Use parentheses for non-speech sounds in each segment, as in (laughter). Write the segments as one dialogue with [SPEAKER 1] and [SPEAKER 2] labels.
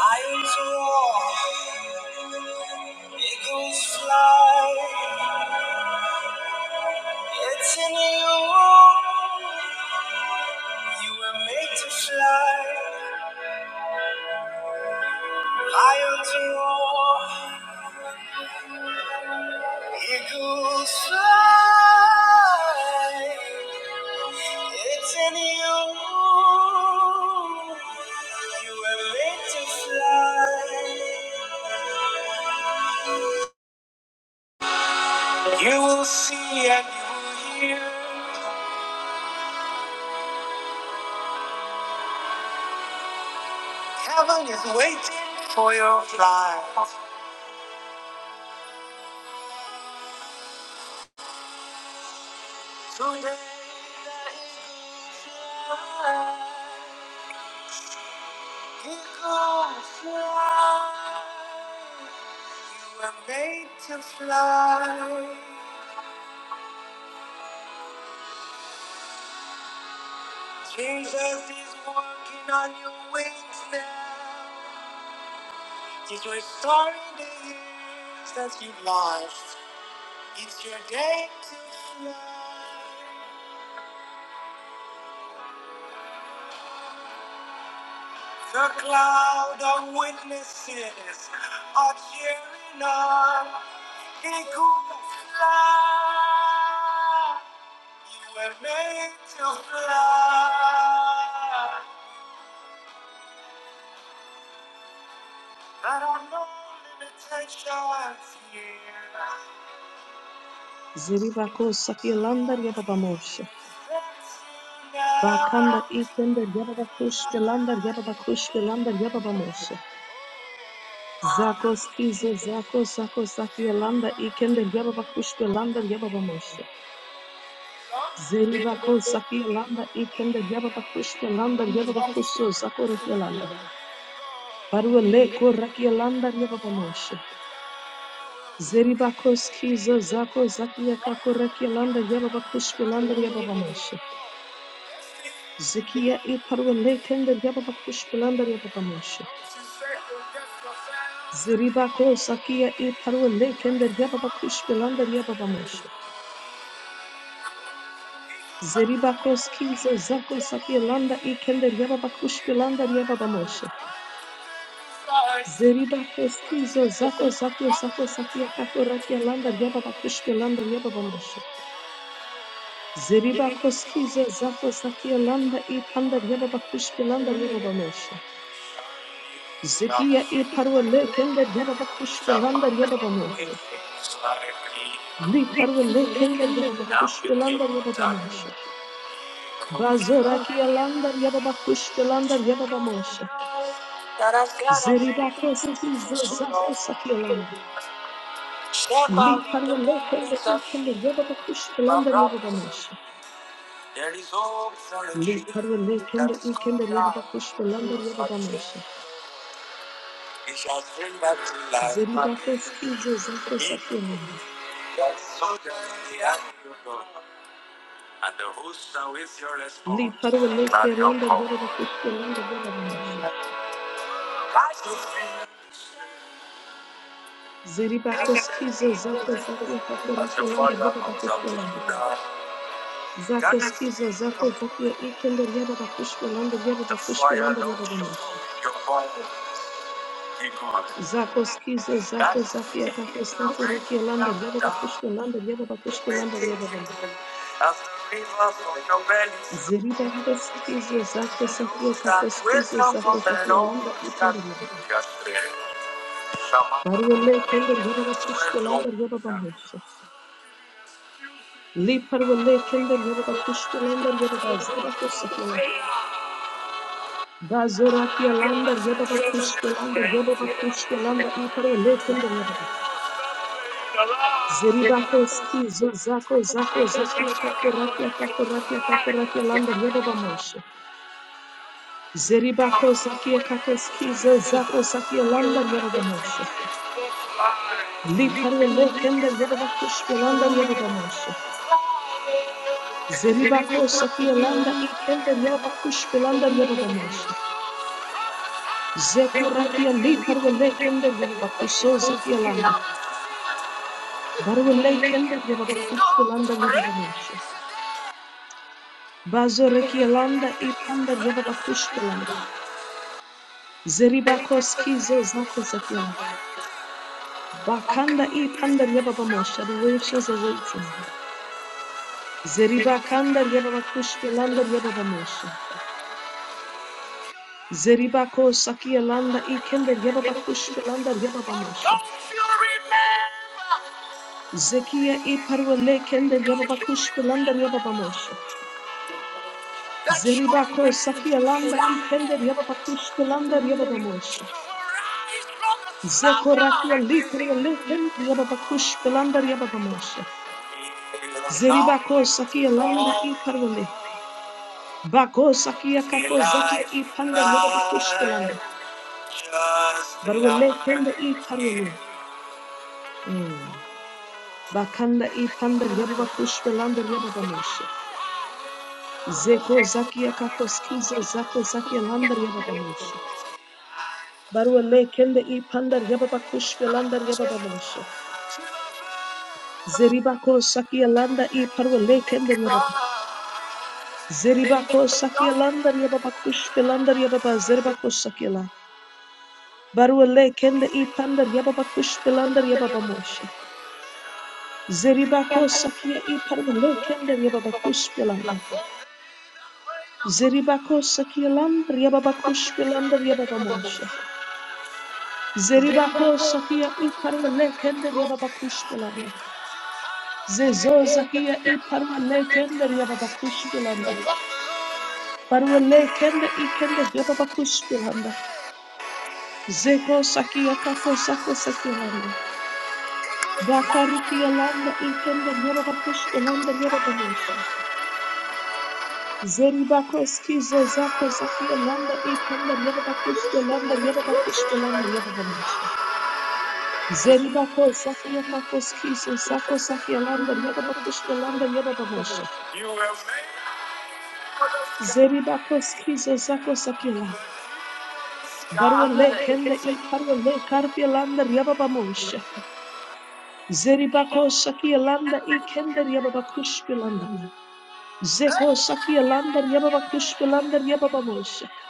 [SPEAKER 1] Lions roar, eagles fly. It's in you. You were made to fly. Lions roar, eagles fly. It's in you. You were made to fly. You will see and you will hear. Heaven is waiting for your flight. Today that he goes fly. You were made to fly. Jesus is working on your wings now. He's restoring the years that you lost. It's your day to fly. The cloud of witnesses are cheering on. They could fly. You were made to fly. There are no limitations here.
[SPEAKER 2] Ziribako Sakilander Yababamosh.
[SPEAKER 1] That's you
[SPEAKER 2] Bakanda
[SPEAKER 1] now.
[SPEAKER 2] Ikender Yababakush Pilander Yababakush Pilander Yababamosh. Zakos Kizo Zako Zako Sakielanda Ikender Yababakush Pilander Yababamosh. Zeribako
[SPEAKER 1] Fly.
[SPEAKER 2] Sakielanda Ikender Yababakush Pilander
[SPEAKER 1] I'm the one who is.
[SPEAKER 2] Yababakuso Zakora Yelanda. Baruele Korakielanda Yababamosh. Zeribakos Kizo Zako Zakiaka Korakielanda Yababakush Pilander Yababamosh. Zikia i parua lekender baba bakush bilander ya yaba bamoshe. Zeribako sakia i parua lekender baba bakush bilander ya yaba bamoshe. Zeribakos kiza zako sakia landa i kender ya baba bakush bilander ya yaba bamoshe. Zeribakos kiza zako zako zako sakia kako rakia landa ya baba bakush bilander ya yaba bamoshe. Zeribakos kiza zako sakia landa i pandar ya baba bakush bilander ya baba bamoshe. Zikia i parwa lekender yaba bakush belandar yaba Li Liparwa lekender yababa kushpelandar yababa mosha. Bazora ki alandar ya baba kush yababa ya baba mosha. Zeribakos tizo zako sakialanda. Liparwa lekender ikender yababa kushpelandar yababa mosha.
[SPEAKER 1] There is hope for a dream.
[SPEAKER 2] Liparwa lekender ikender
[SPEAKER 1] that
[SPEAKER 2] yababa kushpelandar yababa
[SPEAKER 1] is good.
[SPEAKER 2] mosha.
[SPEAKER 1] He shall bring back to life.
[SPEAKER 2] Zeribakos tizo zako
[SPEAKER 1] He
[SPEAKER 2] ya baba
[SPEAKER 1] that sowed the seed and you know, and the host shall with your response. Not your call.
[SPEAKER 2] kush yababa ya baba mosha.
[SPEAKER 1] As you feel,
[SPEAKER 2] Zeribakos kizo zako zakia kako
[SPEAKER 1] as your
[SPEAKER 2] rakialanda
[SPEAKER 1] father comes out to
[SPEAKER 2] yababa
[SPEAKER 1] you now,
[SPEAKER 2] Zako
[SPEAKER 1] that is
[SPEAKER 2] skiza, zako
[SPEAKER 1] the
[SPEAKER 2] zakia ikender yaba bakush belander yaba bakush
[SPEAKER 1] fire
[SPEAKER 2] belander
[SPEAKER 1] Lord
[SPEAKER 2] yaba
[SPEAKER 1] shut
[SPEAKER 2] bamoshi.
[SPEAKER 1] your bone, he gone.
[SPEAKER 2] Zako skiza,
[SPEAKER 1] That
[SPEAKER 2] zako
[SPEAKER 1] is
[SPEAKER 2] zakia kako
[SPEAKER 1] the
[SPEAKER 2] sako rekia
[SPEAKER 1] breaking of
[SPEAKER 2] lander yaba
[SPEAKER 1] the dark,
[SPEAKER 2] bakush belander yaba bakush belander
[SPEAKER 1] making
[SPEAKER 2] yaba bamoshi.
[SPEAKER 1] you as the river from your belly flows.
[SPEAKER 2] Zeriba koskiza, zako zakia
[SPEAKER 1] Those that
[SPEAKER 2] kako skiza,
[SPEAKER 1] wait for
[SPEAKER 2] zako
[SPEAKER 1] the
[SPEAKER 2] zakia
[SPEAKER 1] Lord
[SPEAKER 2] lander
[SPEAKER 1] shall
[SPEAKER 2] ikender
[SPEAKER 1] be
[SPEAKER 2] yaba.
[SPEAKER 1] your strength. I'm the one
[SPEAKER 2] Barwale kender yaba bakush belander yaba bamoshi. Liparwale kender yaba bakush belander yaba bazeba kusakia Gazoraki alander yababa kushke lander yababa kushke landa iparo lekender yababa. Zeribako ski zako zako
[SPEAKER 1] who's
[SPEAKER 2] zakia kako rakia kako rakia kako rakia lander yababa moshe. Zeribako zakia kako ski zako zakia lander yababa moshe. Liparo lekender yababa kushke lander yababa moshe. Zeribako sakia landa ikender yababa kushke lander yababa moshe. Zekorakia liparo lekender yababa kuso zakia landa. Barwale kender yababa kushtelanda yababa moshe. Bazoreki elanda ipanda yababa kushtelanda. Zeribakos kizo zako zakiela.
[SPEAKER 1] got you. Don't
[SPEAKER 2] Bakanda
[SPEAKER 1] you remember?
[SPEAKER 2] ipanda
[SPEAKER 1] Don't
[SPEAKER 2] yababa moshe. Adorations awaiting. Zeribakanda yababa kushtelanda yababa
[SPEAKER 1] you
[SPEAKER 2] moshe. Zeribakos sakielanda ikender yababa kushtelanda yababa moshe.
[SPEAKER 1] remember
[SPEAKER 2] Zekia iparwale kender yababa kushtelanda yababa moshe.
[SPEAKER 1] that you rise
[SPEAKER 2] Zeribakos
[SPEAKER 1] from
[SPEAKER 2] sakielanda ikender yababa
[SPEAKER 1] the
[SPEAKER 2] kushtelanda
[SPEAKER 1] slumber?
[SPEAKER 2] yababa moshe. Zekorakia lipro leken yababakush pelanda yababamosha. Zeribako sakia landa i parwale. Bako sakia
[SPEAKER 1] Your
[SPEAKER 2] kako zakia
[SPEAKER 1] life,
[SPEAKER 2] i panda yababakush pelanda.
[SPEAKER 1] life, just
[SPEAKER 2] Barwale
[SPEAKER 1] like
[SPEAKER 2] kenda i parwale.
[SPEAKER 1] you.
[SPEAKER 2] Mm. Bakanda
[SPEAKER 1] Thank
[SPEAKER 2] i panda yababakush pelanda yababamosha. Zeko zakia kako skiza zako zakia landa yababamosha. Barwale kenda i panda yababakush pelanda yababamosha. Zeribako sakia landa i parwale kenda Zeribako sakielanda riababakush belanda riababa zerbako sakiela. Baruele kende i panda riababakush belanda riababamosha. Zeribako sakia i paruele kende riababakush belanda. Zeribako sakielanda riababakush belanda riababamosha. Zeribako sakia i paruele kende riababakush belanda. Zezo zakia i paruele kende riababakush belanda. Paruele kende i kende riababakush belanda. Zeko sakia kako sako sakia landa. Dakariki landa ikenda nyaraba kushka landa nyaraba mosha. Zeri bako skiza zako zakia landa ikenda nyaraba kushka landa nyaraba kushka
[SPEAKER 1] you.
[SPEAKER 2] landa nyaraba mosha. Zeri bako
[SPEAKER 1] You have
[SPEAKER 2] zakia kako skiza zako sakia landa nyaraba kushka landa nyaraba mosha.
[SPEAKER 1] made.
[SPEAKER 2] Zeri bako skiza zako sakia la.
[SPEAKER 1] I
[SPEAKER 2] Barwa le
[SPEAKER 1] want to
[SPEAKER 2] kende i parwa le karpia landa nyaraba mosha. Zeribako sakia Sakialanda Ikender Yababakushpilanda. Zeko sakia Sakialanda Yababakushpilanda Yababamosha.
[SPEAKER 1] kiss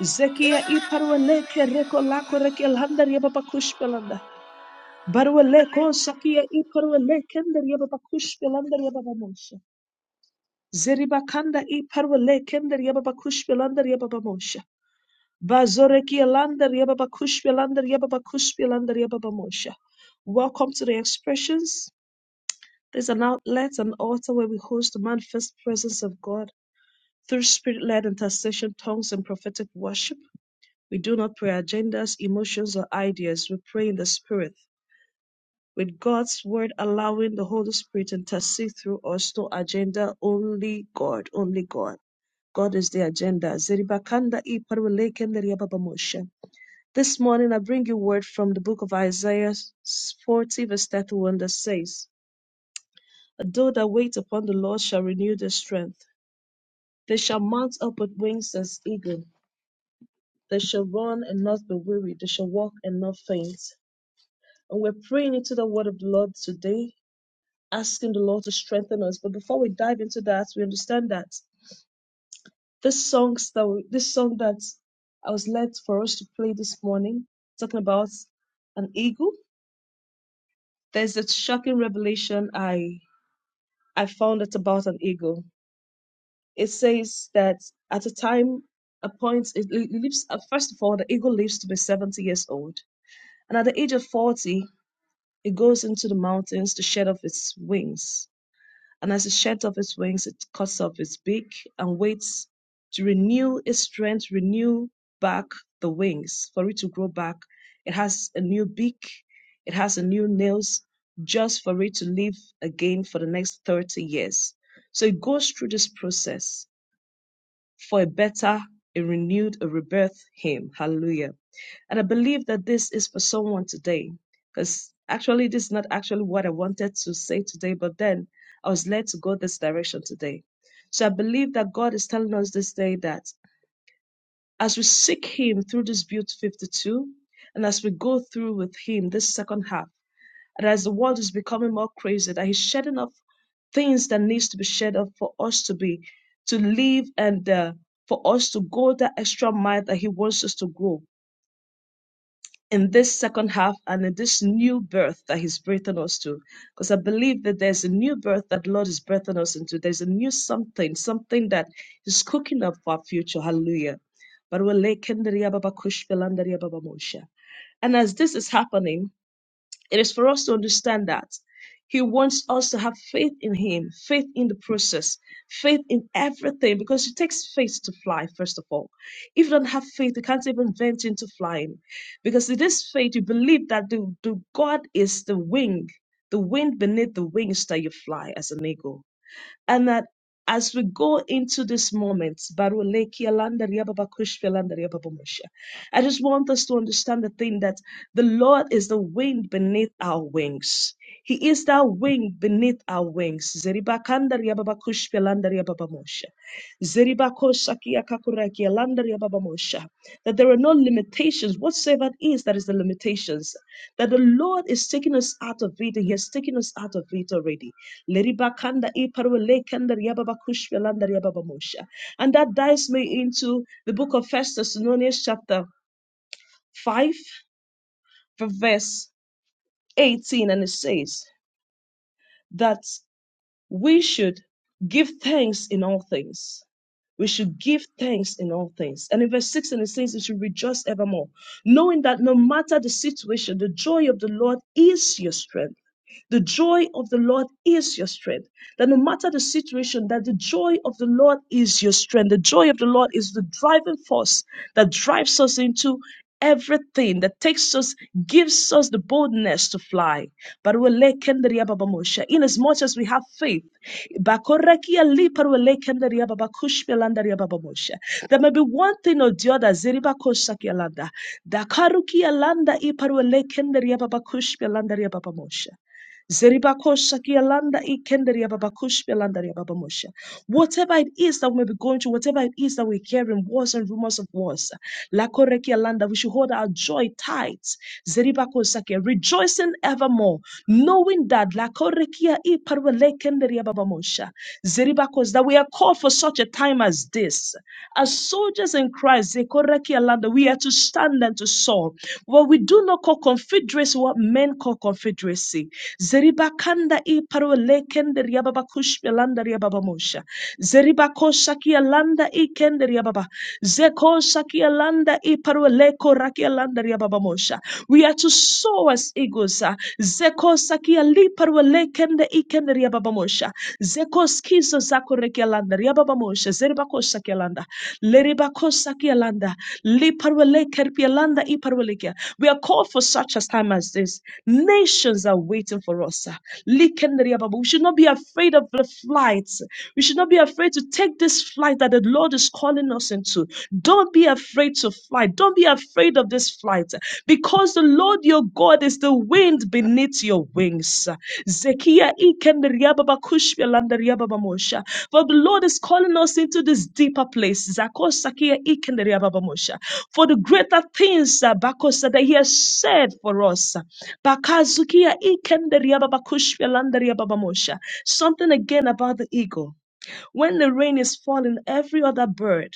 [SPEAKER 2] Zekia Iparweleke Reko Lako Rekialanda Yababakushpilanda. Barweleko Sakia Iparwelekender Yababakushpilanda Yababamosha. Zeribakanda Iparwelekender Yababakushpilanda Yababamosha. Bazorekialanda Yababakushpilanda Yababakushpilanda Yababamosha. Welcome to the expressions. There's an outlet, an altar where we host the manifest presence of God through spirit led intercession, tongues, and prophetic worship. We do not pray agendas, emotions, or ideas. We pray in the spirit, with God's word allowing the Holy Spirit to intercede through us. No agenda, only God, only God. God is the agenda. Zeribakanda iparulekende riababamosha. This morning I bring you word from the book of Isaiah 40, verse 31 that says, Though that wait upon the Lord shall renew their strength. They shall mount up with wings as eagle. They shall run and not be weary. They shall walk and not faint. And we're praying into the word of the Lord today, asking the Lord to strengthen us. But before we dive into that, we understand that this songs that we, this song that I was led for us to play this morning, talking about an eagle. There's a shocking revelation I I found out about an eagle It says that at a time, a point, it it lives, uh, first of all, the eagle lives to be 70 years old. And at the age of 40, it goes into the mountains to shed off its wings. And as it sheds off its wings, it cuts off its beak and waits to renew its strength, renew back the wings for it to grow back. It has a new beak, it has a new nails, just for it to live again for the next 30 years. So it goes through this process for a better, a renewed, a rebirth him. Hallelujah. And I believe that this is for someone today because actually, this is not actually what I wanted to say today, but then I was led to go this direction today. So I believe that God is telling us this day that as we seek him through this beauty 52, and as we go through with him this second half, that as the world is becoming more crazy, that He's shedding off things that needs to be shed off for us to be, to live and uh, for us to go that extra mile that He wants us to go in this second half and in this new birth that He's breathing us to. Because I believe that there's a new birth that the Lord is breathing us into. There's a new something, something that is cooking up for our future. Hallelujah. But we're like, "Kendriya baba kush, filandaria baba mosha." And as this is happening, it is for us to understand that He wants us to have faith in Him, faith in the process, faith in everything, because it takes faith to fly, first of all. If you don't have faith, you can't even venture into flying. Because it is faith, you believe that the, the God is the wing, the wind beneath the wings that you fly as an eagle and that as we go into this moment, Baruleki Alandaria Baba Kushpe Alandaria Baba Moshe, I just want us to understand the thing that the Lord is the wind beneath our wings. He is that wind beneath our wings. Zeriba Kandaria Baba Kushpe Alandaria Baba Moshe. Zeriba Koshakia Kakuraki Alandaria Baba Moshe. That there are no limitations whatsoever it is that is the limitations. That the Lord is taking us out of it and He has taken us out of it already. Leribakanda iparwe lekender yababakushwe lander yababamosha. And that dives me into the book of First Thessalonians chapter 5, from verse 18, and it says that we should give thanks in all things. We should give thanks in all things. And in verse 6, and it says, You should rejoice evermore, knowing that no matter the situation, the joy of the Lord is your strength. The joy of the Lord is your strength. That no matter the situation, that the joy of the Lord is your strength. The joy of the Lord is the driving force that drives us into everything that takes us, gives us the boldness to fly. But we lay kendria baba moshe. Inasmuch as much as we have faith, bakorekia lipa we lay kendria baba kushpia landaria baba moshe. there may be one thing or the other, ziriba kosakia landa. Dakarukia landa ipa we lay kendria baba kushpia landaria baba moshe. Zeribakosha kialanda ikenderia babakush belandaria babamosha. Whatever it is that we may be going through, whatever it is that we're hearing, wars and rumors of wars, lakoreki alanda, we should hold our joy tight. Zeribakosakia, rejoicing evermore, knowing that lakorekia iparwelekenderia babamosha. Zeribakos, that we are called for such a time as this. As soldiers in Christ, zekorekia alanda, we are to stand and to soar. What we do not call confederacy, what men call confederacy mercy. Zeribakanda i parolekende riababakush belanda riababamosha. Zeribakosha kialanda i kende riababa. Zekosha kialanda i paroleko rakialanda riababamosha. We are to sow as eagles. ah. kiali parolekende i kende riababamosha. Zekoskizo zako rekialanda riababamosha. Zeribakosha kialanda. Leribakosa kialanda. Liparweleker pialanda i parwelekia. We are called for such a time as this. Nations are waiting for us. Likenria Baba. We should not be afraid of the flight. We should not be afraid to take this flight that the Lord is calling us into. Don't be afraid to fly. Don't be afraid of this flight because the Lord your God is the wind beneath your wings. Zekiah ikenria Baba kushia landaria Baba Mosha. For the Lord is calling us into this deeper place. Zakosakia ikenria Baba Mosha. For the greater things uh, Bako said that He has said for us. Bakazukia ikenderia babakushvia landaria babamosha. Something again about the eagle. When the rain is falling, every other bird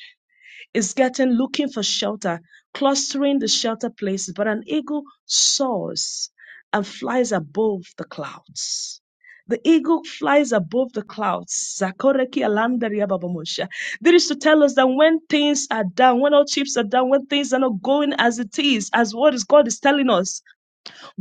[SPEAKER 2] is getting looking for shelter, clustering the shelter places, but an eagle soars and flies above the clouds. The eagle flies above the clouds. Zakoreki alandaria babamosha. That is to tell us that when things are down, when our chips are down, when things are not going as it is, as what is God is telling us,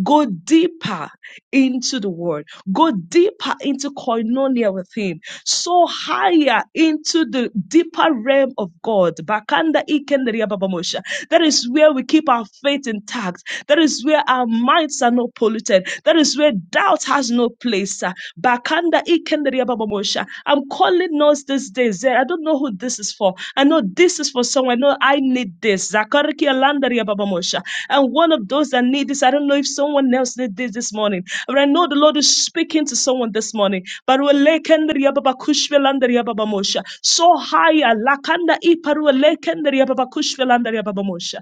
[SPEAKER 2] Go deeper into the word. Go deeper into koinonia with him. So higher into the deeper realm of God. Bakanda ikenderia babamosha. That is where we keep our faith intact. That is where our minds are not polluted. That is where doubt has no place. Bakanda ikenderia babamosha. I'm calling us these days. Eh, I don't know who this is for. I know this is for someone. I know I need this. Zakariki alandaria babamosha. And one of those that need this, I don't know if someone else need this this morning. But I know the Lord is speaking to someone this morning. Baruele kenderia babakushwe landaria babamosha. So higher. Lakanda iparuele kenderia babakushwe landaria babamosha.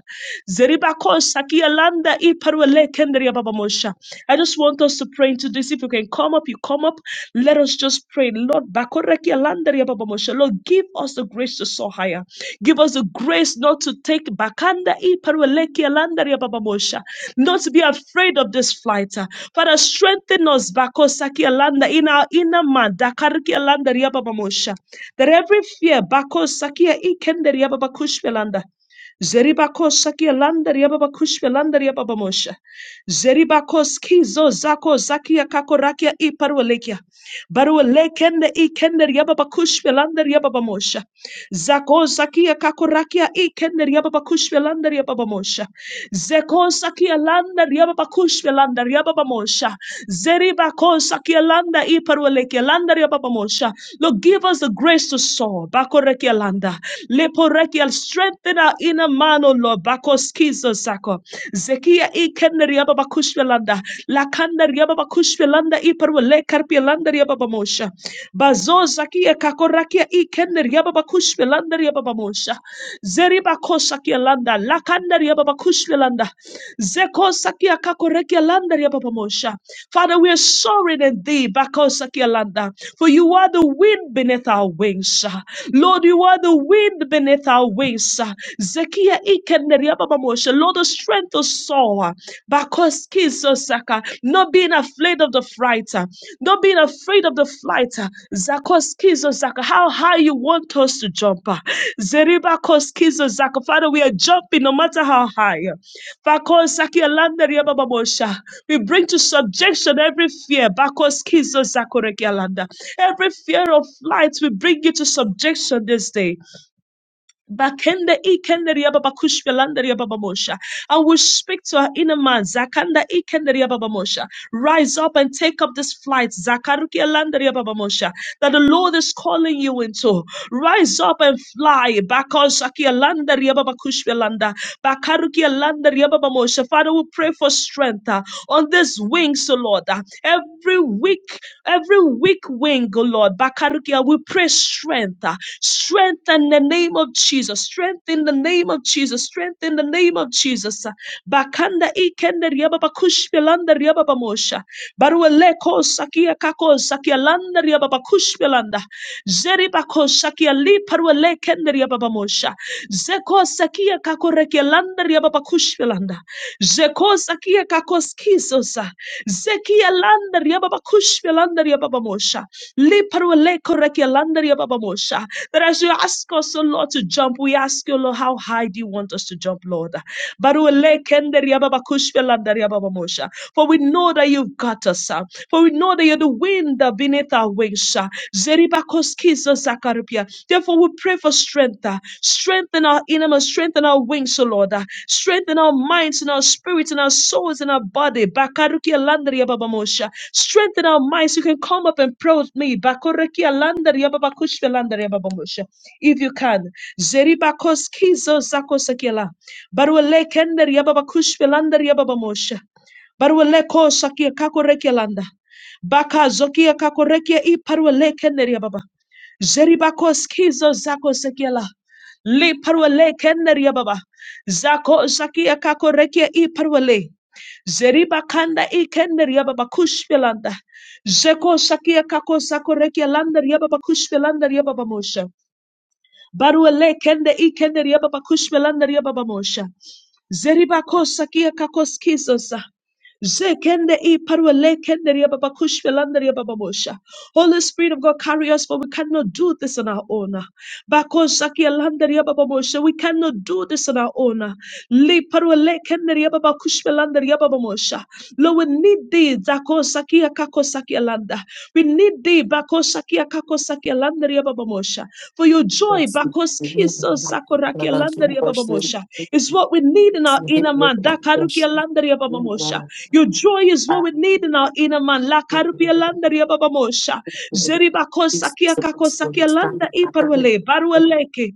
[SPEAKER 2] Zeriba kosakia landa iparuele kenderia babamosha. I just want us to pray into this. If you can come up, you come up. Let us just pray. Lord, Bakoreki Alandari Ababamosha. Lord, give us the grace to soar higher. Give us the grace not to take Bakanda I Parweleki Alandari Ababamosha. Not to be afraid of this flight. uh. Father, strengthen us Bakosaki Alanda in our inner man. Dakariki Alandari Ababamosha. That every fear, Bakosaki Ikendari Ababakushvelanda. Zeriba kosakia landa riaba bakushia landa riaba Zeribakos kizo zako zakia kakorakia iparwalekia. Barwalekende ikende riababakush velanda Zako zakia kakorakia ikende riababakush velanda Zeko zakia landa riababakush velanda riababamosha. zakia landa iparwalekia landa riababamosha. Lord, give us the grace to soar. Bakorekia landa. Leporekia strengthen our inner man, O Lord. Bakoskizo zako. Zekia i kenda riaba bakushvelanda. La kanda riaba bakushvelanda i parwale karpielanda riaba bamosha. Bazo zakia kakorakia i kenda riaba bakushvelanda riaba bamosha. Zeri bakosakia landa. La kanda riaba bakushvelanda. Zeko sakia kakorekia landa riaba bamosha. Father, we are soaring in thee bakosakia landa. For you are the wind beneath our wings. Lord, you are the wind beneath our wings. Zekia ikenderia baba moshe. Lord, the strength of Saul. Bakoski sosaka. Not being afraid of the fright. uh, Not being afraid of the flight. uh, Zakoski sosaka. How high you want us to jump. uh, Zeriba koski sosaka. Father, we are jumping no matter how high. Bakosaki alanderia baba moshe. We bring to subjection every fear. Bakoski sosakorekialanda. Every fear of flight, we bring you to subjection this day. Bakende ikende riaba bakushwe landa And we speak to our inner man. Zakanda ikende riaba Rise up and take up this flight. Zakaruki landa riaba That the Lord is calling you into. Rise up and fly. Bakosaki landa riaba bakushwe Bakaruki landa riaba Father, we pray for strength uh, on these wings, O Lord. uh, Every week Every weak wing, O Lord, Bakarukia, we pray strength. uh, Strength in the name of Jesus. Strength in the name of Jesus. Strength in the name of Jesus. uh, Bakanda ikende riaba bakush pelanda riaba bamosha. Baruele ko sakia kako sakia landa riaba bakush pelanda. Zeri bako sakia li paruele kende riaba bamosha. Zeko sakia kako reke landa riaba bakush pelanda. Jekosa kia kakoskisosa. Zekia landaria baba kushpia landaria baba mosha. Liparwa leko rekia landaria baba mosha. That as you ask us, O Lord, to jump, we ask you, Lord, how high do you want us to jump, Lord? Barua lekendaria baba kushpia landaria baba mosha. For we know that you've got us. For we know that you're the wind uh, beneath our wings. uh, Therefore, we pray for strength. uh, Strengthen our inner strengthen our wings, O Lord. uh, Strengthen our minds and our spirits and our souls and our body. Strengthen our minds. You can come up and pray with me. If you can. Zeribakoskizo Zakosakiela. Baruele Kender Yababakushia Barweleko sakia kakoreke landa. Baka zokia kakorekia i parwele keneria baba. Zeribako skizo zako sekiela. Li parwele keneria baba. Zako zakia kakorekia i parwele. Zeribakanda i keneria baba kushpelanda. Zeko sakia kako sakorekia landa ria baba kushpelanda ria baba mosha. Barwele kende i keneria baba kushpelanda ria baba mosha. Zeribakosa kia kakoskizosa. Zekende i parwa lekende ria baba kushwe landa ria baba mosha. Holy Spirit of God, carry us, for we cannot do this on our own. Bakosa kia landa ria baba mosha. We cannot do this on our own. Li parwa lekende ria baba kushwe landa ria baba mosha. Lord, we need thee. Zakosa kia kakosa kia landa. We need thee. Bakosa kia kakosa kia landa ria baba mosha. For your joy, bakoskiso sakurakialandaria
[SPEAKER 1] it.
[SPEAKER 2] babamosha, is what we need in our inner man. Dakarukialandaria babamosha. Your joy is what we need in our inner man. Lakarukialandaria babamosha. Zeribakosakia kakosakialanda iparwale, barwaleke.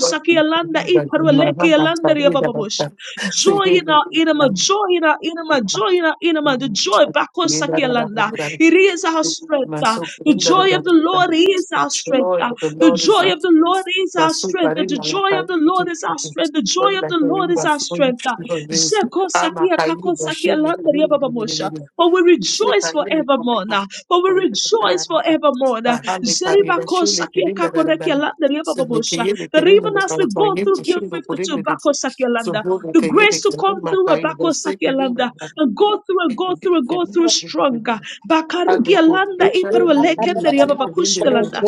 [SPEAKER 1] My soul, the
[SPEAKER 2] iparwaleke alandaria babamosha. Joy in our inner man, joy in our inner man, joy in our inner man. The joy, bakosakialanda. It is our strength. uh, The joy of the Lord is our strength.
[SPEAKER 1] joy
[SPEAKER 2] uh,
[SPEAKER 1] of the
[SPEAKER 2] the
[SPEAKER 1] Lord is
[SPEAKER 2] joy
[SPEAKER 1] our
[SPEAKER 2] of the Lord
[SPEAKER 1] strength.
[SPEAKER 2] is
[SPEAKER 1] My
[SPEAKER 2] our
[SPEAKER 1] soul, I
[SPEAKER 2] strength.
[SPEAKER 1] didn't
[SPEAKER 2] The
[SPEAKER 1] know like I
[SPEAKER 2] joy of the
[SPEAKER 1] didn't
[SPEAKER 2] Lord
[SPEAKER 1] keep
[SPEAKER 2] is our
[SPEAKER 1] talking.
[SPEAKER 2] strength. The
[SPEAKER 1] But
[SPEAKER 2] joy of
[SPEAKER 1] like
[SPEAKER 2] the
[SPEAKER 1] a
[SPEAKER 2] Lord is
[SPEAKER 1] river
[SPEAKER 2] our
[SPEAKER 1] flowing
[SPEAKER 2] strength.
[SPEAKER 1] through the wings.
[SPEAKER 2] Zeko
[SPEAKER 1] I'm a
[SPEAKER 2] sakia
[SPEAKER 1] Kayu,
[SPEAKER 2] kako
[SPEAKER 1] but
[SPEAKER 2] sakia landaria baba
[SPEAKER 1] she
[SPEAKER 2] For we rejoice
[SPEAKER 1] Sikayeli
[SPEAKER 2] forevermore.
[SPEAKER 1] kupima
[SPEAKER 2] now. For we rejoice
[SPEAKER 1] kulindadaranda.
[SPEAKER 2] forevermore. now.
[SPEAKER 1] Bahali kariba
[SPEAKER 2] Zeribako
[SPEAKER 1] shule
[SPEAKER 2] sakia kako rekia
[SPEAKER 1] kilindadaranda.
[SPEAKER 2] landaria baba
[SPEAKER 1] Sulu kiyeli
[SPEAKER 2] That
[SPEAKER 1] kirinda
[SPEAKER 2] even as
[SPEAKER 1] daranda
[SPEAKER 2] we go
[SPEAKER 1] kayi
[SPEAKER 2] through Bill
[SPEAKER 1] kushundu
[SPEAKER 2] 52,
[SPEAKER 1] kurinda desi.
[SPEAKER 2] Bako sakia landa,
[SPEAKER 1] Sulu
[SPEAKER 2] the
[SPEAKER 1] kiyeli
[SPEAKER 2] grace to come
[SPEAKER 1] kirima
[SPEAKER 2] through a
[SPEAKER 1] kayi
[SPEAKER 2] Bako
[SPEAKER 1] desi
[SPEAKER 2] sakia
[SPEAKER 1] kirinda
[SPEAKER 2] landa,
[SPEAKER 1] daranda.
[SPEAKER 2] and go through and go through and go through stronger.
[SPEAKER 1] Alu
[SPEAKER 2] Bakarukia landa
[SPEAKER 3] For
[SPEAKER 1] kurinda shana
[SPEAKER 2] iparwa
[SPEAKER 3] joy
[SPEAKER 1] kayi
[SPEAKER 2] lekendaria
[SPEAKER 1] masi
[SPEAKER 2] baba
[SPEAKER 1] kirinda daranda.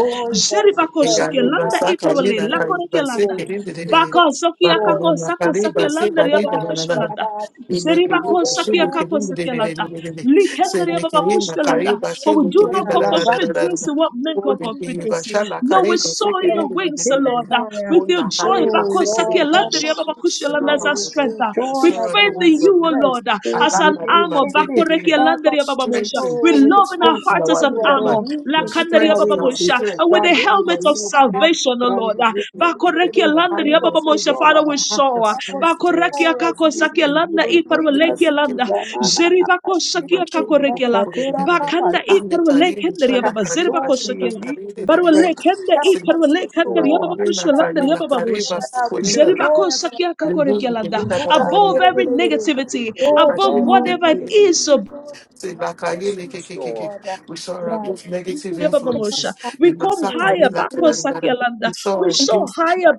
[SPEAKER 3] that's
[SPEAKER 2] Jeribako
[SPEAKER 3] stressed,
[SPEAKER 1] Kiyani
[SPEAKER 2] Shakelanda
[SPEAKER 1] basa
[SPEAKER 3] God, the
[SPEAKER 1] kayi
[SPEAKER 2] Iperwale
[SPEAKER 1] na
[SPEAKER 3] strength
[SPEAKER 1] kayi
[SPEAKER 3] is
[SPEAKER 1] basi
[SPEAKER 2] Lakorekelanda.
[SPEAKER 3] joy.
[SPEAKER 1] kirinda
[SPEAKER 3] The
[SPEAKER 1] daranda.
[SPEAKER 3] strength
[SPEAKER 2] Bako
[SPEAKER 3] is
[SPEAKER 2] Sokia
[SPEAKER 3] joy.
[SPEAKER 2] Kako
[SPEAKER 1] Bakulina
[SPEAKER 3] My
[SPEAKER 2] Sako
[SPEAKER 1] kayi
[SPEAKER 3] good,
[SPEAKER 1] basi
[SPEAKER 3] good,
[SPEAKER 2] Sakelanda
[SPEAKER 3] good,
[SPEAKER 1] kayi
[SPEAKER 3] my good,
[SPEAKER 1] daranda.
[SPEAKER 3] my
[SPEAKER 2] Yababakushvelanda.
[SPEAKER 3] God. I
[SPEAKER 2] Jeribako
[SPEAKER 3] go
[SPEAKER 1] Imekeriba
[SPEAKER 3] back
[SPEAKER 2] Shakia
[SPEAKER 1] shulu
[SPEAKER 2] Kako
[SPEAKER 3] to the soul, I go
[SPEAKER 1] kerimu de de de
[SPEAKER 2] Sakelanda.
[SPEAKER 1] de de de de.
[SPEAKER 2] Likenda
[SPEAKER 1] Semekeriba
[SPEAKER 2] Yababakushvelanda.
[SPEAKER 1] kariba
[SPEAKER 2] For we
[SPEAKER 1] shulu
[SPEAKER 2] do
[SPEAKER 1] kerim
[SPEAKER 2] not
[SPEAKER 1] da
[SPEAKER 2] call
[SPEAKER 1] da da da
[SPEAKER 3] back
[SPEAKER 1] da
[SPEAKER 3] to
[SPEAKER 1] da
[SPEAKER 3] the
[SPEAKER 1] da.
[SPEAKER 2] confederacy what men
[SPEAKER 1] Ola
[SPEAKER 2] call
[SPEAKER 1] keriba
[SPEAKER 2] confederacy.
[SPEAKER 1] shala
[SPEAKER 2] No, we
[SPEAKER 1] kariba
[SPEAKER 2] saw
[SPEAKER 1] se kerim
[SPEAKER 2] your
[SPEAKER 1] de de
[SPEAKER 2] wings,
[SPEAKER 1] de de de
[SPEAKER 2] Lord.
[SPEAKER 1] de.
[SPEAKER 3] Rakatelekaya.
[SPEAKER 2] With your
[SPEAKER 1] Ola
[SPEAKER 2] joy,
[SPEAKER 1] kariba
[SPEAKER 3] Oh
[SPEAKER 2] Bako
[SPEAKER 1] se kerim
[SPEAKER 3] Lord,
[SPEAKER 1] de de
[SPEAKER 2] Sakelanda
[SPEAKER 1] de
[SPEAKER 3] help
[SPEAKER 1] de
[SPEAKER 3] us
[SPEAKER 1] de.
[SPEAKER 3] to
[SPEAKER 2] Yababakushvelanda
[SPEAKER 3] soar
[SPEAKER 2] as our
[SPEAKER 3] with
[SPEAKER 1] Surround
[SPEAKER 3] your
[SPEAKER 2] strength
[SPEAKER 3] joy
[SPEAKER 2] with
[SPEAKER 3] as
[SPEAKER 1] surround the
[SPEAKER 2] faith
[SPEAKER 3] our
[SPEAKER 1] wings
[SPEAKER 2] in
[SPEAKER 1] of
[SPEAKER 2] you, O
[SPEAKER 3] strength.
[SPEAKER 1] eagles.
[SPEAKER 2] Lord, uh,
[SPEAKER 3] Help
[SPEAKER 2] as
[SPEAKER 1] Allah
[SPEAKER 2] an
[SPEAKER 1] kariba
[SPEAKER 2] armor.
[SPEAKER 1] se kerim
[SPEAKER 2] Bakoreke
[SPEAKER 1] de de de de.
[SPEAKER 3] us
[SPEAKER 2] landeria
[SPEAKER 3] to
[SPEAKER 2] bababosha.
[SPEAKER 1] Strengthen,
[SPEAKER 2] With
[SPEAKER 3] soar with the
[SPEAKER 2] love in our
[SPEAKER 1] strengthen
[SPEAKER 3] confidence
[SPEAKER 2] hearts as
[SPEAKER 1] our
[SPEAKER 3] that
[SPEAKER 2] an
[SPEAKER 3] you are
[SPEAKER 1] inner
[SPEAKER 3] the
[SPEAKER 1] man.
[SPEAKER 2] armor.
[SPEAKER 3] wind
[SPEAKER 1] Your
[SPEAKER 3] beneath
[SPEAKER 2] Lakanderia
[SPEAKER 3] our
[SPEAKER 1] strength is
[SPEAKER 3] wings.
[SPEAKER 1] our
[SPEAKER 2] bababosha.
[SPEAKER 1] strength.
[SPEAKER 2] And with
[SPEAKER 1] La
[SPEAKER 2] the helmet
[SPEAKER 1] kariba
[SPEAKER 2] of
[SPEAKER 1] se
[SPEAKER 3] Radekalekaya.
[SPEAKER 1] kerim.
[SPEAKER 2] salvation, O Lord. uh, Bakoreke
[SPEAKER 3] Brandusketelekele.
[SPEAKER 2] landeria
[SPEAKER 3] Give us your
[SPEAKER 2] bababosha.
[SPEAKER 3] joy.
[SPEAKER 2] Father, we show.
[SPEAKER 1] The
[SPEAKER 2] uh,
[SPEAKER 3] Help us
[SPEAKER 1] strength
[SPEAKER 3] to
[SPEAKER 1] is our
[SPEAKER 2] Bakoreke
[SPEAKER 3] soar
[SPEAKER 1] strength.
[SPEAKER 3] as we
[SPEAKER 2] akakosakia
[SPEAKER 1] We
[SPEAKER 2] landa
[SPEAKER 3] with
[SPEAKER 1] saw
[SPEAKER 3] wings as
[SPEAKER 2] iparwelekia
[SPEAKER 3] eagles.
[SPEAKER 2] landa.
[SPEAKER 3] Ramana.
[SPEAKER 2] Zeribakosakia
[SPEAKER 3] Rakatelekaya.
[SPEAKER 2] kakorekela. Bakanda
[SPEAKER 3] Katera.
[SPEAKER 2] iparwelekenderia baba.
[SPEAKER 3] Lord, we
[SPEAKER 2] Zeribakosakia.
[SPEAKER 3] need your strength.
[SPEAKER 2] Barwelekende
[SPEAKER 3] Help us to
[SPEAKER 2] iparwelekende
[SPEAKER 3] soar.
[SPEAKER 2] riababa
[SPEAKER 3] Help
[SPEAKER 2] kushwelanda
[SPEAKER 3] us to
[SPEAKER 2] riababa bosha.
[SPEAKER 3] soar now with your joy
[SPEAKER 2] Zeribako
[SPEAKER 3] as an
[SPEAKER 2] sakia
[SPEAKER 3] umbrella.
[SPEAKER 2] above every negativity,
[SPEAKER 3] Oh,
[SPEAKER 2] above
[SPEAKER 3] thank you,
[SPEAKER 2] whatever it is, oh
[SPEAKER 3] negativity, God. Help us to soar.
[SPEAKER 1] our most
[SPEAKER 3] Raju, we
[SPEAKER 1] negative
[SPEAKER 3] give you the
[SPEAKER 2] Babamosha.
[SPEAKER 1] influences. The
[SPEAKER 2] We come
[SPEAKER 3] praise.
[SPEAKER 2] higher
[SPEAKER 3] Hey,
[SPEAKER 1] massacre,
[SPEAKER 2] Bakosakialanda.
[SPEAKER 1] we saw
[SPEAKER 2] We so
[SPEAKER 1] against,
[SPEAKER 2] higher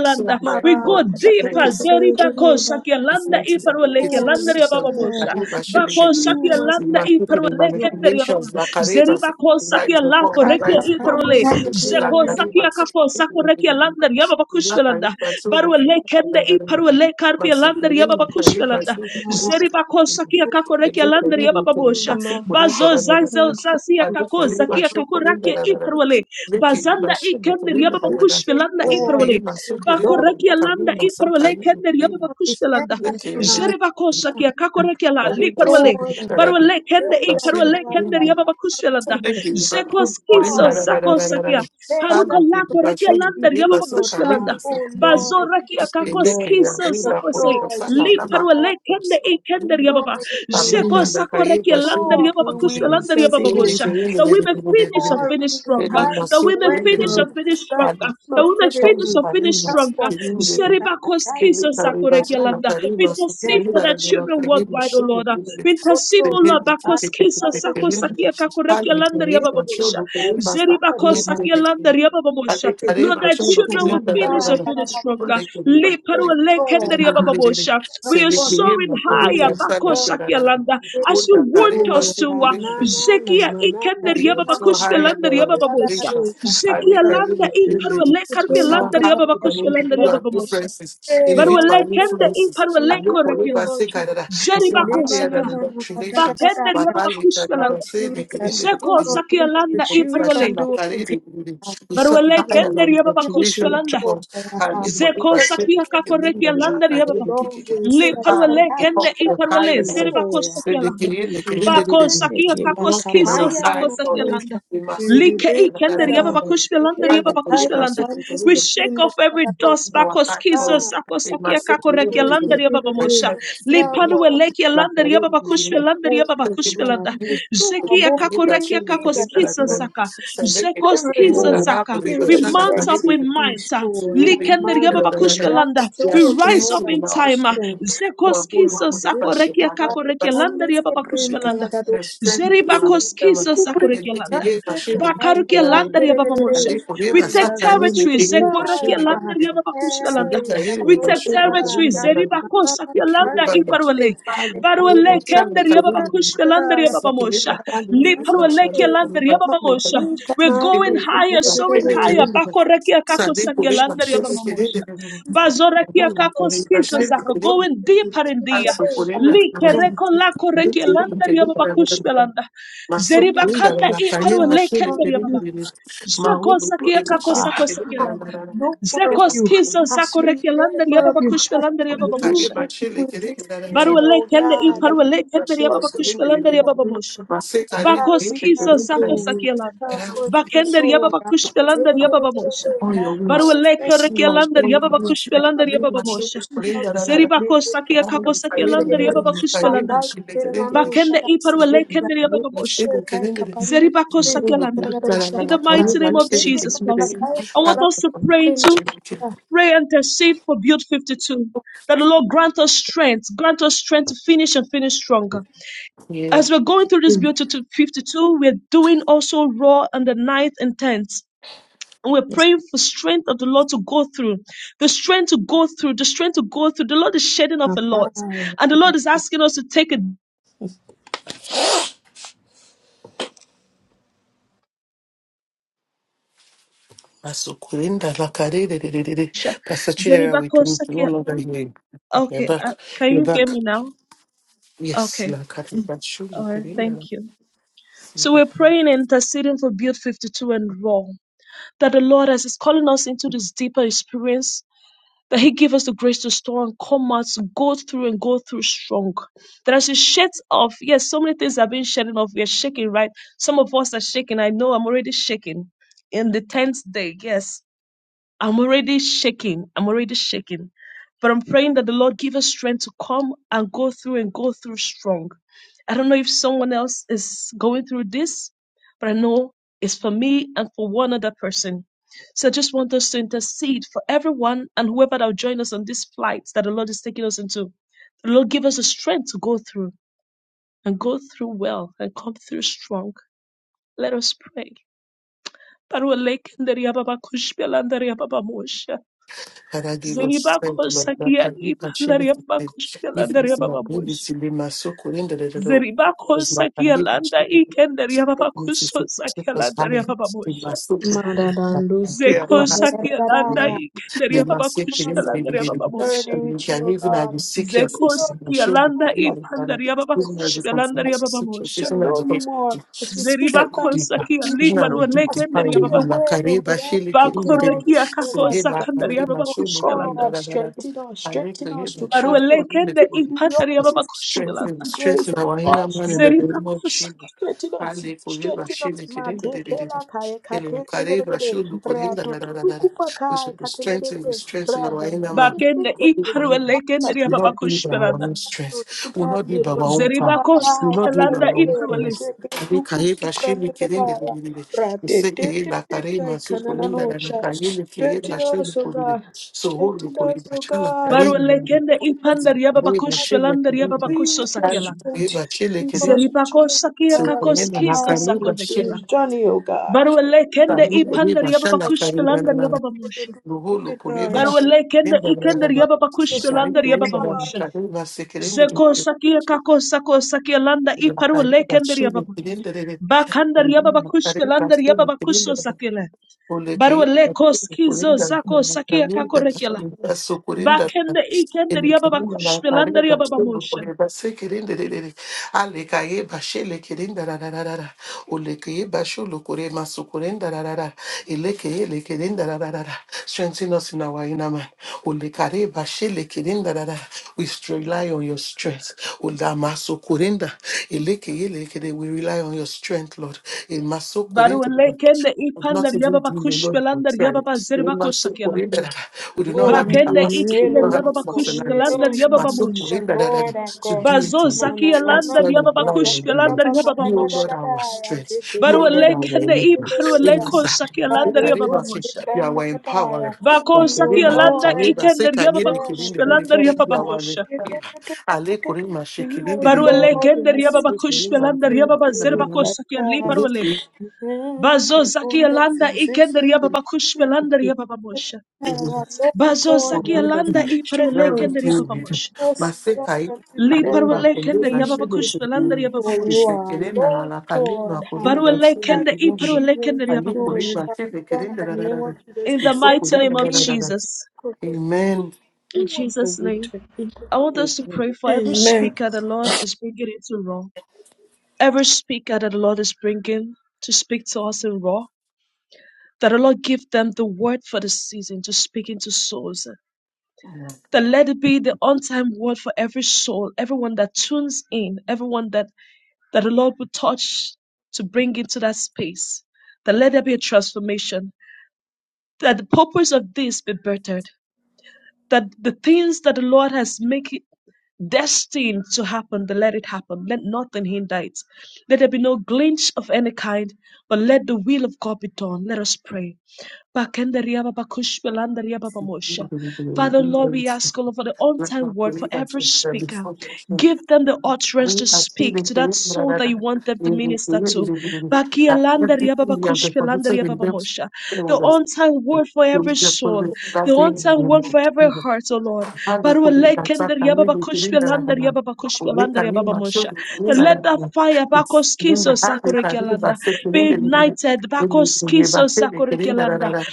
[SPEAKER 1] we saw our
[SPEAKER 2] We
[SPEAKER 3] Mara,
[SPEAKER 2] go deeper
[SPEAKER 1] God
[SPEAKER 3] Takatosha,
[SPEAKER 2] Zeri
[SPEAKER 3] Bereda.
[SPEAKER 2] Bakosakialanda
[SPEAKER 1] influences and negative
[SPEAKER 3] Soar, we
[SPEAKER 2] Iparwalekialanda
[SPEAKER 1] decisions that are
[SPEAKER 3] soar.
[SPEAKER 2] Babamosha.
[SPEAKER 1] being machine
[SPEAKER 3] It's
[SPEAKER 1] again. We get
[SPEAKER 3] you
[SPEAKER 1] take
[SPEAKER 3] as an
[SPEAKER 1] the
[SPEAKER 2] Bakosakialanda
[SPEAKER 3] umbrella.
[SPEAKER 1] marketing
[SPEAKER 3] Your
[SPEAKER 2] Iparwalekendere Baba.
[SPEAKER 1] manipulations that are being
[SPEAKER 2] Zeri
[SPEAKER 1] rise
[SPEAKER 2] Bakosakiala
[SPEAKER 1] above,
[SPEAKER 3] God,
[SPEAKER 2] Korekia
[SPEAKER 1] rise above.
[SPEAKER 3] Kapan,
[SPEAKER 2] Iparwale.
[SPEAKER 1] The shield that
[SPEAKER 2] Zeko
[SPEAKER 1] are being
[SPEAKER 2] Sakia Kako
[SPEAKER 1] manipulated.
[SPEAKER 2] Sakorekialanda
[SPEAKER 1] La caída
[SPEAKER 2] Yababakushvelanda.
[SPEAKER 1] pasó lo que
[SPEAKER 2] Barwalekende Iparwale Karpialanda
[SPEAKER 1] Masepelin, caída
[SPEAKER 2] Yababakushvelanda.
[SPEAKER 1] pasó lo que
[SPEAKER 2] Zeri Bakosakia
[SPEAKER 1] El de
[SPEAKER 2] Kakorekialanda
[SPEAKER 1] tener
[SPEAKER 2] Yabababosha
[SPEAKER 1] información
[SPEAKER 3] Lord,
[SPEAKER 1] por el de
[SPEAKER 2] bazo
[SPEAKER 1] la de la
[SPEAKER 3] we
[SPEAKER 2] zanzo
[SPEAKER 1] de
[SPEAKER 3] need
[SPEAKER 2] sasia
[SPEAKER 1] Al de
[SPEAKER 2] kako
[SPEAKER 1] caída
[SPEAKER 2] zakia
[SPEAKER 1] pasó
[SPEAKER 2] kako
[SPEAKER 1] por el de
[SPEAKER 2] rakia
[SPEAKER 1] la de la
[SPEAKER 2] iparwale
[SPEAKER 1] de que
[SPEAKER 2] bazanda
[SPEAKER 1] pasó lo que
[SPEAKER 2] ikende
[SPEAKER 1] el de
[SPEAKER 2] riaba
[SPEAKER 1] la de la
[SPEAKER 2] bakush
[SPEAKER 3] the
[SPEAKER 2] velanda
[SPEAKER 1] El
[SPEAKER 3] joy,
[SPEAKER 2] iparwale
[SPEAKER 3] the
[SPEAKER 2] bako
[SPEAKER 3] joy,
[SPEAKER 2] rakia landa iparwale kende riaba
[SPEAKER 3] Lord,
[SPEAKER 2] bakush
[SPEAKER 3] defend
[SPEAKER 2] velanda
[SPEAKER 3] us
[SPEAKER 1] Thank
[SPEAKER 3] in our
[SPEAKER 2] jere bako shakia kako rakia la liparwale
[SPEAKER 3] joy,
[SPEAKER 2] barwale kende
[SPEAKER 3] defend us
[SPEAKER 2] iparwale
[SPEAKER 3] in our
[SPEAKER 2] kende riaba
[SPEAKER 3] finances,
[SPEAKER 2] bakush velanda jeko skiso
[SPEAKER 3] joy that
[SPEAKER 2] zako
[SPEAKER 3] is
[SPEAKER 2] sakia
[SPEAKER 3] defend
[SPEAKER 2] Haruka
[SPEAKER 3] us to
[SPEAKER 2] lako rakia
[SPEAKER 3] what
[SPEAKER 2] landa
[SPEAKER 3] we
[SPEAKER 2] riaba
[SPEAKER 3] do not
[SPEAKER 2] bakush
[SPEAKER 3] have.
[SPEAKER 2] velanda
[SPEAKER 3] Oh
[SPEAKER 2] bazo
[SPEAKER 3] Lord, give
[SPEAKER 2] rakia
[SPEAKER 3] us the
[SPEAKER 2] kako
[SPEAKER 3] joy,
[SPEAKER 2] skiso
[SPEAKER 3] the
[SPEAKER 2] zako se
[SPEAKER 3] joy to our
[SPEAKER 2] liparwale kende ikende riaba
[SPEAKER 3] joy in
[SPEAKER 2] Zeko
[SPEAKER 3] Him.
[SPEAKER 2] sako reke
[SPEAKER 3] Oh,
[SPEAKER 2] landaria
[SPEAKER 3] up
[SPEAKER 2] baba
[SPEAKER 3] we
[SPEAKER 2] kusha
[SPEAKER 3] wings
[SPEAKER 2] landaria
[SPEAKER 3] as
[SPEAKER 2] baba
[SPEAKER 3] eagles,
[SPEAKER 2] bosha. That we may finish and finish
[SPEAKER 3] soaring in
[SPEAKER 2] stronger.
[SPEAKER 3] high
[SPEAKER 2] That we may finish
[SPEAKER 3] windows,
[SPEAKER 2] and finish
[SPEAKER 3] that's
[SPEAKER 2] stronger.
[SPEAKER 3] not
[SPEAKER 2] That we may finish
[SPEAKER 3] favorable.
[SPEAKER 2] and finish stronger.
[SPEAKER 3] Help us,
[SPEAKER 1] you.
[SPEAKER 3] help
[SPEAKER 2] Zeriba
[SPEAKER 1] Thank
[SPEAKER 2] koskizo sako
[SPEAKER 3] us,
[SPEAKER 2] reke landa. We
[SPEAKER 3] help
[SPEAKER 2] intercede for the
[SPEAKER 3] us.
[SPEAKER 2] children worldwide, O Lord. We
[SPEAKER 3] Oto
[SPEAKER 2] intercede, O Lord,
[SPEAKER 3] usakaya
[SPEAKER 2] bakoskizo sako
[SPEAKER 3] bandikire
[SPEAKER 2] sakia kako reke landaria baba bosha.
[SPEAKER 3] ari
[SPEAKER 2] Zeriba
[SPEAKER 3] kana
[SPEAKER 2] kosakia landaria baba bosha.
[SPEAKER 3] bakire
[SPEAKER 2] Lord, thy
[SPEAKER 3] ita
[SPEAKER 2] children will finish
[SPEAKER 3] nakaya
[SPEAKER 2] and
[SPEAKER 3] kana
[SPEAKER 2] finish stronger.
[SPEAKER 3] parumusha
[SPEAKER 2] Le paru le
[SPEAKER 3] oto
[SPEAKER 2] kendaria baba bosha. We are
[SPEAKER 3] rakos
[SPEAKER 2] soaring higher, Bakosakialanda,
[SPEAKER 3] Without you,
[SPEAKER 2] as you
[SPEAKER 3] we
[SPEAKER 2] want us
[SPEAKER 3] can
[SPEAKER 2] to. uh,
[SPEAKER 1] you.
[SPEAKER 2] Zekia ikende riaba
[SPEAKER 1] So higher
[SPEAKER 2] bakushkelanda
[SPEAKER 1] than our
[SPEAKER 2] riaba babosa.
[SPEAKER 3] do
[SPEAKER 1] expectations. I live
[SPEAKER 2] Zekia
[SPEAKER 1] I live
[SPEAKER 2] landa
[SPEAKER 1] in community
[SPEAKER 2] iparwele
[SPEAKER 1] with someone
[SPEAKER 2] karpelanda
[SPEAKER 1] happy
[SPEAKER 2] riaba
[SPEAKER 1] with an
[SPEAKER 2] bakushkelanda riaba
[SPEAKER 1] individual
[SPEAKER 2] babosa.
[SPEAKER 1] differences, individual
[SPEAKER 2] Barwele kende
[SPEAKER 1] influences.
[SPEAKER 2] iparwele
[SPEAKER 1] I live for live by
[SPEAKER 2] korekila.
[SPEAKER 1] that we
[SPEAKER 2] Zeri
[SPEAKER 1] sound higher
[SPEAKER 2] bakosakia.
[SPEAKER 1] than indoctrinations.
[SPEAKER 2] Bakende
[SPEAKER 1] But
[SPEAKER 2] riaba
[SPEAKER 1] I live I live I
[SPEAKER 2] bakushkelanda.
[SPEAKER 1] say they can end
[SPEAKER 2] Zeko
[SPEAKER 1] the
[SPEAKER 2] sakia
[SPEAKER 3] nothing. but
[SPEAKER 2] landa
[SPEAKER 3] With you,
[SPEAKER 1] Police
[SPEAKER 3] we can
[SPEAKER 1] station
[SPEAKER 2] iparwele.
[SPEAKER 1] of
[SPEAKER 3] do all
[SPEAKER 1] Khalid,
[SPEAKER 3] things.
[SPEAKER 1] we sought
[SPEAKER 2] Barwele
[SPEAKER 3] Lord.
[SPEAKER 1] higher
[SPEAKER 2] kende
[SPEAKER 1] than
[SPEAKER 2] riaba
[SPEAKER 3] Give us
[SPEAKER 1] indoctrination
[SPEAKER 3] your
[SPEAKER 1] of
[SPEAKER 2] bakushkelanda.
[SPEAKER 3] joy.
[SPEAKER 1] God. I
[SPEAKER 3] Lord.
[SPEAKER 1] live for live
[SPEAKER 2] Zeko
[SPEAKER 1] by say
[SPEAKER 3] Let
[SPEAKER 1] they
[SPEAKER 2] sakia
[SPEAKER 1] can
[SPEAKER 3] us
[SPEAKER 2] kako
[SPEAKER 1] end
[SPEAKER 3] be
[SPEAKER 2] rekia landa
[SPEAKER 3] joyful
[SPEAKER 2] riababa.
[SPEAKER 1] it.
[SPEAKER 3] always
[SPEAKER 2] Le
[SPEAKER 3] so that we
[SPEAKER 1] Ah,
[SPEAKER 3] can
[SPEAKER 2] parwale
[SPEAKER 1] we
[SPEAKER 3] have
[SPEAKER 2] kende
[SPEAKER 1] come
[SPEAKER 2] i
[SPEAKER 1] to a
[SPEAKER 3] strength
[SPEAKER 2] parwale.
[SPEAKER 1] higher
[SPEAKER 3] in
[SPEAKER 1] life.
[SPEAKER 2] Seribako
[SPEAKER 3] soul.
[SPEAKER 1] Say
[SPEAKER 2] sakia
[SPEAKER 1] they
[SPEAKER 2] la.
[SPEAKER 3] Above
[SPEAKER 1] can end
[SPEAKER 2] Bako
[SPEAKER 1] it.
[SPEAKER 2] sakia
[SPEAKER 3] anything
[SPEAKER 2] kakos kiso sako sakia landa. Like ikender yaba bakush belanda yaba bakush belanda. We shake off every dust bakos kiso sako sakia kako rekia landa yaba bamosha. Lipanu weleki landa yaba bakush belanda yaba bakush belanda. Zekia kako rekia kakos
[SPEAKER 3] that is
[SPEAKER 2] kiso
[SPEAKER 3] not
[SPEAKER 2] saka. Zekos kiso
[SPEAKER 3] Terrible.
[SPEAKER 2] saka.
[SPEAKER 3] Be
[SPEAKER 2] We mount up
[SPEAKER 3] respected
[SPEAKER 2] with
[SPEAKER 3] and
[SPEAKER 2] might. ah.
[SPEAKER 3] restored
[SPEAKER 1] Yes,
[SPEAKER 2] Likender yaba
[SPEAKER 3] because
[SPEAKER 2] bakush
[SPEAKER 3] we have the
[SPEAKER 2] belanda. We
[SPEAKER 3] joy of the
[SPEAKER 2] rise
[SPEAKER 3] Lord
[SPEAKER 2] up
[SPEAKER 1] creating
[SPEAKER 3] as
[SPEAKER 2] in
[SPEAKER 1] Lord.
[SPEAKER 3] our
[SPEAKER 2] time. ah.
[SPEAKER 3] strength.
[SPEAKER 1] Or go
[SPEAKER 3] Rather,
[SPEAKER 2] Zekoskiso
[SPEAKER 1] along
[SPEAKER 3] we
[SPEAKER 1] with the
[SPEAKER 3] give it
[SPEAKER 1] question.
[SPEAKER 2] sakorekia
[SPEAKER 3] to
[SPEAKER 1] I like
[SPEAKER 3] God,
[SPEAKER 1] the
[SPEAKER 2] kakorekia
[SPEAKER 1] person.
[SPEAKER 3] and
[SPEAKER 2] landa
[SPEAKER 3] this
[SPEAKER 2] ria
[SPEAKER 3] can
[SPEAKER 2] baba
[SPEAKER 3] bring to
[SPEAKER 2] kushmalanda.
[SPEAKER 3] like a door.
[SPEAKER 1] There's strength in our
[SPEAKER 3] Usu-
[SPEAKER 1] memory.
[SPEAKER 2] Zeribakoskiso
[SPEAKER 3] uku pri-
[SPEAKER 1] It
[SPEAKER 2] sakorekia
[SPEAKER 1] makes a
[SPEAKER 2] landa.
[SPEAKER 1] year for
[SPEAKER 3] practice
[SPEAKER 1] shame and you
[SPEAKER 3] kapai
[SPEAKER 1] do
[SPEAKER 2] Bakarukia
[SPEAKER 3] kapai
[SPEAKER 1] whatever.
[SPEAKER 2] landa ria
[SPEAKER 1] And
[SPEAKER 2] moshe.
[SPEAKER 3] geregere
[SPEAKER 1] they forgive
[SPEAKER 2] We
[SPEAKER 1] us.
[SPEAKER 2] take
[SPEAKER 1] After I knew
[SPEAKER 3] mazazusi
[SPEAKER 1] they
[SPEAKER 2] territories.
[SPEAKER 1] can hear for
[SPEAKER 2] Zekorekia
[SPEAKER 3] kipaya
[SPEAKER 1] shame and
[SPEAKER 3] aha
[SPEAKER 2] landa ria
[SPEAKER 1] everything.
[SPEAKER 2] baba
[SPEAKER 1] So
[SPEAKER 2] kushmalanda.
[SPEAKER 1] they
[SPEAKER 3] hey
[SPEAKER 1] can hear
[SPEAKER 2] We
[SPEAKER 1] we can
[SPEAKER 2] take
[SPEAKER 3] kabarosh
[SPEAKER 1] show them for
[SPEAKER 3] karada
[SPEAKER 1] him
[SPEAKER 2] territories.
[SPEAKER 1] and
[SPEAKER 3] ya
[SPEAKER 1] everything.
[SPEAKER 3] mama
[SPEAKER 1] They
[SPEAKER 2] Zeribakosakia
[SPEAKER 1] can do
[SPEAKER 2] landa
[SPEAKER 3] pandi
[SPEAKER 1] very much.
[SPEAKER 2] iparwale.
[SPEAKER 3] kipide
[SPEAKER 1] Father, forgive
[SPEAKER 2] Barwale
[SPEAKER 1] us.
[SPEAKER 3] kipide
[SPEAKER 1] Son,
[SPEAKER 2] kenda
[SPEAKER 1] we
[SPEAKER 2] ria
[SPEAKER 1] can hear
[SPEAKER 2] baba
[SPEAKER 1] you.
[SPEAKER 2] kushmalanda ria
[SPEAKER 3] kupra
[SPEAKER 2] baba
[SPEAKER 1] Second,
[SPEAKER 2] moshe.
[SPEAKER 1] Abraham, we
[SPEAKER 3] Thank
[SPEAKER 1] forgive
[SPEAKER 3] you,
[SPEAKER 1] us. Son,
[SPEAKER 2] Liparwalekia
[SPEAKER 1] we
[SPEAKER 2] landa
[SPEAKER 1] forgive
[SPEAKER 2] ria
[SPEAKER 1] us.
[SPEAKER 2] moshe. We're
[SPEAKER 1] Masuk
[SPEAKER 2] going higher, soaring higher. Bakorekia kakosakia landa ria
[SPEAKER 3] Jesus.
[SPEAKER 2] moshe.
[SPEAKER 3] Thank you, thank you, Lord.
[SPEAKER 2] Bazorakia
[SPEAKER 3] Help us to
[SPEAKER 2] kakoskizos zako
[SPEAKER 3] go
[SPEAKER 2] going deeper
[SPEAKER 3] deeper
[SPEAKER 2] in thee. Like reko lako
[SPEAKER 3] as
[SPEAKER 2] rekelanda riababa kushpelanda. Zeribakanda iparu lekende riababa. Zekosakia kakosakosakelanda.
[SPEAKER 3] we know more of you,
[SPEAKER 2] Zekoskizos
[SPEAKER 3] as
[SPEAKER 2] ako
[SPEAKER 3] we learn
[SPEAKER 2] rekelanda
[SPEAKER 3] more of
[SPEAKER 2] riababa
[SPEAKER 3] you, as
[SPEAKER 2] kushpelanda
[SPEAKER 3] we
[SPEAKER 2] riababa
[SPEAKER 3] deal
[SPEAKER 2] musha.
[SPEAKER 3] with you in this season,
[SPEAKER 2] Baruele
[SPEAKER 3] oh
[SPEAKER 2] kende i
[SPEAKER 3] God.
[SPEAKER 2] paruele kende ria
[SPEAKER 3] Help
[SPEAKER 2] baba
[SPEAKER 3] us to
[SPEAKER 2] kushpelende ria baba
[SPEAKER 3] deepen
[SPEAKER 2] moshe.
[SPEAKER 3] That
[SPEAKER 2] Bakos
[SPEAKER 3] we are
[SPEAKER 2] kizo sako
[SPEAKER 3] soul.
[SPEAKER 2] sakielan.
[SPEAKER 3] Help us to
[SPEAKER 2] Bakende ria
[SPEAKER 3] soar.
[SPEAKER 2] baba kushpelende ria baba moshe.
[SPEAKER 1] Oh,
[SPEAKER 3] Now
[SPEAKER 1] your
[SPEAKER 3] for
[SPEAKER 1] wounds.
[SPEAKER 3] us,
[SPEAKER 2] Baruele
[SPEAKER 3] let
[SPEAKER 1] It's
[SPEAKER 2] kere
[SPEAKER 1] you know, all
[SPEAKER 2] ria
[SPEAKER 1] your
[SPEAKER 2] baba
[SPEAKER 1] wounds, like,
[SPEAKER 2] kushpelende
[SPEAKER 3] us
[SPEAKER 2] ria
[SPEAKER 1] leave
[SPEAKER 2] baba
[SPEAKER 1] my
[SPEAKER 2] moshe.
[SPEAKER 1] shoulder, leave that, that, that,
[SPEAKER 2] Zeri
[SPEAKER 1] that,
[SPEAKER 2] bakos sakia kako
[SPEAKER 1] I'm tired,
[SPEAKER 2] sakielende
[SPEAKER 1] and
[SPEAKER 2] ria baba
[SPEAKER 1] I'm tired,
[SPEAKER 2] kushpelende.
[SPEAKER 1] and she makes it into this.
[SPEAKER 2] Bakende i
[SPEAKER 1] She did
[SPEAKER 2] paruele
[SPEAKER 1] it,
[SPEAKER 2] kende
[SPEAKER 1] I
[SPEAKER 2] ria
[SPEAKER 1] wrote
[SPEAKER 2] baba
[SPEAKER 1] my
[SPEAKER 2] moshe.
[SPEAKER 1] shit, and get into it.
[SPEAKER 2] Zeri
[SPEAKER 1] She
[SPEAKER 2] bakos
[SPEAKER 1] wrote the
[SPEAKER 2] sakielende.
[SPEAKER 1] book that I'm
[SPEAKER 2] In the
[SPEAKER 1] like, I wrote
[SPEAKER 2] mighty
[SPEAKER 1] my
[SPEAKER 2] name of
[SPEAKER 1] shit, and get
[SPEAKER 2] Jesus
[SPEAKER 1] into it.
[SPEAKER 2] Christ. I
[SPEAKER 1] I-
[SPEAKER 2] want us to pray into
[SPEAKER 1] she make it.
[SPEAKER 2] pray and intercede for Build 52. That the Lord grant us strength, grant us strength to finish and finish stronger.
[SPEAKER 1] Yeah.
[SPEAKER 2] As we're going through this Build 52, we're doing also Raw and the ninth and 10th. And we're praying for strength of the Lord to go through, the strength to go through, the strength to go through. The Lord is shedding off a lot. And the Lord is asking us to take a.
[SPEAKER 1] Pastor Kurinda, like, I did it, it, it, it, it. Pastor Chidera, we can no longer hear you. You're
[SPEAKER 2] Okay,
[SPEAKER 1] back.
[SPEAKER 2] uh, can
[SPEAKER 1] You're
[SPEAKER 2] you hear
[SPEAKER 1] back.
[SPEAKER 2] me now?
[SPEAKER 1] Yes,
[SPEAKER 2] Okay,
[SPEAKER 1] like I think that should
[SPEAKER 2] all
[SPEAKER 1] look
[SPEAKER 2] right, thank
[SPEAKER 1] good.
[SPEAKER 2] you. So we're praying and interceding for Build 52 and Raw. that the Lord, as He's calling us into this deeper experience, that He give us the grace to store and come out, to go through and go through strong. That as you shed off, yes, so many things have been shedding off. We are shaking, right? Some of us are shaking. I know I'm already shaking in the tenth day. Yes. I'm already shaking. I'm already shaking. But I'm praying that the Lord give us strength to come and go through and go through strong. I don't know if someone else is going through this, but I know it's for me and for one other person. So I just want us to intercede for everyone and whoever that will join us on this flight that the Lord is taking us into. The Lord give us the strength to go through and go through well and come through strong. Let us pray.
[SPEAKER 1] Father, give us strength,
[SPEAKER 2] Zeribako
[SPEAKER 1] Lord, that
[SPEAKER 2] sakia
[SPEAKER 1] can you can share it
[SPEAKER 2] ipandaria
[SPEAKER 1] with
[SPEAKER 2] bako
[SPEAKER 1] us.
[SPEAKER 2] sakia
[SPEAKER 1] Give us
[SPEAKER 2] landaria
[SPEAKER 1] the
[SPEAKER 2] baba boys.
[SPEAKER 1] ability, Lima, so Corinda, that the Lord,
[SPEAKER 2] Zeribako
[SPEAKER 1] was not can
[SPEAKER 2] sakia
[SPEAKER 1] be the
[SPEAKER 2] landa
[SPEAKER 1] should
[SPEAKER 2] ikendaria baba kuso sakia
[SPEAKER 1] keep us That
[SPEAKER 2] landaria baba
[SPEAKER 1] means if you put it us higher. They
[SPEAKER 2] boys.
[SPEAKER 1] must so good.
[SPEAKER 3] Maradando
[SPEAKER 1] Prepare our
[SPEAKER 2] Zeko
[SPEAKER 1] hearts.
[SPEAKER 2] sakia
[SPEAKER 3] skipping
[SPEAKER 2] landa
[SPEAKER 1] They
[SPEAKER 2] ikendaria
[SPEAKER 3] Just
[SPEAKER 2] baba
[SPEAKER 1] must say,
[SPEAKER 2] kushia
[SPEAKER 3] cause
[SPEAKER 1] Kirim,
[SPEAKER 3] us
[SPEAKER 1] baby,
[SPEAKER 2] landaria
[SPEAKER 3] to
[SPEAKER 1] baby.
[SPEAKER 2] baba boys.
[SPEAKER 3] journey
[SPEAKER 1] You
[SPEAKER 3] with you,
[SPEAKER 1] can
[SPEAKER 3] O
[SPEAKER 1] even have
[SPEAKER 3] God.
[SPEAKER 1] you
[SPEAKER 3] To
[SPEAKER 1] seek your
[SPEAKER 3] get to
[SPEAKER 2] Zeko
[SPEAKER 1] face.
[SPEAKER 3] know,
[SPEAKER 1] They must
[SPEAKER 2] sakia
[SPEAKER 3] get
[SPEAKER 1] Show
[SPEAKER 3] to
[SPEAKER 1] me
[SPEAKER 2] landa
[SPEAKER 1] the
[SPEAKER 3] know us
[SPEAKER 1] living Father.
[SPEAKER 2] ipandaria baba
[SPEAKER 3] as
[SPEAKER 1] Even as you
[SPEAKER 3] Jesus,
[SPEAKER 2] kushia
[SPEAKER 1] continue
[SPEAKER 3] as
[SPEAKER 2] landaria
[SPEAKER 1] to
[SPEAKER 2] baba
[SPEAKER 1] seek your
[SPEAKER 2] boys.
[SPEAKER 1] face,
[SPEAKER 3] to
[SPEAKER 1] even as
[SPEAKER 3] know
[SPEAKER 1] you
[SPEAKER 3] you
[SPEAKER 1] continue
[SPEAKER 3] more,
[SPEAKER 1] to
[SPEAKER 3] as we seek
[SPEAKER 1] step
[SPEAKER 3] divine
[SPEAKER 2] Zeribako
[SPEAKER 3] faith
[SPEAKER 1] deeper,
[SPEAKER 2] sakia
[SPEAKER 3] with
[SPEAKER 1] even as
[SPEAKER 3] you,
[SPEAKER 1] you
[SPEAKER 2] liparua
[SPEAKER 1] dig
[SPEAKER 3] as we
[SPEAKER 1] deeper
[SPEAKER 2] lekendaria
[SPEAKER 3] do
[SPEAKER 1] in you,
[SPEAKER 2] baba.
[SPEAKER 3] away
[SPEAKER 1] Makare,
[SPEAKER 3] with
[SPEAKER 1] Bashili,
[SPEAKER 3] every
[SPEAKER 2] Bako
[SPEAKER 1] Kirim,
[SPEAKER 3] wrong
[SPEAKER 2] rekia
[SPEAKER 3] which we
[SPEAKER 2] kako
[SPEAKER 3] have
[SPEAKER 1] Sehe la
[SPEAKER 3] distracted.
[SPEAKER 2] sakandaria
[SPEAKER 1] kare
[SPEAKER 2] baba
[SPEAKER 3] Oh
[SPEAKER 1] mashulu
[SPEAKER 2] kushia
[SPEAKER 1] kuri
[SPEAKER 2] landa.
[SPEAKER 3] God,
[SPEAKER 1] bara bara.
[SPEAKER 3] strengthen us,
[SPEAKER 1] Ale
[SPEAKER 3] strengthen
[SPEAKER 1] kare
[SPEAKER 3] us to carry
[SPEAKER 2] Parua
[SPEAKER 1] mashulu
[SPEAKER 3] on.
[SPEAKER 1] kuri
[SPEAKER 2] lekende
[SPEAKER 3] Even beyond
[SPEAKER 2] ipandaria baba
[SPEAKER 1] bara.
[SPEAKER 3] these
[SPEAKER 2] kushia
[SPEAKER 1] Strengthen,
[SPEAKER 2] landa.
[SPEAKER 3] 52
[SPEAKER 1] strengthen
[SPEAKER 3] days,
[SPEAKER 1] our
[SPEAKER 3] oh
[SPEAKER 1] inner
[SPEAKER 3] God,
[SPEAKER 1] man in
[SPEAKER 3] strengthen
[SPEAKER 1] the
[SPEAKER 3] us,
[SPEAKER 2] Zeriba
[SPEAKER 1] name of Jesus.
[SPEAKER 3] strengthen us,
[SPEAKER 1] Ale kare
[SPEAKER 3] strengthen
[SPEAKER 1] mashulu
[SPEAKER 3] us.
[SPEAKER 1] kuri
[SPEAKER 3] Mate,
[SPEAKER 1] bara bara.
[SPEAKER 3] kela, kaya,
[SPEAKER 1] Ele
[SPEAKER 3] kate,
[SPEAKER 1] kare
[SPEAKER 3] regede, regede,
[SPEAKER 1] mashulu kuri
[SPEAKER 3] ratu,
[SPEAKER 1] bara bara bara.
[SPEAKER 3] tukupa,
[SPEAKER 1] We
[SPEAKER 3] kaya,
[SPEAKER 1] should be strengthened, we strengthen our
[SPEAKER 3] katelelele,
[SPEAKER 1] inner man.
[SPEAKER 2] Bakende
[SPEAKER 1] Ale
[SPEAKER 3] Strengthen
[SPEAKER 1] kare mashulu
[SPEAKER 2] iparwele kende ria
[SPEAKER 1] We will
[SPEAKER 2] baba
[SPEAKER 1] not do it by our
[SPEAKER 2] kushpelanda.
[SPEAKER 1] own strength, We will not do it by our own power.
[SPEAKER 2] Zeribako
[SPEAKER 1] We will not do it by
[SPEAKER 2] sakelanda
[SPEAKER 1] our own
[SPEAKER 2] iparwele.
[SPEAKER 1] powers. Ale kare mashulu kuri bara bara. Seke la kare masu kurin da rana kage da ke yi lashe da
[SPEAKER 3] us, O
[SPEAKER 1] kuri da
[SPEAKER 3] God.
[SPEAKER 1] so hor da
[SPEAKER 3] Strengthen
[SPEAKER 1] kuri
[SPEAKER 3] us,
[SPEAKER 1] ba
[SPEAKER 3] O
[SPEAKER 1] sha la
[SPEAKER 3] God.
[SPEAKER 1] kare
[SPEAKER 2] Barwele
[SPEAKER 1] ne
[SPEAKER 2] kende
[SPEAKER 3] Strengthen us, O
[SPEAKER 2] ipanda ria baba
[SPEAKER 1] kare ba
[SPEAKER 3] God.
[SPEAKER 1] shi da
[SPEAKER 2] kushpelanda ria
[SPEAKER 1] kuri
[SPEAKER 2] baba
[SPEAKER 1] da
[SPEAKER 3] Breathe your
[SPEAKER 1] an
[SPEAKER 2] sakelanda.
[SPEAKER 1] kuri ba
[SPEAKER 3] strength.
[SPEAKER 1] shi da
[SPEAKER 3] Give
[SPEAKER 1] kuri
[SPEAKER 3] us
[SPEAKER 2] Zeribako
[SPEAKER 3] strength in
[SPEAKER 2] sakia
[SPEAKER 1] so
[SPEAKER 3] our
[SPEAKER 1] kuri
[SPEAKER 2] kakos
[SPEAKER 1] da
[SPEAKER 3] inner
[SPEAKER 1] na
[SPEAKER 2] kiso
[SPEAKER 3] man
[SPEAKER 1] kare
[SPEAKER 2] sako
[SPEAKER 3] in
[SPEAKER 1] ba shi
[SPEAKER 2] zekela.
[SPEAKER 3] this journey, O God.
[SPEAKER 2] Barwele
[SPEAKER 1] da
[SPEAKER 2] kende
[SPEAKER 1] lu
[SPEAKER 3] Amen.
[SPEAKER 1] kuri
[SPEAKER 2] ipanda ria baba
[SPEAKER 1] la kare da
[SPEAKER 2] kushpelanda
[SPEAKER 1] na
[SPEAKER 2] ria
[SPEAKER 1] na
[SPEAKER 2] baba moshe.
[SPEAKER 1] lu hor da kuri ba shi
[SPEAKER 2] Barwele kende
[SPEAKER 1] din da na
[SPEAKER 2] ikende
[SPEAKER 1] na
[SPEAKER 2] ria baba
[SPEAKER 1] shi ne
[SPEAKER 2] kushpelanda
[SPEAKER 3] Glory,
[SPEAKER 1] kuri kare ba se
[SPEAKER 2] Zeko sakia kakos sako sakelanda
[SPEAKER 1] la kare
[SPEAKER 2] iparwele
[SPEAKER 1] ba
[SPEAKER 2] kende ria
[SPEAKER 1] shi da
[SPEAKER 2] baba.
[SPEAKER 1] kuri kare ba shi
[SPEAKER 2] Bakanda ria baba kushpelanda
[SPEAKER 1] da
[SPEAKER 2] sakela. Barua
[SPEAKER 1] Oleke,
[SPEAKER 2] leko skizo
[SPEAKER 1] Sukurinda,
[SPEAKER 2] zako sakia kako
[SPEAKER 1] Sukurinda,
[SPEAKER 2] rekela.
[SPEAKER 1] Sukurinda, Sukurinda,
[SPEAKER 2] Bakende ikende riaba
[SPEAKER 1] Elekirinda,
[SPEAKER 2] bakush
[SPEAKER 1] La
[SPEAKER 2] belander
[SPEAKER 1] Parida,
[SPEAKER 2] yaba bamusha.
[SPEAKER 1] Sukurinda, Sekirinda, Alekaye, Bashele, Kirinda, Rarara, Oleke, Bashulu, Kurema, Sukurinda, Rarara, Eleke, Lekirinda, Rarara, strengthen us in our inner man. Olekare, Bashele, Kirinda, Rarara, we rely on your strength. Olama, Sukurinda, Eleke, Lekere, we rely on your strength, Lord. Emaso,
[SPEAKER 2] Barua
[SPEAKER 1] Kurinda,
[SPEAKER 2] lekende
[SPEAKER 1] of not
[SPEAKER 2] ipander
[SPEAKER 1] even
[SPEAKER 2] yaba
[SPEAKER 1] doing the
[SPEAKER 2] bakush
[SPEAKER 1] Lord will
[SPEAKER 2] belander
[SPEAKER 1] try.
[SPEAKER 2] yaba
[SPEAKER 1] Lema so
[SPEAKER 2] sakela.
[SPEAKER 1] korinda da da. We do not
[SPEAKER 3] your
[SPEAKER 1] have the
[SPEAKER 2] Bakende
[SPEAKER 1] capacity, we
[SPEAKER 2] ikende
[SPEAKER 1] don't have
[SPEAKER 3] name,
[SPEAKER 1] the
[SPEAKER 2] riaba
[SPEAKER 3] your
[SPEAKER 2] bakush
[SPEAKER 1] functionality.
[SPEAKER 2] belander yaba
[SPEAKER 1] Ma
[SPEAKER 3] name,
[SPEAKER 1] so
[SPEAKER 3] the
[SPEAKER 2] bamusha.
[SPEAKER 1] korinda da da da,
[SPEAKER 3] Lord and
[SPEAKER 1] To
[SPEAKER 3] God.
[SPEAKER 1] do it.
[SPEAKER 2] Bazo
[SPEAKER 1] in you.
[SPEAKER 3] Mana
[SPEAKER 2] zakia
[SPEAKER 1] That's
[SPEAKER 3] nama
[SPEAKER 2] lander
[SPEAKER 1] why we
[SPEAKER 2] yaba
[SPEAKER 1] rely
[SPEAKER 3] kubra
[SPEAKER 2] bakush
[SPEAKER 1] on you,
[SPEAKER 3] katida
[SPEAKER 1] Lord.
[SPEAKER 2] belander yaba
[SPEAKER 3] pakada
[SPEAKER 1] You, O
[SPEAKER 3] na da
[SPEAKER 1] Lord,
[SPEAKER 3] da
[SPEAKER 1] are our
[SPEAKER 3] da ya
[SPEAKER 1] strength.
[SPEAKER 3] teke
[SPEAKER 1] You, O
[SPEAKER 3] de
[SPEAKER 2] Barua
[SPEAKER 3] ne
[SPEAKER 1] Lord, are
[SPEAKER 3] ne
[SPEAKER 1] our
[SPEAKER 3] te
[SPEAKER 2] lekende
[SPEAKER 3] te te
[SPEAKER 1] deliverer.
[SPEAKER 3] te
[SPEAKER 2] iparua
[SPEAKER 3] ya
[SPEAKER 1] Lema
[SPEAKER 2] leko
[SPEAKER 1] sa.
[SPEAKER 2] sakia lander
[SPEAKER 3] paro
[SPEAKER 1] Kureka
[SPEAKER 2] yaba
[SPEAKER 1] reba
[SPEAKER 3] dos
[SPEAKER 1] se.
[SPEAKER 3] te
[SPEAKER 2] bamusha.
[SPEAKER 1] You are
[SPEAKER 3] pranda
[SPEAKER 1] our
[SPEAKER 3] kata ya
[SPEAKER 1] empowerer. Ma
[SPEAKER 2] Bako
[SPEAKER 3] you O
[SPEAKER 2] sakia
[SPEAKER 1] pelena na
[SPEAKER 2] landa
[SPEAKER 3] Lord
[SPEAKER 1] kaleba
[SPEAKER 3] are
[SPEAKER 1] se
[SPEAKER 2] ikende
[SPEAKER 1] ka
[SPEAKER 2] riaba
[SPEAKER 1] yele
[SPEAKER 3] great
[SPEAKER 2] bakush
[SPEAKER 3] and
[SPEAKER 1] kelele
[SPEAKER 3] great
[SPEAKER 1] dede.
[SPEAKER 2] belander yaba
[SPEAKER 1] You are
[SPEAKER 3] God.
[SPEAKER 1] our
[SPEAKER 2] bamusha.
[SPEAKER 3] Te te te
[SPEAKER 1] redeemer.
[SPEAKER 3] te te
[SPEAKER 1] Ale
[SPEAKER 3] te te
[SPEAKER 1] korema
[SPEAKER 3] to
[SPEAKER 1] she
[SPEAKER 3] you O
[SPEAKER 1] kelele dede
[SPEAKER 2] Baruele
[SPEAKER 1] dede.
[SPEAKER 3] Lord
[SPEAKER 2] kender
[SPEAKER 3] your
[SPEAKER 1] Se
[SPEAKER 2] yababa
[SPEAKER 1] we
[SPEAKER 3] spirit
[SPEAKER 2] kush
[SPEAKER 1] korinda
[SPEAKER 2] belanda
[SPEAKER 1] na
[SPEAKER 2] yababa
[SPEAKER 1] kaleba na
[SPEAKER 3] spirit
[SPEAKER 1] na
[SPEAKER 2] zerbako
[SPEAKER 1] na.
[SPEAKER 2] sakya
[SPEAKER 3] kata
[SPEAKER 2] li
[SPEAKER 1] Look,
[SPEAKER 2] baruele.
[SPEAKER 1] we-
[SPEAKER 3] ya
[SPEAKER 2] Bazo zakia alanda i kender
[SPEAKER 3] kabunda
[SPEAKER 2] yababa kush belanda yababa mosha.
[SPEAKER 3] Lord
[SPEAKER 2] Bazo
[SPEAKER 3] God,
[SPEAKER 2] zakia
[SPEAKER 1] for
[SPEAKER 3] help us.
[SPEAKER 2] alanda i paruele
[SPEAKER 3] Strengthen
[SPEAKER 1] Very
[SPEAKER 3] us.
[SPEAKER 2] kender yababa
[SPEAKER 1] difficult.
[SPEAKER 2] mosha.
[SPEAKER 1] But
[SPEAKER 3] Trust
[SPEAKER 1] see,
[SPEAKER 3] us.
[SPEAKER 1] Kari,
[SPEAKER 3] every
[SPEAKER 1] I
[SPEAKER 2] Li
[SPEAKER 1] am
[SPEAKER 3] day.
[SPEAKER 2] paruele
[SPEAKER 1] Makoni,
[SPEAKER 2] kender
[SPEAKER 1] and
[SPEAKER 3] We
[SPEAKER 1] she
[SPEAKER 2] yababa
[SPEAKER 1] is
[SPEAKER 3] just
[SPEAKER 2] kush belanda
[SPEAKER 3] seek
[SPEAKER 1] Makoni.
[SPEAKER 2] yababa
[SPEAKER 3] for
[SPEAKER 1] Is
[SPEAKER 3] you,
[SPEAKER 2] mosha.
[SPEAKER 1] she
[SPEAKER 3] our
[SPEAKER 1] Keren? And I am
[SPEAKER 3] Lord
[SPEAKER 1] Makoni.
[SPEAKER 3] God. How do
[SPEAKER 2] Baruele
[SPEAKER 1] Both are very
[SPEAKER 3] that
[SPEAKER 2] kender i
[SPEAKER 3] which
[SPEAKER 1] difficult.
[SPEAKER 3] you
[SPEAKER 2] paruele
[SPEAKER 3] want
[SPEAKER 2] kender
[SPEAKER 1] I
[SPEAKER 3] to
[SPEAKER 1] am
[SPEAKER 3] do
[SPEAKER 2] yababa
[SPEAKER 1] Makoni.
[SPEAKER 2] mosha.
[SPEAKER 1] But
[SPEAKER 3] without
[SPEAKER 1] she
[SPEAKER 3] the
[SPEAKER 1] is
[SPEAKER 3] God
[SPEAKER 1] Keren. Da da
[SPEAKER 3] in the
[SPEAKER 1] da
[SPEAKER 3] name
[SPEAKER 1] da.
[SPEAKER 3] of Jesus.
[SPEAKER 2] In the
[SPEAKER 1] Is she
[SPEAKER 3] Let
[SPEAKER 2] mighty
[SPEAKER 3] there
[SPEAKER 2] name
[SPEAKER 1] Makoni?
[SPEAKER 2] of
[SPEAKER 1] Da da da
[SPEAKER 3] be.
[SPEAKER 1] da.
[SPEAKER 2] Jesus.
[SPEAKER 3] God,
[SPEAKER 1] Amen.
[SPEAKER 2] In
[SPEAKER 3] you want
[SPEAKER 2] Jesus' name. I want us to
[SPEAKER 1] Makoni,
[SPEAKER 2] pray for every
[SPEAKER 3] Amen.
[SPEAKER 2] speaker the Lord is bringing into raw. Every speaker that the Lord is bringing to speak to us in raw that the Lord give them the word for the season to speak into souls. That let it be the on time word for every soul, everyone that tunes in, everyone that, that the Lord will touch to bring into that space. That let there be a transformation. That the purpose of this be bettered. That the things that the Lord has make it destined to happen, that let it happen. Let nothing hinder it. Let there be no glitch of any kind, but let the will of God be done. Let us pray. Bakenderia baba kush, belanderia baba moshe.
[SPEAKER 1] Makoni,
[SPEAKER 2] Father, Lord,
[SPEAKER 1] Makoni,
[SPEAKER 2] we ask, O Lord, for the on time word for every
[SPEAKER 1] Makoni.
[SPEAKER 2] speaker.
[SPEAKER 1] Before you start.
[SPEAKER 2] Give them the utterance to
[SPEAKER 1] Everything we
[SPEAKER 2] speak to that soul
[SPEAKER 1] have
[SPEAKER 2] that you want them to minister to. Bakia landaria baba kushpia
[SPEAKER 1] deposited
[SPEAKER 2] landaria
[SPEAKER 1] in
[SPEAKER 2] baba
[SPEAKER 1] them
[SPEAKER 2] mosha. The
[SPEAKER 1] failed us.
[SPEAKER 2] on-time word for
[SPEAKER 1] You
[SPEAKER 2] every soul.
[SPEAKER 1] deposit that
[SPEAKER 2] The
[SPEAKER 1] thing in the
[SPEAKER 2] on-time
[SPEAKER 1] name
[SPEAKER 2] word
[SPEAKER 1] of
[SPEAKER 2] for every
[SPEAKER 1] Jesus.
[SPEAKER 2] heart, O Lord.
[SPEAKER 1] Hadi
[SPEAKER 2] Barua
[SPEAKER 1] kulinda sasa
[SPEAKER 2] lekendaria baba
[SPEAKER 1] hivi
[SPEAKER 2] kushpia
[SPEAKER 1] kulinda
[SPEAKER 2] landaria
[SPEAKER 1] na
[SPEAKER 2] baba kushpia
[SPEAKER 1] kuleta
[SPEAKER 2] landaria
[SPEAKER 1] hii
[SPEAKER 2] baba mosha.
[SPEAKER 1] mashughuli
[SPEAKER 2] And let
[SPEAKER 1] kulinda
[SPEAKER 2] that
[SPEAKER 1] na
[SPEAKER 2] fire bakos kiso
[SPEAKER 1] kulinda hadi
[SPEAKER 2] sakurekia
[SPEAKER 1] karibu
[SPEAKER 2] landa
[SPEAKER 1] basi
[SPEAKER 2] be
[SPEAKER 1] kulinda ili
[SPEAKER 2] ignited
[SPEAKER 1] ili
[SPEAKER 2] bakos kiso
[SPEAKER 1] kuyebaki ni
[SPEAKER 2] sakurekia
[SPEAKER 1] kulinda na
[SPEAKER 2] landa.
[SPEAKER 1] na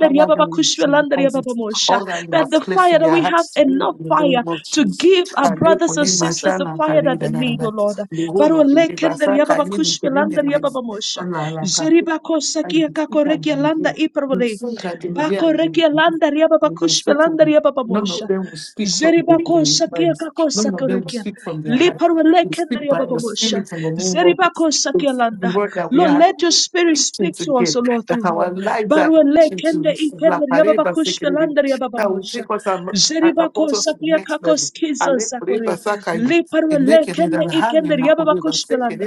[SPEAKER 1] Father,
[SPEAKER 2] baba
[SPEAKER 1] we
[SPEAKER 2] kushpia landaria
[SPEAKER 1] because
[SPEAKER 2] baba
[SPEAKER 1] it's
[SPEAKER 2] mosha.
[SPEAKER 1] all that you
[SPEAKER 2] That
[SPEAKER 1] have
[SPEAKER 2] the
[SPEAKER 1] placed
[SPEAKER 2] fire
[SPEAKER 1] in
[SPEAKER 2] that
[SPEAKER 1] their
[SPEAKER 2] we have
[SPEAKER 1] hearts to be in
[SPEAKER 2] enough
[SPEAKER 1] the name
[SPEAKER 2] fire
[SPEAKER 1] of
[SPEAKER 2] to
[SPEAKER 1] Jesus.
[SPEAKER 2] give our
[SPEAKER 1] And they
[SPEAKER 2] brothers
[SPEAKER 1] could
[SPEAKER 2] and
[SPEAKER 1] leave
[SPEAKER 2] sisters the
[SPEAKER 1] Ashana
[SPEAKER 2] fire
[SPEAKER 1] Kari
[SPEAKER 2] that they
[SPEAKER 1] da da da
[SPEAKER 2] need,
[SPEAKER 1] da.
[SPEAKER 2] O Lord.
[SPEAKER 1] The whole
[SPEAKER 2] Baro
[SPEAKER 1] of
[SPEAKER 2] lekender
[SPEAKER 1] Kulibasa
[SPEAKER 2] yababa
[SPEAKER 1] Kari, the Kirindi,
[SPEAKER 2] kushbelander
[SPEAKER 1] the
[SPEAKER 2] yababa mosha.
[SPEAKER 1] Anala Kari.
[SPEAKER 2] Zeribako
[SPEAKER 1] And
[SPEAKER 2] sakia
[SPEAKER 1] you speak
[SPEAKER 2] kako
[SPEAKER 1] and
[SPEAKER 2] rekia
[SPEAKER 1] you
[SPEAKER 2] landa
[SPEAKER 1] hear. You
[SPEAKER 2] ipravole.
[SPEAKER 1] sing and you hear
[SPEAKER 2] Bako
[SPEAKER 1] and
[SPEAKER 2] rekia landa yababa
[SPEAKER 1] you
[SPEAKER 2] kushbelander
[SPEAKER 1] believe.
[SPEAKER 2] yababa
[SPEAKER 1] None of
[SPEAKER 2] mosha.
[SPEAKER 1] them will speak from their
[SPEAKER 2] Zeribako
[SPEAKER 1] their
[SPEAKER 2] sakia
[SPEAKER 1] minds.
[SPEAKER 2] kako
[SPEAKER 1] None of them will
[SPEAKER 2] sakorekia.
[SPEAKER 1] speak from their hearts.
[SPEAKER 2] Liparwa
[SPEAKER 1] They
[SPEAKER 2] lekender
[SPEAKER 1] speak by the
[SPEAKER 2] yababa mosha.
[SPEAKER 1] spirit and the name of this
[SPEAKER 2] Zeribako
[SPEAKER 1] the
[SPEAKER 2] sakia landa.
[SPEAKER 1] word that we
[SPEAKER 2] Lord,
[SPEAKER 1] are
[SPEAKER 2] let your spirit
[SPEAKER 1] teaching
[SPEAKER 2] speak to
[SPEAKER 1] together,
[SPEAKER 2] us, O Lord,
[SPEAKER 1] that
[SPEAKER 2] through
[SPEAKER 1] our
[SPEAKER 2] all.
[SPEAKER 1] lives are
[SPEAKER 2] Barwa
[SPEAKER 1] teaching to
[SPEAKER 2] lekende
[SPEAKER 1] receive. La
[SPEAKER 2] ikender yababa
[SPEAKER 1] Pareba Security,
[SPEAKER 2] kushbelander yababa
[SPEAKER 1] that will
[SPEAKER 2] mosha.
[SPEAKER 1] take us and, and propose
[SPEAKER 2] Zeribako
[SPEAKER 1] us to the
[SPEAKER 2] sakia
[SPEAKER 1] next
[SPEAKER 2] kako
[SPEAKER 1] level. And then Pareba
[SPEAKER 2] sakore.
[SPEAKER 1] Sakai, and
[SPEAKER 2] Liparwele
[SPEAKER 1] naked in
[SPEAKER 2] kende
[SPEAKER 1] the hand
[SPEAKER 2] ikende
[SPEAKER 1] in Makureba
[SPEAKER 2] riababakushpelanda.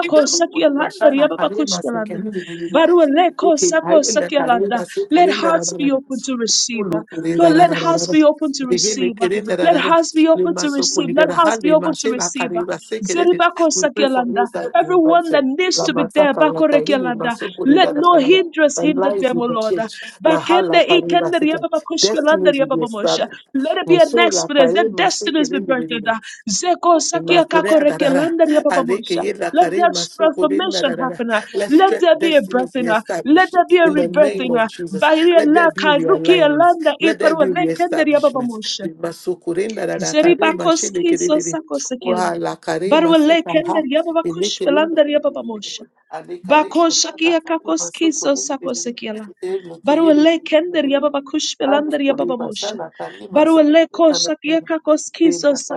[SPEAKER 1] It doesn't work.
[SPEAKER 2] Sakialanda
[SPEAKER 1] Bashala Pareba
[SPEAKER 2] Riababakushpelanda.
[SPEAKER 1] Second in the
[SPEAKER 2] leko
[SPEAKER 1] Okay, I
[SPEAKER 2] Sako
[SPEAKER 1] in the Careba
[SPEAKER 2] Sakialanda.
[SPEAKER 1] Second
[SPEAKER 2] Let hearts be open to
[SPEAKER 1] we pray
[SPEAKER 2] receive.
[SPEAKER 1] for
[SPEAKER 2] uh, Lord, let hearts be
[SPEAKER 1] those
[SPEAKER 2] open to receive. uh, Let hearts be open to receive. Let hearts be open to receive. uh, Zeribako Sakialanda.
[SPEAKER 1] that are
[SPEAKER 2] Everyone
[SPEAKER 1] invited.
[SPEAKER 2] that needs
[SPEAKER 1] La
[SPEAKER 2] to be there,
[SPEAKER 1] masaka la
[SPEAKER 2] Bako
[SPEAKER 1] kahili
[SPEAKER 2] Rekialanda.
[SPEAKER 1] masoko de
[SPEAKER 2] Let
[SPEAKER 1] da da
[SPEAKER 2] no
[SPEAKER 1] da da. da.
[SPEAKER 2] hindrance
[SPEAKER 1] And
[SPEAKER 2] hinder
[SPEAKER 1] lives
[SPEAKER 2] them,
[SPEAKER 1] will
[SPEAKER 2] O
[SPEAKER 1] be
[SPEAKER 2] Lord. uh,
[SPEAKER 1] changed. La hala
[SPEAKER 2] Bakende
[SPEAKER 1] kariba
[SPEAKER 2] Ikende
[SPEAKER 1] sete.
[SPEAKER 2] Riababakushpelanda
[SPEAKER 1] Destinies will be
[SPEAKER 2] Riababamosha.
[SPEAKER 1] established.
[SPEAKER 2] Let it be
[SPEAKER 1] And
[SPEAKER 2] an
[SPEAKER 1] so la
[SPEAKER 2] experience.
[SPEAKER 1] kare
[SPEAKER 2] Let
[SPEAKER 1] maseke
[SPEAKER 2] destinies be
[SPEAKER 1] de de de de
[SPEAKER 2] birthed.
[SPEAKER 1] de.
[SPEAKER 2] Zeko sakia
[SPEAKER 1] Imakure
[SPEAKER 2] kako reke
[SPEAKER 1] adadada,
[SPEAKER 2] landa ria papa mosha.
[SPEAKER 1] alekeye
[SPEAKER 2] Let
[SPEAKER 1] lakare
[SPEAKER 2] that
[SPEAKER 1] masokore
[SPEAKER 2] transformation
[SPEAKER 1] nadadada.
[SPEAKER 2] happen. uh.
[SPEAKER 1] Let
[SPEAKER 2] Let
[SPEAKER 1] strength
[SPEAKER 2] there be a
[SPEAKER 1] destinies be
[SPEAKER 2] birthing. uh. Let
[SPEAKER 1] established
[SPEAKER 2] there be a
[SPEAKER 1] in the name
[SPEAKER 2] rebirthing.
[SPEAKER 1] of
[SPEAKER 2] uh.
[SPEAKER 1] Jesus.
[SPEAKER 2] Bairia
[SPEAKER 1] Let there be
[SPEAKER 2] laka rukia
[SPEAKER 1] realignment.
[SPEAKER 2] landa
[SPEAKER 1] Let there
[SPEAKER 2] iparwa
[SPEAKER 1] be
[SPEAKER 2] lekende ria baba
[SPEAKER 1] reestablishment.
[SPEAKER 2] mosha.
[SPEAKER 1] Limasokore nadadada,
[SPEAKER 2] Zeriba
[SPEAKER 1] kare
[SPEAKER 2] koski so
[SPEAKER 1] mashelekere.
[SPEAKER 2] sako sekiela.
[SPEAKER 1] Oha lakare
[SPEAKER 2] Barwa
[SPEAKER 1] masoka
[SPEAKER 2] lekende
[SPEAKER 1] ha,
[SPEAKER 2] ria baba kush belanda ria papa mosha.
[SPEAKER 1] Alekare
[SPEAKER 2] Bako
[SPEAKER 1] masoka,
[SPEAKER 2] shakia kakos kiso
[SPEAKER 1] masokore.
[SPEAKER 2] sako sekiala.
[SPEAKER 1] Elekeye.
[SPEAKER 2] Baruele kender yababa kush belander
[SPEAKER 1] Alekore
[SPEAKER 2] yababa mosha.
[SPEAKER 1] bashala kare masoka.
[SPEAKER 2] Baruele ko shakia kakos kiso sa.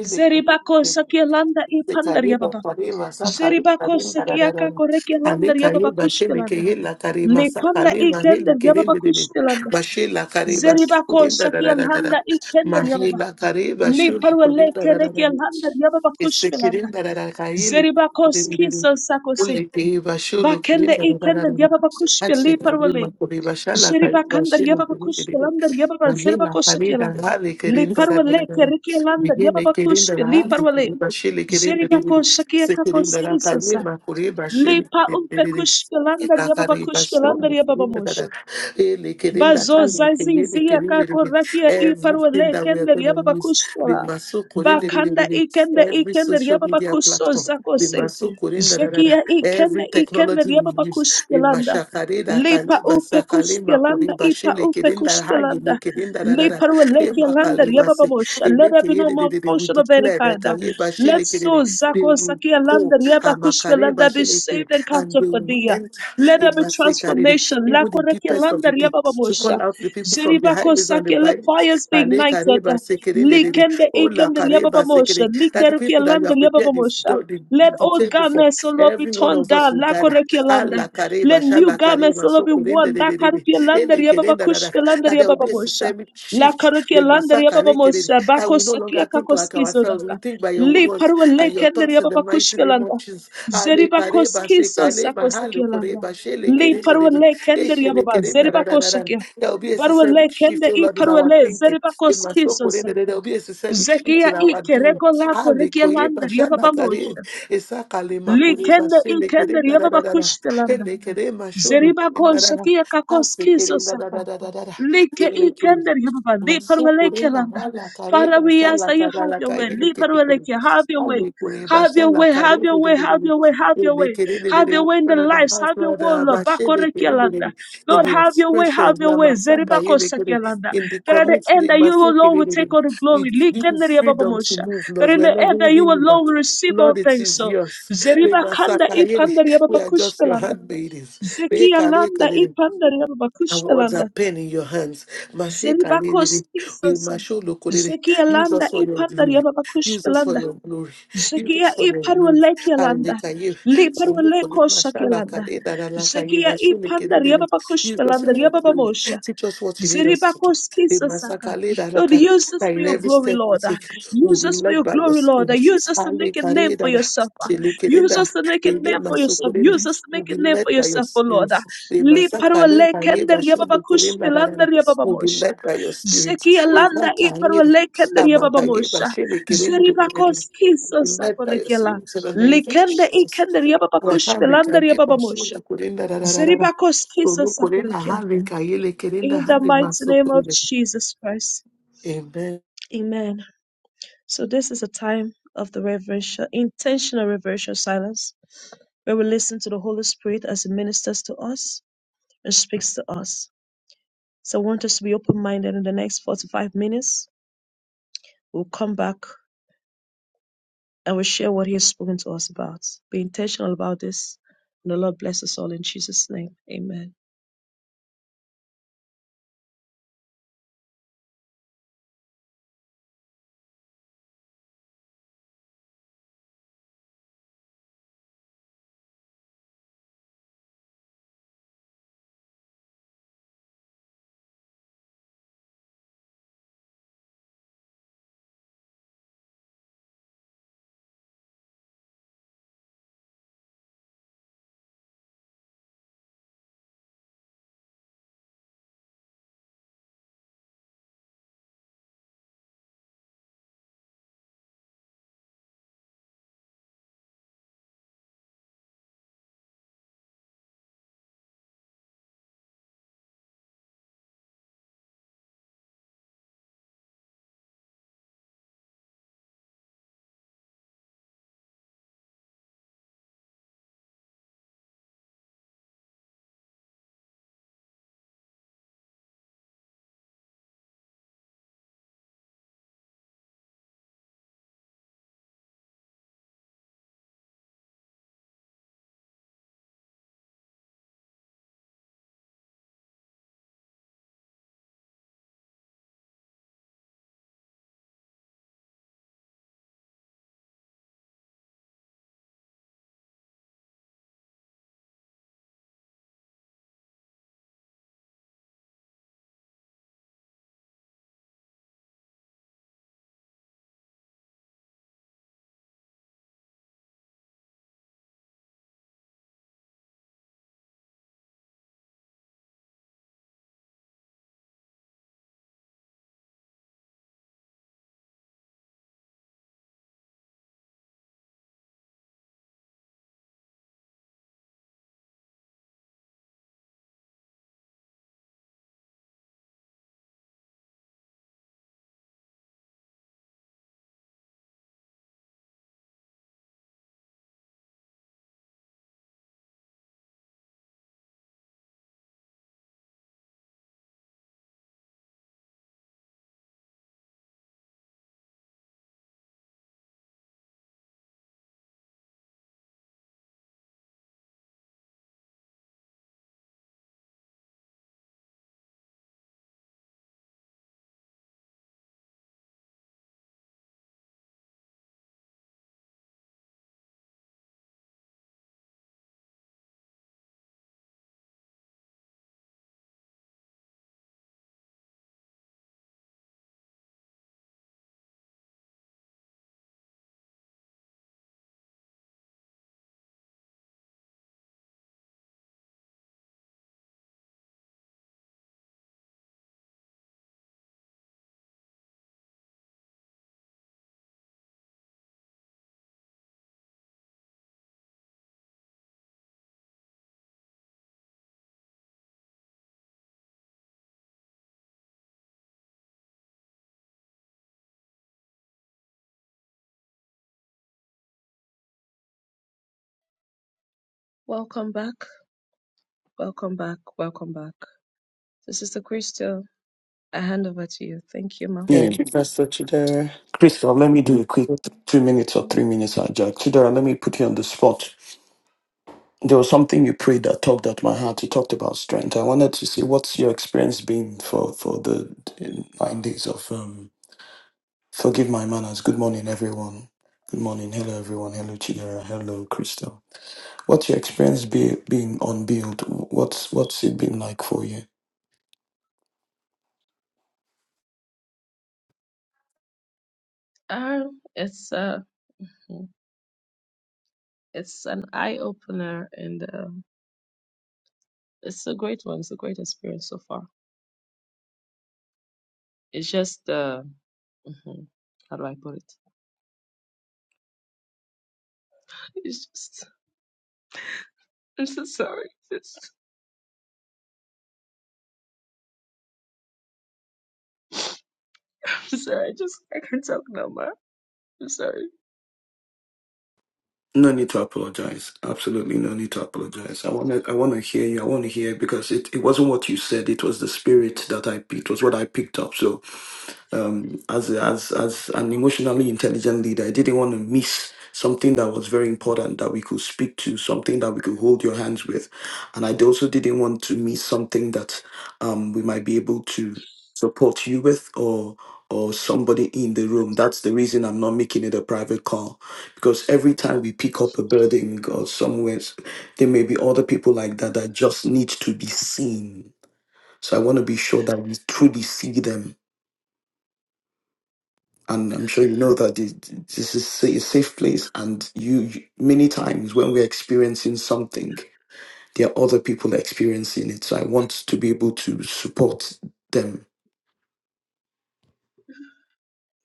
[SPEAKER 2] Zeribako shakia landa ipandar
[SPEAKER 1] Kariba
[SPEAKER 2] yababa.
[SPEAKER 1] Karima Sakari
[SPEAKER 2] Zeribako
[SPEAKER 1] Karim
[SPEAKER 2] shakia
[SPEAKER 1] Dararam
[SPEAKER 2] kako reki
[SPEAKER 1] Ali
[SPEAKER 2] lander yababa
[SPEAKER 1] Kariba
[SPEAKER 2] kush
[SPEAKER 1] Shemeke
[SPEAKER 2] belanda.
[SPEAKER 1] Hila Karima
[SPEAKER 2] Lepanda i
[SPEAKER 1] Sakalima
[SPEAKER 2] kender
[SPEAKER 1] Hili Kirin
[SPEAKER 2] yababa kush belanda.
[SPEAKER 1] Bashila Kariba
[SPEAKER 2] Zeribako
[SPEAKER 1] Kudin
[SPEAKER 2] shakia
[SPEAKER 1] Dararara
[SPEAKER 2] landa i yababa.
[SPEAKER 1] Mahila Kariba Shul
[SPEAKER 2] Liparuele
[SPEAKER 1] Kudin
[SPEAKER 2] kereki
[SPEAKER 1] Dararara
[SPEAKER 2] lander yababa kush belanda.
[SPEAKER 1] Isekirin Dararakayili
[SPEAKER 2] Zeribako
[SPEAKER 1] Kudin
[SPEAKER 2] skiso sako se.
[SPEAKER 1] Uli Kiba Shulu Kudin
[SPEAKER 2] Bakende ikende
[SPEAKER 1] Dararara
[SPEAKER 2] yababa li
[SPEAKER 1] Hansi
[SPEAKER 2] parwale.
[SPEAKER 1] Karima Kuriba Shala
[SPEAKER 2] Zeri
[SPEAKER 1] Kariba
[SPEAKER 2] bakanda
[SPEAKER 1] Shilu
[SPEAKER 2] yababa kushpilanda yababa zerba
[SPEAKER 1] Mahila
[SPEAKER 2] kosakila.
[SPEAKER 1] Farida Hali
[SPEAKER 2] Li
[SPEAKER 1] Kirinda
[SPEAKER 2] parwale
[SPEAKER 1] Rabira
[SPEAKER 2] keriki kerikielanda
[SPEAKER 1] Mihile
[SPEAKER 2] yababa
[SPEAKER 1] Kirinda
[SPEAKER 2] li
[SPEAKER 1] Hali
[SPEAKER 2] parwale.
[SPEAKER 1] Kuriba Shili
[SPEAKER 2] Zeri
[SPEAKER 1] Kirinda
[SPEAKER 2] bako sakia kakos
[SPEAKER 1] Sekirinda
[SPEAKER 2] kisasa.
[SPEAKER 1] Rakalima Kuriba
[SPEAKER 2] Li
[SPEAKER 1] Shili
[SPEAKER 2] pa umpe
[SPEAKER 1] Kirinda
[SPEAKER 2] kushpilanda yababa
[SPEAKER 1] Kakariba
[SPEAKER 2] kushpilanda
[SPEAKER 1] Shoni Kirinda
[SPEAKER 2] yababa
[SPEAKER 1] Dada Hili Kirinda
[SPEAKER 2] Bazo
[SPEAKER 1] Hali Kirinda
[SPEAKER 2] zazizia kako
[SPEAKER 1] Kirinda
[SPEAKER 2] rakia
[SPEAKER 1] Everything
[SPEAKER 2] iparwele
[SPEAKER 1] that we are
[SPEAKER 2] kende
[SPEAKER 1] going
[SPEAKER 2] riaba
[SPEAKER 1] to use the
[SPEAKER 2] bakustora.
[SPEAKER 1] Masu
[SPEAKER 2] Bakanda
[SPEAKER 1] Kirinda
[SPEAKER 2] ikende
[SPEAKER 1] Every
[SPEAKER 2] ikende
[SPEAKER 1] social
[SPEAKER 2] riaba
[SPEAKER 1] media
[SPEAKER 2] bakuso
[SPEAKER 1] platform the
[SPEAKER 2] zakose.
[SPEAKER 1] Masu Kirinda Dada
[SPEAKER 2] Zekia ikende
[SPEAKER 1] Every
[SPEAKER 2] ikende
[SPEAKER 1] technology
[SPEAKER 2] riaba
[SPEAKER 1] we use
[SPEAKER 2] bakuspilanda.
[SPEAKER 1] Imashakarida
[SPEAKER 2] Lipa
[SPEAKER 1] kaliba
[SPEAKER 2] upe
[SPEAKER 1] sakalima
[SPEAKER 2] kuspilanda
[SPEAKER 1] kuriba
[SPEAKER 2] ipa
[SPEAKER 1] shili
[SPEAKER 2] upe
[SPEAKER 1] kirinda hayi ni
[SPEAKER 2] kuspilanda.
[SPEAKER 1] kirinda rarara.
[SPEAKER 2] Liparwele
[SPEAKER 1] Ima
[SPEAKER 2] kielanda
[SPEAKER 1] kaliba
[SPEAKER 2] riaba
[SPEAKER 1] si.
[SPEAKER 2] babosha. Let there
[SPEAKER 1] Iliki
[SPEAKER 2] be no
[SPEAKER 1] yidi di di di. We
[SPEAKER 2] malfunction of any
[SPEAKER 1] declare that
[SPEAKER 2] kind.
[SPEAKER 1] kaliba shili
[SPEAKER 2] Let so
[SPEAKER 1] kiridi. They
[SPEAKER 2] zako
[SPEAKER 1] will
[SPEAKER 2] sakia
[SPEAKER 1] go
[SPEAKER 2] landa riaba
[SPEAKER 1] amakariba
[SPEAKER 2] kuspilanda be
[SPEAKER 1] shili kiridi
[SPEAKER 2] saved and
[SPEAKER 1] and
[SPEAKER 2] captured
[SPEAKER 1] they
[SPEAKER 2] for
[SPEAKER 1] will
[SPEAKER 2] thee.
[SPEAKER 1] enter
[SPEAKER 2] Let there be
[SPEAKER 1] imasekaridi.
[SPEAKER 2] transformation.
[SPEAKER 1] Even the
[SPEAKER 2] Lakoreke
[SPEAKER 1] deepest of
[SPEAKER 2] landa
[SPEAKER 1] the deep to
[SPEAKER 2] riabababosha.
[SPEAKER 1] call out the people from the
[SPEAKER 2] Jeribako
[SPEAKER 1] highways and the
[SPEAKER 2] sake, Let
[SPEAKER 1] byways.
[SPEAKER 2] fires be
[SPEAKER 1] And they
[SPEAKER 2] ignited.
[SPEAKER 1] kariba sekirindi di di.
[SPEAKER 2] Likende
[SPEAKER 1] Ola
[SPEAKER 2] ikende
[SPEAKER 1] kariba
[SPEAKER 2] riabababosha.
[SPEAKER 1] sekirindi. That the
[SPEAKER 2] Likereke
[SPEAKER 1] people that you
[SPEAKER 2] landa
[SPEAKER 1] have prepared this,
[SPEAKER 2] riabababosha.
[SPEAKER 1] the, the,
[SPEAKER 2] Let
[SPEAKER 1] the
[SPEAKER 2] old
[SPEAKER 1] table for,
[SPEAKER 2] garments, O Lord, be
[SPEAKER 1] every one
[SPEAKER 2] torn
[SPEAKER 1] of us
[SPEAKER 2] down.
[SPEAKER 1] will gather
[SPEAKER 2] Lakoreke landa.
[SPEAKER 1] Alla kareba,
[SPEAKER 2] Let new
[SPEAKER 1] shala
[SPEAKER 2] garments,
[SPEAKER 1] kareba,
[SPEAKER 2] O Lord,
[SPEAKER 1] so
[SPEAKER 2] be worn.
[SPEAKER 1] de de de de.
[SPEAKER 2] Lakareke landa
[SPEAKER 1] Ende kerenda da da.
[SPEAKER 2] riababakushke landa
[SPEAKER 1] That there will be a
[SPEAKER 2] riabababosha.
[SPEAKER 1] systemic shift.
[SPEAKER 2] Lakareke
[SPEAKER 1] The
[SPEAKER 2] landa
[SPEAKER 1] massacre le
[SPEAKER 2] riabababosha.
[SPEAKER 1] That
[SPEAKER 2] Bako
[SPEAKER 1] we no longer
[SPEAKER 2] sakia
[SPEAKER 1] think like
[SPEAKER 2] kakoskizo
[SPEAKER 1] ourselves. We
[SPEAKER 2] daka.
[SPEAKER 1] think by your
[SPEAKER 2] Li
[SPEAKER 1] words
[SPEAKER 2] parwa
[SPEAKER 1] and your
[SPEAKER 2] lekende
[SPEAKER 1] thoughts in the mighty
[SPEAKER 2] riababakushke
[SPEAKER 1] name of
[SPEAKER 2] landa.
[SPEAKER 1] Jesus. Ale kareba, se
[SPEAKER 2] Zeribakoskiso
[SPEAKER 1] kaleba, hale
[SPEAKER 2] sakosekelanda.
[SPEAKER 1] koreba, shele
[SPEAKER 2] Li
[SPEAKER 1] kerende de de.
[SPEAKER 2] parwale kende
[SPEAKER 1] Eshele
[SPEAKER 2] riababa
[SPEAKER 1] kerenda da da
[SPEAKER 2] zeribako
[SPEAKER 1] da da.
[SPEAKER 2] shakia.
[SPEAKER 1] There will be a
[SPEAKER 2] Barwale
[SPEAKER 1] systemic shift,
[SPEAKER 2] kende
[SPEAKER 1] oh
[SPEAKER 2] i
[SPEAKER 1] Lord, in our
[SPEAKER 2] parwale
[SPEAKER 1] thinking.
[SPEAKER 2] zeribako
[SPEAKER 1] In my soul,
[SPEAKER 2] skizosa.
[SPEAKER 1] there will be a systemic shift
[SPEAKER 2] Zekia
[SPEAKER 1] in
[SPEAKER 2] i
[SPEAKER 1] our doing.
[SPEAKER 2] kereko lako
[SPEAKER 1] Ale koyeba,
[SPEAKER 2] rekialanda
[SPEAKER 1] shala
[SPEAKER 2] riababa mosha.
[SPEAKER 1] kareba. Esakale
[SPEAKER 2] Li
[SPEAKER 1] makore
[SPEAKER 2] kende i
[SPEAKER 1] basele
[SPEAKER 2] kende
[SPEAKER 1] kerenda
[SPEAKER 2] riababa
[SPEAKER 1] Dada Dada.
[SPEAKER 2] kushtelanda.
[SPEAKER 1] Elekere masholo
[SPEAKER 2] Zeriba
[SPEAKER 1] kere
[SPEAKER 2] ko
[SPEAKER 1] da. da da.
[SPEAKER 2] shakia kakos
[SPEAKER 1] Ase kere
[SPEAKER 2] kiso sapa.
[SPEAKER 1] ndararararara.
[SPEAKER 2] Like e kender yababa. Liparweleke
[SPEAKER 1] Masukurenda
[SPEAKER 2] landa.
[SPEAKER 1] hala
[SPEAKER 2] Father,
[SPEAKER 1] kareba
[SPEAKER 2] we ask
[SPEAKER 1] sala
[SPEAKER 2] that you have
[SPEAKER 1] karala
[SPEAKER 2] your way.
[SPEAKER 1] kayele ketekere.
[SPEAKER 2] Liparweleke, have your way.
[SPEAKER 1] Ale kureba
[SPEAKER 2] Have your
[SPEAKER 1] sala
[SPEAKER 2] way, have
[SPEAKER 1] karebe
[SPEAKER 2] your
[SPEAKER 1] de de
[SPEAKER 2] way,
[SPEAKER 1] de
[SPEAKER 2] have
[SPEAKER 1] de.
[SPEAKER 2] your way, have your
[SPEAKER 1] Ele
[SPEAKER 2] way.
[SPEAKER 1] kere de de
[SPEAKER 2] Have
[SPEAKER 1] de.
[SPEAKER 2] your way in the
[SPEAKER 1] Mana da
[SPEAKER 2] lives, have your
[SPEAKER 1] hasla da
[SPEAKER 2] way, Lord.
[SPEAKER 1] bashe de
[SPEAKER 2] Bakoreke
[SPEAKER 1] kere de de de.
[SPEAKER 2] landa.
[SPEAKER 1] In
[SPEAKER 2] Lord,
[SPEAKER 1] the
[SPEAKER 2] have your way, have
[SPEAKER 1] expressions,
[SPEAKER 2] your
[SPEAKER 1] la
[SPEAKER 2] way.
[SPEAKER 1] masaka
[SPEAKER 2] Zeriba ko
[SPEAKER 1] yele kere.
[SPEAKER 2] shakia landa.
[SPEAKER 1] In the
[SPEAKER 2] That at the end
[SPEAKER 1] commitment,
[SPEAKER 2] that you
[SPEAKER 1] masu
[SPEAKER 2] alone
[SPEAKER 1] kere de
[SPEAKER 2] will
[SPEAKER 1] de
[SPEAKER 2] take
[SPEAKER 1] de.
[SPEAKER 2] all the
[SPEAKER 1] We
[SPEAKER 2] glory. Like
[SPEAKER 1] give you
[SPEAKER 2] kender yababa
[SPEAKER 1] freedom to
[SPEAKER 2] mosha.
[SPEAKER 1] move,
[SPEAKER 2] That
[SPEAKER 1] Lord.
[SPEAKER 2] in
[SPEAKER 1] We are
[SPEAKER 2] the
[SPEAKER 1] not
[SPEAKER 2] end that you
[SPEAKER 1] holding you back.
[SPEAKER 2] alone will receive all
[SPEAKER 1] Lord, it
[SPEAKER 2] things.
[SPEAKER 1] is
[SPEAKER 2] So,
[SPEAKER 1] yours. Le
[SPEAKER 2] Zeriba kanda
[SPEAKER 1] masaka
[SPEAKER 2] e
[SPEAKER 1] yele.
[SPEAKER 2] panda
[SPEAKER 1] We
[SPEAKER 2] yababa
[SPEAKER 1] are just
[SPEAKER 2] kushta
[SPEAKER 1] your
[SPEAKER 2] landa.
[SPEAKER 1] handmaidens. Le kare
[SPEAKER 2] Zekialanda
[SPEAKER 1] kere de.
[SPEAKER 2] ipandari
[SPEAKER 1] Awards a
[SPEAKER 2] ababakushpelanda.
[SPEAKER 1] pen in your hands. Mashe
[SPEAKER 2] Zeribakos
[SPEAKER 1] kaniriri, we
[SPEAKER 2] tisasa.
[SPEAKER 1] masho lokorere. Use
[SPEAKER 2] Zekialanda
[SPEAKER 1] us for your
[SPEAKER 2] ipandari
[SPEAKER 1] glory. Use us for
[SPEAKER 2] ababakushpelanda.
[SPEAKER 1] your glory. Use
[SPEAKER 2] Zekia
[SPEAKER 1] us for your glory. And they
[SPEAKER 2] iparwalekialanda.
[SPEAKER 1] can you. So look for
[SPEAKER 2] Liparwaleko
[SPEAKER 1] them. Mashallah,
[SPEAKER 2] shakialanda.
[SPEAKER 1] kare, dara, la, kare,
[SPEAKER 2] Zekia
[SPEAKER 1] masho lekere,
[SPEAKER 2] ipandari
[SPEAKER 1] dere. Use us
[SPEAKER 2] ababakushpelanda
[SPEAKER 1] for your glory.
[SPEAKER 2] riababamosha.
[SPEAKER 1] Teach us what you need us to do. They
[SPEAKER 2] Zeribakoskisasaka.
[SPEAKER 1] masakale le, dara,
[SPEAKER 2] Lord,
[SPEAKER 1] kare.
[SPEAKER 2] use us
[SPEAKER 1] That
[SPEAKER 2] for
[SPEAKER 1] in
[SPEAKER 2] your
[SPEAKER 1] every
[SPEAKER 2] glory,
[SPEAKER 1] step we
[SPEAKER 2] Lord. Ah,
[SPEAKER 1] take, we'll
[SPEAKER 2] Use
[SPEAKER 1] be
[SPEAKER 2] us for
[SPEAKER 1] led
[SPEAKER 2] your
[SPEAKER 1] by your
[SPEAKER 2] glory, Lord. Ah,
[SPEAKER 1] spirit.
[SPEAKER 2] Use us to
[SPEAKER 1] Ale,
[SPEAKER 2] make a name
[SPEAKER 1] kare,
[SPEAKER 2] for
[SPEAKER 1] dara,
[SPEAKER 2] yourself. Ah,
[SPEAKER 1] she, lekere,
[SPEAKER 2] Use
[SPEAKER 1] dara.
[SPEAKER 2] us to make a
[SPEAKER 1] Ele
[SPEAKER 2] name for yourself.
[SPEAKER 1] masokorere,
[SPEAKER 2] Use us to
[SPEAKER 1] will
[SPEAKER 2] make a
[SPEAKER 1] be
[SPEAKER 2] name
[SPEAKER 1] led
[SPEAKER 2] for
[SPEAKER 1] by your
[SPEAKER 2] yourself, O
[SPEAKER 1] spirit.
[SPEAKER 2] Lord. Ah,
[SPEAKER 1] The masakale
[SPEAKER 2] Liparwale
[SPEAKER 1] baye
[SPEAKER 2] kender
[SPEAKER 1] bashodo kore
[SPEAKER 2] yababakush pilander
[SPEAKER 1] barara. We'll be
[SPEAKER 2] yababamosha.
[SPEAKER 1] led by your spirit.
[SPEAKER 2] Zeki
[SPEAKER 1] The
[SPEAKER 2] alanda
[SPEAKER 1] makale
[SPEAKER 2] iparwale kender
[SPEAKER 1] amakaye
[SPEAKER 2] yababamosha.
[SPEAKER 1] bashebe kere We'll be led by your
[SPEAKER 2] Zeribakoskisasakorekela.
[SPEAKER 1] spirit in the name of
[SPEAKER 2] Likende
[SPEAKER 1] Jesus.
[SPEAKER 2] ikender yababakush
[SPEAKER 1] Wakande
[SPEAKER 2] pilander
[SPEAKER 1] kaye
[SPEAKER 2] yababamosha.
[SPEAKER 1] bashodo kore ndarararara. Tolu kore na
[SPEAKER 2] Zeribakoskisasakorekia.
[SPEAKER 1] hande kaye le kere nda
[SPEAKER 2] In the
[SPEAKER 1] hande
[SPEAKER 2] mighty name of
[SPEAKER 1] masokorere.
[SPEAKER 2] Jesus Christ.
[SPEAKER 1] Amen.
[SPEAKER 2] Amen. So this is a time of the reverential, intentional reverential silence where we listen to the Holy Spirit as He ministers to us and speaks to us. So I want us to be open-minded in the next 45 minutes. We'll come back and we'll share what He has spoken to us about. Be intentional about this. And the Lord bless us all in Jesus' name. Amen. Welcome back. Welcome back. Welcome back. So Sister Crystal, I hand over to you. Thank you,
[SPEAKER 4] Yeah,
[SPEAKER 1] Thank you, Pastor Chidera.
[SPEAKER 4] Crystal, let me do a quick th- two minutes
[SPEAKER 2] Ma.
[SPEAKER 4] or three minutes hijack. Chidera, let me put you on the spot. There was something you prayed that tugged at my heart. You talked about strength. I wanted to see what's your experience been for, for the uh, nine days of um, Forgive My Manners. Good morning, everyone. Good morning. Hello, everyone. Hello, Chidera. Hello, Crystal. What's your experience be, been on build? What's, what's it been like for you?
[SPEAKER 2] Um, it's uh, mhm. it's an eye opener, and uh, it's a great one. It's a great experience so far. It's just uh, mhm, how do I put it? (laughs) It's just I'm so sorry. It's, I'm sorry. I just I can't talk no more. I'm sorry.
[SPEAKER 4] No need to apologize. Absolutely no need to apologize. I want to I want to hear you. I want to hear because it, it wasn't what you said. It was the spirit that I picked. It was what I picked up. So um, as as as an emotionally intelligent leader, I didn't want to miss something that was very important that we could speak to, something that we could hold your hands with, and I also didn't want to miss something that um, we might be able to support you with or or somebody in the room. That's the reason I'm not making it a private call because every time we pick up a building or somewhere, there may be other people like that that just need to be seen. So I want to be sure that we truly see them and I'm sure you know that this, this is a safe place. And you, you- many times when we're experiencing something, there are other people experiencing it. So I want to be able to support them.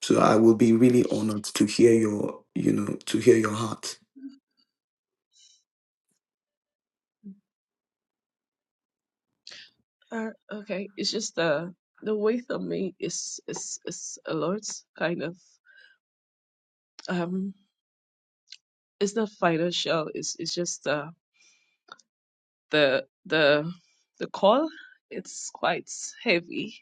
[SPEAKER 4] So I will be really honored to hear your, you know, to hear your heart.
[SPEAKER 2] Uh, okay. It's just uh, the weight on me is is is a lot. Kind of um, it's not financial. It's it's just uh the the the call. It's quite heavy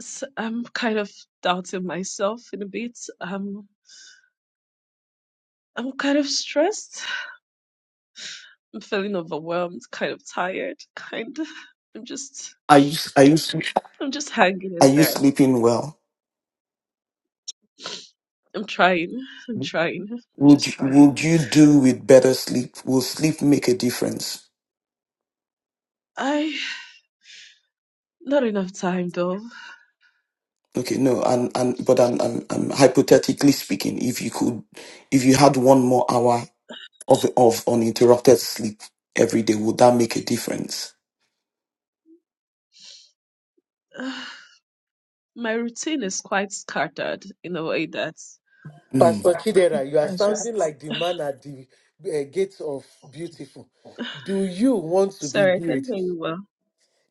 [SPEAKER 2] s- I'm kind of doubting myself in a bit. Um, I'm kind of stressed. I'm feeling overwhelmed, kind of tired, (laughs) kind of. I'm just,
[SPEAKER 4] Are you, are you,
[SPEAKER 2] I'm just hanging
[SPEAKER 4] are
[SPEAKER 2] in
[SPEAKER 4] you
[SPEAKER 2] there.
[SPEAKER 4] sleeping well?
[SPEAKER 2] I'm trying. I'm trying. I'm
[SPEAKER 4] Would
[SPEAKER 2] just
[SPEAKER 4] you,
[SPEAKER 2] trying.
[SPEAKER 4] would you do with better sleep? Will sleep make a difference?
[SPEAKER 2] I, not enough time though.
[SPEAKER 4] Okay, no, and and but I'm, I'm I'm hypothetically speaking, if you could, if you had one more hour of, of uninterrupted sleep every day, would that make a difference?
[SPEAKER 2] (sighs) my routine is quite scattered in a way that
[SPEAKER 4] Hmm.
[SPEAKER 1] Pastor Chidera, you are
[SPEAKER 2] I
[SPEAKER 1] sounding
[SPEAKER 2] just,
[SPEAKER 1] like the man at the uh, gates of beautiful. Do you want to be
[SPEAKER 2] sorry, I can't
[SPEAKER 1] healed?
[SPEAKER 2] hear you well.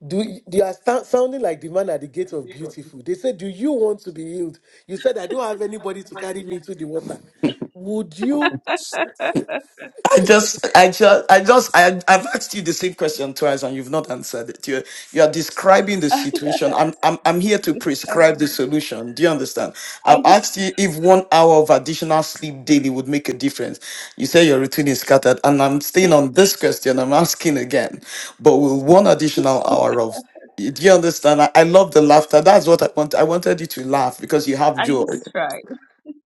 [SPEAKER 1] Do y- you are sou- sounding like the man at the gate of beautiful? They said, "Do you want to be healed?" You said, "I don't have anybody to carry me into the water." Would you,
[SPEAKER 2] (laughs) I
[SPEAKER 4] I just, I just, I just, I, I've asked you the same question twice, and you've not answered it. You're, you are describing the
[SPEAKER 2] don't
[SPEAKER 4] situation. I'm, I'm, I'm here to prescribe the
[SPEAKER 2] know.
[SPEAKER 4] solution. Do you understand?
[SPEAKER 2] I
[SPEAKER 4] I've asked
[SPEAKER 2] just,
[SPEAKER 4] you if one hour of additional sleep daily would make a difference. You say your routine is scattered, and I'm staying on this question. I'm asking again, but will one additional
[SPEAKER 2] (laughs)
[SPEAKER 4] hour of do you understand? I, I love the laughter. That's what I want. I wanted you to laugh because you have
[SPEAKER 2] I just
[SPEAKER 4] joy.
[SPEAKER 2] try.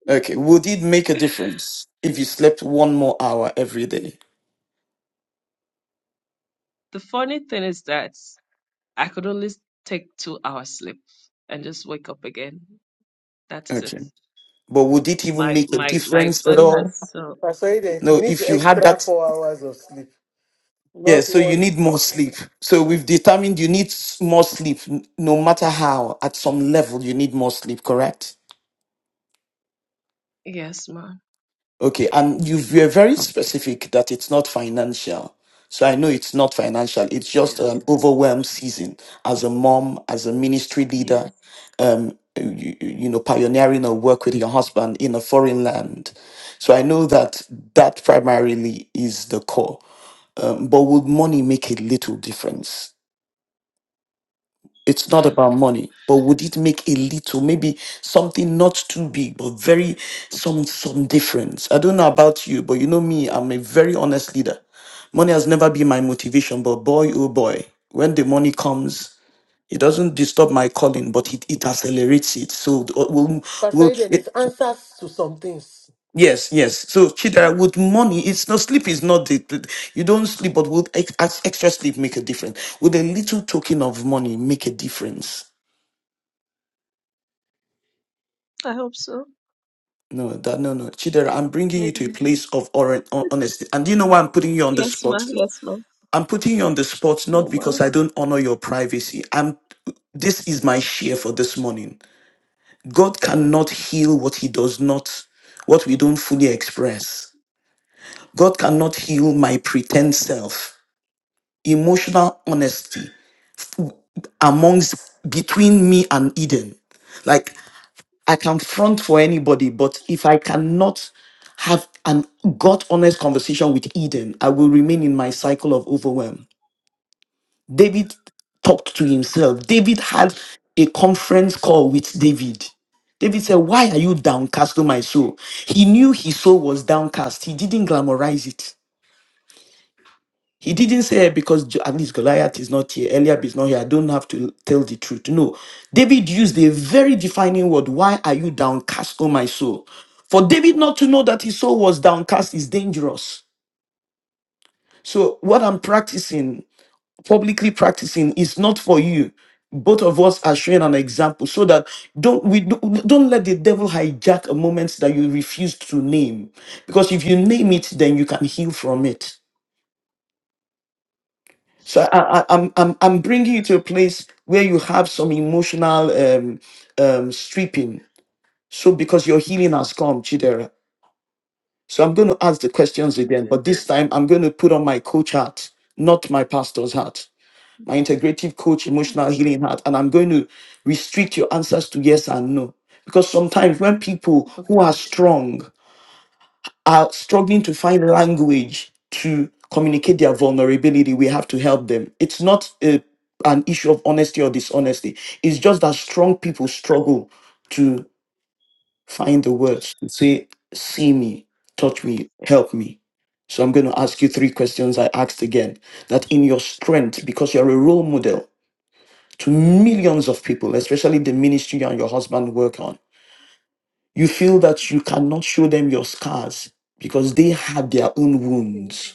[SPEAKER 4] Okay. Would it make a difference if you slept one more hour every day?
[SPEAKER 2] The funny thing is that I could only take two hours sleep and just wake up again. That is
[SPEAKER 4] Okay.
[SPEAKER 2] it.
[SPEAKER 4] But would it even
[SPEAKER 2] My
[SPEAKER 4] make a
[SPEAKER 2] my my
[SPEAKER 4] difference at
[SPEAKER 2] body has
[SPEAKER 4] all?
[SPEAKER 2] so
[SPEAKER 1] Pastor Eden? He
[SPEAKER 4] No,
[SPEAKER 1] needs
[SPEAKER 4] if you had
[SPEAKER 1] extra
[SPEAKER 4] that,
[SPEAKER 1] four hours of sleep,
[SPEAKER 4] yeah,
[SPEAKER 1] not
[SPEAKER 4] so you
[SPEAKER 1] one.
[SPEAKER 4] need more sleep. So we've determined you need s- more sleep, n- no matter how, at some level, you need more sleep, correct?
[SPEAKER 2] yes, ma.
[SPEAKER 4] Okay, and you were very specific that it's not financial. So I know it's not financial. It's just
[SPEAKER 2] Yes.
[SPEAKER 4] an overwhelmed season as a mom, as a ministry
[SPEAKER 2] Yes.
[SPEAKER 4] leader, um, you, you know, pioneering a work with your husband in a foreign land. So I know that that primarily is the core. Um, but would money make a little difference? it's not about money but would it make a little maybe something not too big but very some some difference i don't know about you but you know me i'm a very honest leader money has never been my motivation but boy oh boy when the money comes it doesn't disturb my calling but it, it accelerates it so uh, we'll,
[SPEAKER 1] Pastor
[SPEAKER 4] we'll
[SPEAKER 1] Eden,
[SPEAKER 4] it,
[SPEAKER 1] it answers to some things.
[SPEAKER 4] yes yes so
[SPEAKER 2] Mm,
[SPEAKER 4] chidera with money it's not sleep is not the, the- you don't sleep but would ex, ex- extra sleep make a difference would a little token of money make a difference
[SPEAKER 2] I hope so.
[SPEAKER 4] No, that no, no, Chidera. I'm bringing you to a
[SPEAKER 2] Maybe.
[SPEAKER 4] place of hon- honesty, and do you know why I'm putting you on the
[SPEAKER 2] Yes, ma.
[SPEAKER 4] spot?
[SPEAKER 2] Yes, ma.
[SPEAKER 4] I'm putting you on the spot
[SPEAKER 2] No
[SPEAKER 4] not
[SPEAKER 2] more.
[SPEAKER 4] because I don't honor your privacy. I'm. This is my share for this morning. God cannot heal what He does not, what we don't fully express. God cannot heal my pretend self. Emotional honesty amongst between me and Eden. Like, I can front for anybody, but if I cannot have an God honest conversation with Eden, I will remain in my cycle of overwhelm. David talked to himself. David had a conference call with David. David said, Why are you downcast, O my soul? He knew his soul was downcast. He didn't glamorize it. He didn't say "Eh, because Jo- at least Goliath is not here, Eliab is not here. I don't have to tell the truth. No, David used a very defining word. Why are you downcast, O my soul? For David not to know that his soul was downcast is dangerous. So what I'm practicing, publicly practicing, is not for you. Both of us are showing an example, so that don't we don't don't let the devil hijack a moment that you refuse to name, because if you name it, then you can heal from it. So I, I, I'm, I'm, I'm bringing you to a place where you have some emotional um, um, stripping. So because your healing has come, Chidera. So I'm going to ask the questions again,
[SPEAKER 2] Amen.
[SPEAKER 4] but this time I'm going to put on my coach hat, not my pastor's hat, my integrative coach emotional
[SPEAKER 2] Yes, ma.
[SPEAKER 4] healing hat, and I'm going to restrict your answers to yes and no. Because sometimes when people who
[SPEAKER 2] Okay,
[SPEAKER 4] are
[SPEAKER 2] ma.
[SPEAKER 4] strong are struggling to find language to communicate their vulnerability, we have to help them. It's not a, an issue of honesty or dishonesty. It's just that strong people struggle to find the words to say, see me, touch me, help me. So I'm going to ask you three questions I asked again. That in your strength, because you're a role model to millions of people, especially the ministry you and your husband work on, you feel that you cannot show them your scars because they have their own
[SPEAKER 2] Yes.
[SPEAKER 4] wounds.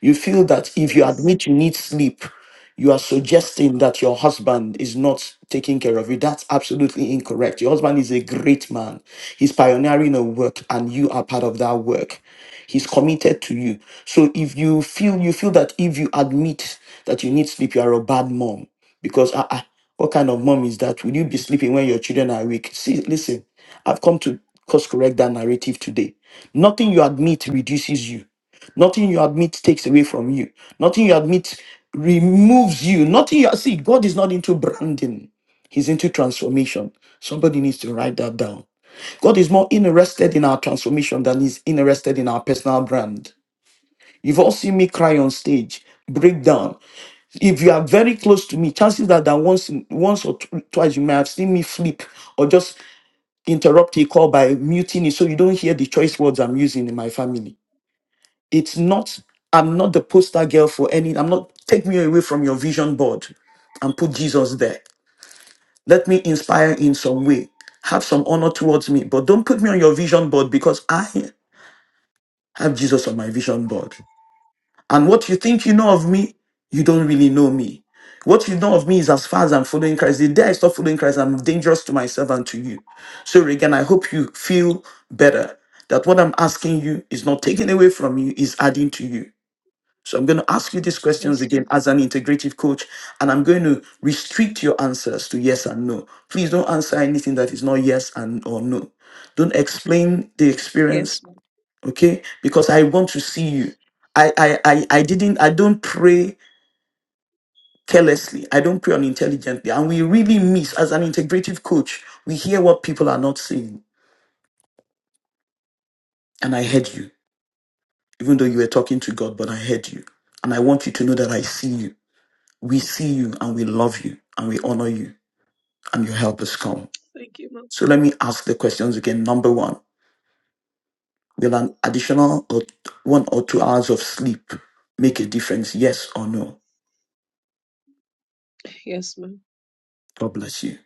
[SPEAKER 4] You feel that if you
[SPEAKER 2] Yes.
[SPEAKER 4] admit you need sleep, you are suggesting that your husband is not taking care of you. That's absolutely incorrect. Your husband is a great man. He's pioneering a work and you are part of that work. He's committed to you. So if you feel you feel that if you admit that you need sleep, you are a bad mom. Because ah, ah, what kind of mom is that? Will you be sleeping when your children are weak? See, listen, I've come to course correct that narrative today. Nothing you admit reduces you. Nothing you admit takes away from you. Nothing you admit removes you. Nothing you see, God is not into branding. He's into transformation. Somebody needs to write that down. God is more interested in our transformation than he's interested in our personal brand. You've all seen me cry on stage, break down. If you are very close to me, chances are that once, once or tw- twice you may have seen me flip or just interrupt a call by muting it so you don't hear the choice words I'm using in my family. It's not, I'm not the poster girl for any, I'm not, take me away from your vision board and put Jesus there. Let me inspire in some way. Have some honor towards me, but don't put me on your vision board because I have Jesus on my vision board. And what you think you know of me, you don't really know me. What you know of me is as far as I'm following Christ. The day I stop following Christ, I'm dangerous to myself and to you. So Regan, I hope you feel better that what I'm asking you is not taken away from you, is adding to you. So I'm going to ask you these questions
[SPEAKER 2] Yes,
[SPEAKER 4] again
[SPEAKER 2] ma.
[SPEAKER 4] as an integrative coach, and I'm going to restrict your answers to yes and no. Please don't answer anything that is not yes and or no. Don't explain the
[SPEAKER 2] Yes,
[SPEAKER 4] experience,
[SPEAKER 2] ma.
[SPEAKER 4] okay? Because I want to see you. I I I, I didn't I don't pray carelessly. I don't pray unintelligently. And we really miss as an integrative coach, we hear what people are not saying, And I heard you, even though you were talking to God, but I heard you. And I want you to know that I see you. we see you and we love you and we honor you and your help has come.
[SPEAKER 2] Thank you, ma.
[SPEAKER 4] So let me ask the questions again. Number one, will an additional or one or two hours of sleep make a difference? Yes or no?
[SPEAKER 2] Yes, ma.
[SPEAKER 4] God bless you.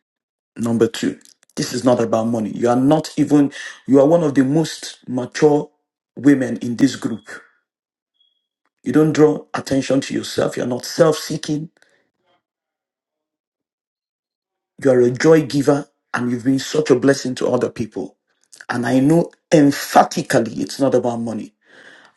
[SPEAKER 4] Number two, this is not about money. You are not even, you are one of the most mature women in this group. You don't draw attention to yourself. You're not self seeking. You are a joy giver and you've been such a blessing to other people. And I know emphatically it's not about money.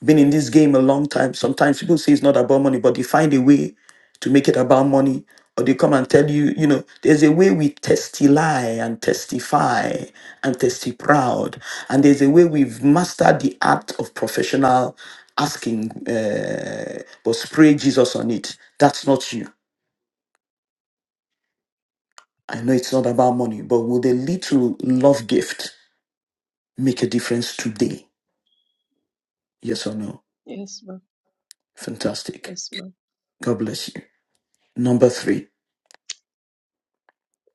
[SPEAKER 4] been in this game a long time. Sometimes people say it's not about money, but they find a way to make it about money. Or they come and tell you, you know, there's a way we testify and testify and testify proud. And there's a way we've mastered the art of professional asking, uh, but spray Jesus on it. That's not you. I know it's not about money, but will the little love gift make a difference today? Yes or no?
[SPEAKER 2] Yes, ma.
[SPEAKER 4] Fantastic.
[SPEAKER 2] Yes, ma.
[SPEAKER 4] God bless you. Number three.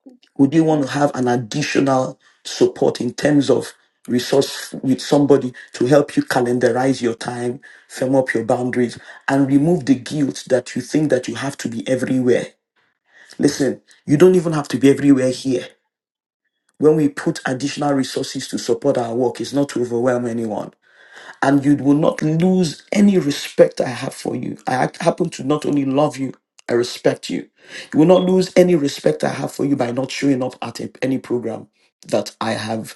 [SPEAKER 2] Thank you. ma.
[SPEAKER 4] Would you want to have an additional support in terms of resource with somebody to help you calendarize your time, firm up your boundaries, and remove the guilt that you think that you have to be everywhere? Listen, you don't even have to be everywhere here. When we put additional resources to support our work, it's not to overwhelm anyone and you will not lose any respect I have for you. I ha- happen to not only love you, I respect you. You will not lose any respect I have for you by not showing up at a- any program that I have.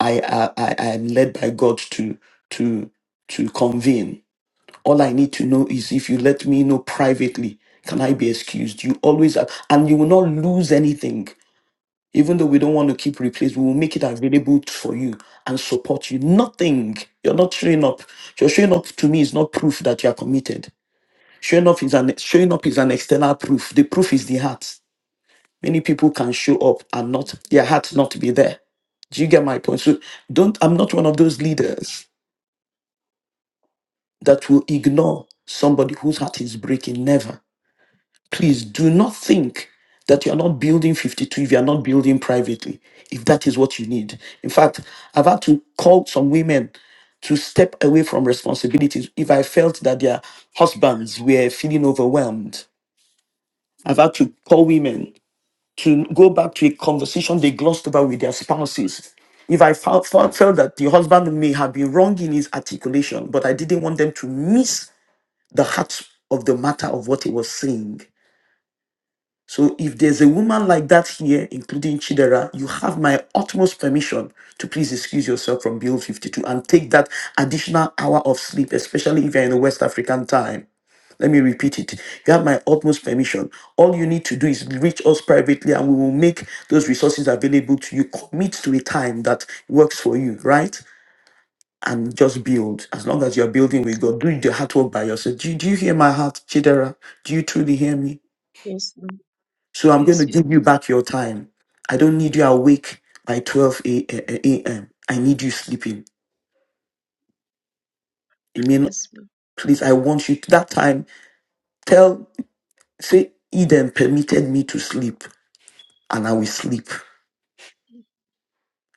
[SPEAKER 4] I I, I I am led by God to to to convene. All I need to know is if you let me know privately, can I be excused? You always are, and you will not lose anything even though we don't want to keep replace, we will make it available for you and support you. Nothing. You're not showing up. Your showing up to me is not proof that you are committed. Showing up is an showing up is an external proof. The proof is the heart. Many people can show up and not their heart not be there. Do you get my point? So don't I'm not one of those leaders that will ignore somebody whose heart is breaking. Never. please do not think that you're not building 52 if you're not building privately, if that is what you need. In fact, I've had to call some women to step away from responsibilities if I felt that their husbands were feeling overwhelmed. I've had to call women to go back to a conversation they glossed over with their spouses. If I felt, felt felt that the husband may have been wrong in his articulation, but I didn't want them to miss the heart of the matter of what he was saying So if there's a woman like that here, including Chidera, you have my utmost permission to please excuse yourself from Bill 52 and take that additional hour of sleep, especially if you're in the West African time. Let me repeat it. You have my utmost permission. All you need to do is reach us privately and we will make those resources available to you. Commit to a time that works for you, right? And just build. As long as you're building with
[SPEAKER 2] Yes, ma.
[SPEAKER 4] God, do the hard work by yourself. Do, do you hear my heart, Chidera? Do you truly hear me?
[SPEAKER 2] Yes, ma'am.
[SPEAKER 4] So I'm going to
[SPEAKER 2] Yes, ma'am.
[SPEAKER 4] give you back your time. I don't need you awake by 12 a- a- a.m. I need you sleeping. I mean,
[SPEAKER 2] Yes, ma'am.
[SPEAKER 4] please, I want you to that time. Tell, say, Eden permitted me to sleep and I will sleep.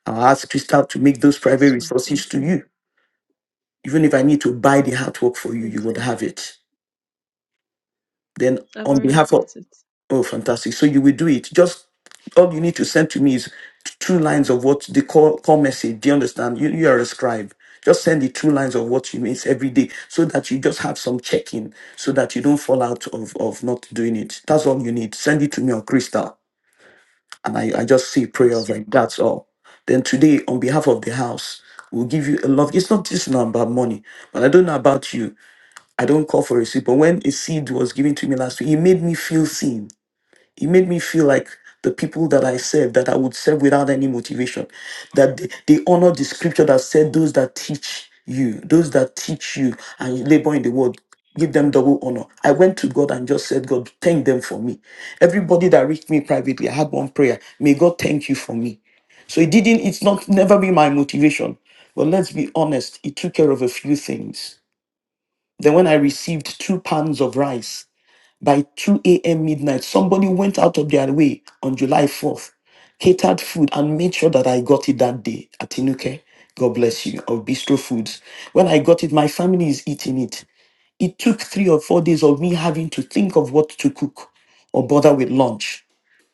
[SPEAKER 4] I'll ask Crystal to make those private
[SPEAKER 2] Yes, ma'am. Thank
[SPEAKER 4] resources to
[SPEAKER 2] you, ma'am.
[SPEAKER 4] you. Even if I need to buy the artwork for you,
[SPEAKER 2] Thank
[SPEAKER 4] you would
[SPEAKER 2] you. ma'am.
[SPEAKER 4] have it. Then
[SPEAKER 2] I've
[SPEAKER 4] on
[SPEAKER 2] already
[SPEAKER 4] behalf of
[SPEAKER 2] bought it.
[SPEAKER 4] Oh, fantastic. So you will do it. Just all you need to send to me is t- two lines of what the call, call message. Do you understand? You, you are a scribe. Just send the two lines of what you miss every day so that you just have some check in so that you don't fall out of, of not doing it. That's all you need. Send it to me on Crystal. And I, I just say
[SPEAKER 2] Yes,
[SPEAKER 4] prayers like
[SPEAKER 2] ma'am.
[SPEAKER 4] that's all. Then today, on behalf of the house, we'll give you a love. It's not just now about money, but I don't know about you. I don't call for a seed. But when a seed was given to me last week, it made me feel seen it made me feel like the people that I serve, that I would serve without any motivation, that they, they honor the scripture that said, Those that teach you, those that teach you and labor in the world, give them double honor. I went to God and just said, God, thank them for me. Everybody that reached me privately, I had one prayer. May God thank you for me. So it didn't, it's not never been my motivation. But let's be honest, it took care of a few things. Then when I received two pans of rice, by 2 a.m. midnight, somebody went out of their way on July 4th, catered food, and made sure that I got it that day at Inuke. God bless you, of Bistro Foods. When I got it, my family is eating it. It took three or four days of me having to think of what to cook or bother with lunch.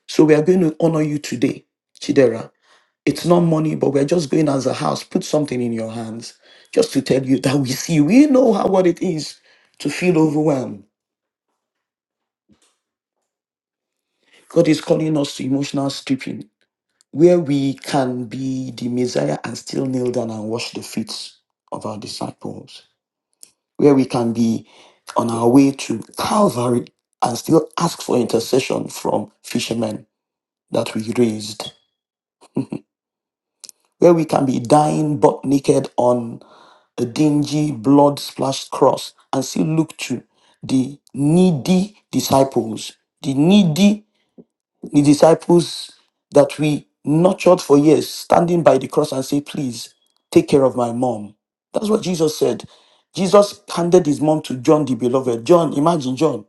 [SPEAKER 4] So we are going to honor you today, Chidera. It's not money, but we're just going as a house. Put something in your hands just to tell you that we see. We know how what it is to feel overwhelmed God is calling us to emotional stripping, where we can be the Messiah and still kneel down and wash the feet of our disciples, where we can be on our way to Calvary and still ask for intercession from fishermen that we raised, where we can be dying butt naked on a dingy, blood splashed cross and still look to the needy disciples, the needy the disciples that we nurtured for years standing by the cross and say, Please take care of my mom. That's what Jesus said. Jesus handed his mom to John the beloved. John, imagine John.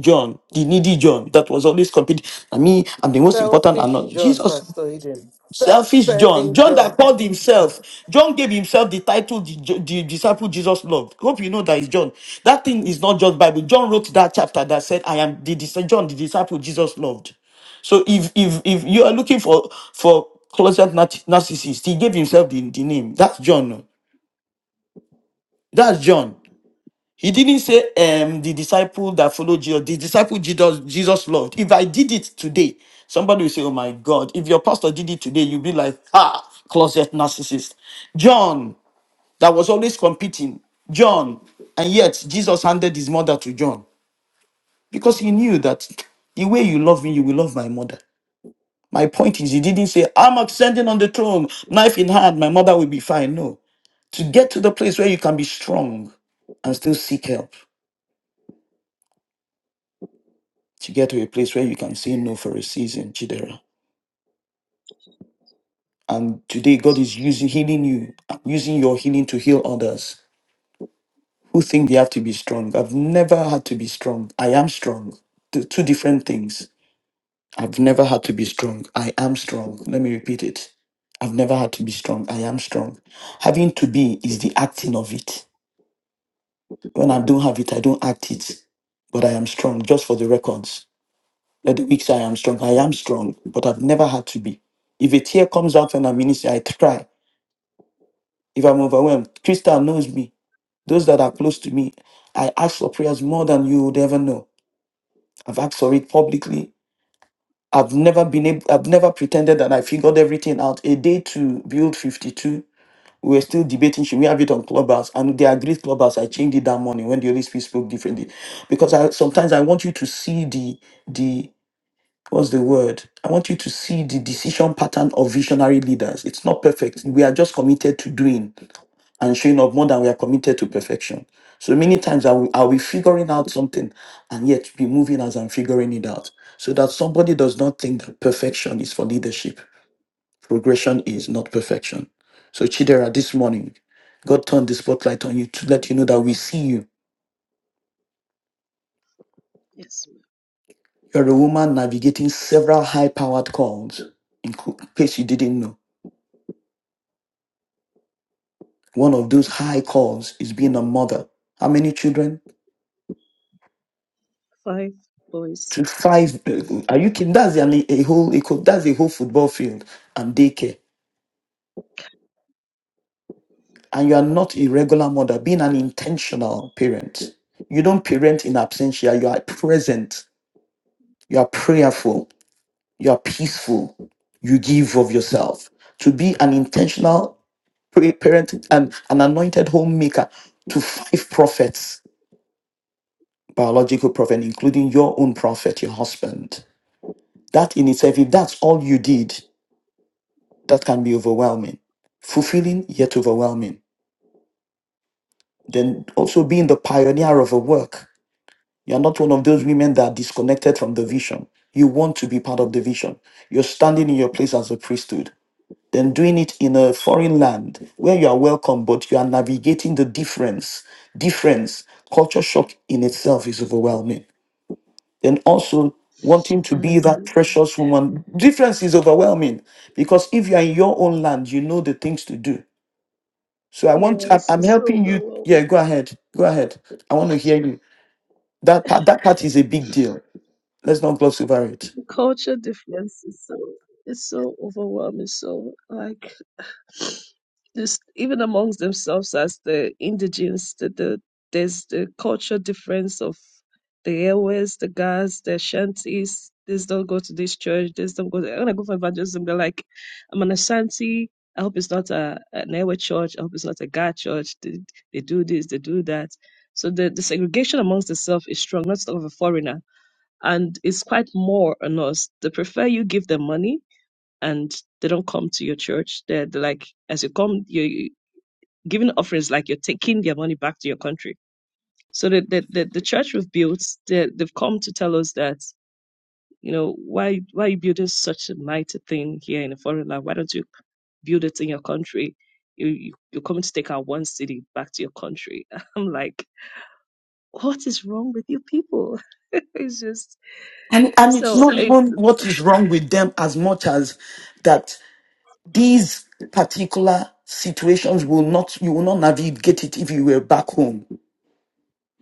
[SPEAKER 4] John, the needy John that was always competing. I mean, I'm the most important. I'm
[SPEAKER 1] Selfish
[SPEAKER 4] not.
[SPEAKER 1] John,
[SPEAKER 4] Jesus
[SPEAKER 1] Pastor Eden.
[SPEAKER 4] Selfish John,
[SPEAKER 1] Self-serving
[SPEAKER 4] John
[SPEAKER 1] John.
[SPEAKER 4] that
[SPEAKER 1] (laughs)
[SPEAKER 4] called himself, John gave himself the title the, the disciple Jesus loved. Hope you know that is John. That thing is not just Bible. John wrote that chapter that said, "I am the dis- John, the disciple Jesus loved." So if if if you are looking for for closet nar- narcissist, he gave himself the, the name. That's John. That's John. He didn't say um the disciple that followed Jesus, the disciple Jesus Jesus loved. If I did it today, somebody will say, Oh my God, if your pastor did it today, you'll be like, ah, closet narcissist. John, that was always competing. John, and yet Jesus handed his mother to John because he knew that the way you love me, you will love my mother. My point is, he didn't say, I'm ascending on the throne, knife in hand, my mother will be fine. No. To get to the place where you can be strong and still seek help. to get to a place where you can say no for a season, Chidera. And today, God
[SPEAKER 2] Yes, ma'am.
[SPEAKER 4] is using healing you, using your healing to heal others who think they have to be strong. I've never had to be strong. I am strong. Two two different things. I've never had to be strong. I am strong. Let me repeat it. I've never had to be strong. I am strong. Having to be is the acting of it. When I don't have it, I don't act it. But I am strong, just for the records. Let the weak say I am strong. I am strong, but I've never had to be. If a tear comes out when I'm ministering, I cry. If I'm overwhelmed, Crystal knows me. Those that are close to me, I ask for prayers more than you would ever know. I've asked for it publicly. I've never been able, I've never pretended that I figured everything out. A day to build 52, we were still debating should we have it on Clubhouse, and they agreed Clubhouse. I changed it that morning when the Holy Spirit spoke differently, because I sometimes I want you to see the the what's the word? I want you to see the decision pattern of visionary leaders. It's not perfect. We are just committed to doing and showing up more than we are committed to perfection. So many times are we, are we figuring out something and yet be moving as I'm figuring it out. So that somebody does not think that perfection is for leadership. Progression is not perfection. So Chidera, this morning, God turned the spotlight on you to let you know that we see you.
[SPEAKER 2] Yes, ma'am.
[SPEAKER 4] You're a woman navigating several high-powered calls, in co- case you didn't know. One of those high calls is being a mother. How many children?
[SPEAKER 2] Five boys.
[SPEAKER 4] To five. uh, Are you kidding? That's an, a whole. eco- That's a whole football field and daycare. And you are not a regular mother. Being an intentional parent. You don't parent in absentia. You are present. You are prayerful. You are peaceful. You give of yourself. To be an intentional pa- parent and an anointed homemaker to five prophets, biological prophet, including your own prophet, your husband That in itself, if that's all you did, that can be overwhelming. Fulfilling, yet overwhelming. Then also being the pioneer of a work. You're not one of those women that are disconnected from the vision. You want to be part of the vision. You're standing in your place as a priesthood. Then doing it in a foreign land where you are welcome, but you are navigating the difference. Difference, culture shock in itself is overwhelming And also wanting to be that
[SPEAKER 2] Honestly,
[SPEAKER 4] precious woman. Difference is overwhelming because if you are in your own land, you know the things to do. So I want, I-
[SPEAKER 2] yes,
[SPEAKER 4] I'm
[SPEAKER 2] it's so
[SPEAKER 4] helping you. Yeah,
[SPEAKER 2] overwhelming.
[SPEAKER 4] go ahead. Go ahead. I want to hear you. That part, that part is a big deal. Let's not gloss over it.
[SPEAKER 2] The culture difference is so it's so overwhelming. So like. This, even amongst themselves, as the indigenes, the, the, there's the culture difference of the airways, the guys, the Ashantis. This don't go to this church. This don't go. To, when I go for evangelism, they're like, "I'm an Ashanti. I hope it's not a an airway church. I hope it's not a guy church. They, they do this, they do that." So the, the segregation amongst itself is strong, not sort of a foreigner, and it's quite more on us. They prefer you give them money and they don't come to your church. They're, they're like, as you come, you're giving offerings, like you're taking their money back to your country. So the the, the, the church we've built, they, they've come to tell us that, you know, why why are you building such a mighty thing here in a foreign land? Why don't you build it in your country? You, you you're coming to take our one city back to your country. (laughs) I'm like, what is wrong with you people? (laughs) it's just
[SPEAKER 4] And and it's
[SPEAKER 2] so.
[SPEAKER 4] not
[SPEAKER 2] It,
[SPEAKER 4] even what is wrong with them as much as that these particular situations will not you will not navigate it if you were back home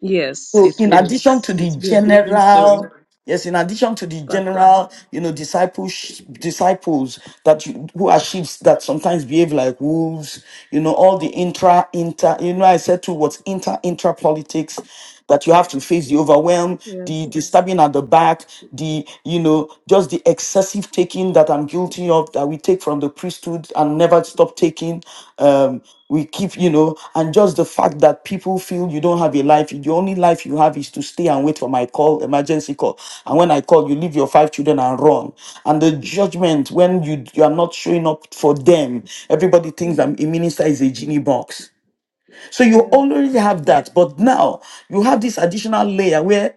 [SPEAKER 2] yes,
[SPEAKER 4] So,
[SPEAKER 2] it
[SPEAKER 4] in
[SPEAKER 2] wouldn't.
[SPEAKER 4] addition to
[SPEAKER 2] It
[SPEAKER 4] the
[SPEAKER 2] would be a different
[SPEAKER 4] general,
[SPEAKER 2] story
[SPEAKER 4] yes, in addition to the
[SPEAKER 2] back home.
[SPEAKER 4] general, you know, disciples, disciples that you, who are sheep that sometimes behave like wolves, you know, all the intra, inter, you know, I said to what's inter, intra politics that you have to face the overwhelm, the,
[SPEAKER 2] Yes.
[SPEAKER 4] the stabbing at the back, the, you know, just the excessive taking sin that I'm guilty of that we take from the priesthood and never stop taking. Um, we keep, you know, and just the fact that people feel you don't have a life, the only life you have is to stay and wait for my call, emergency call. And when I call, you leave your five children and run. And the judgment when you you are not showing up for them, everybody thinks
[SPEAKER 2] Mm.
[SPEAKER 4] that a minister is a genie box. So you
[SPEAKER 2] Yeah.
[SPEAKER 4] already have that, but now you have this additional layer where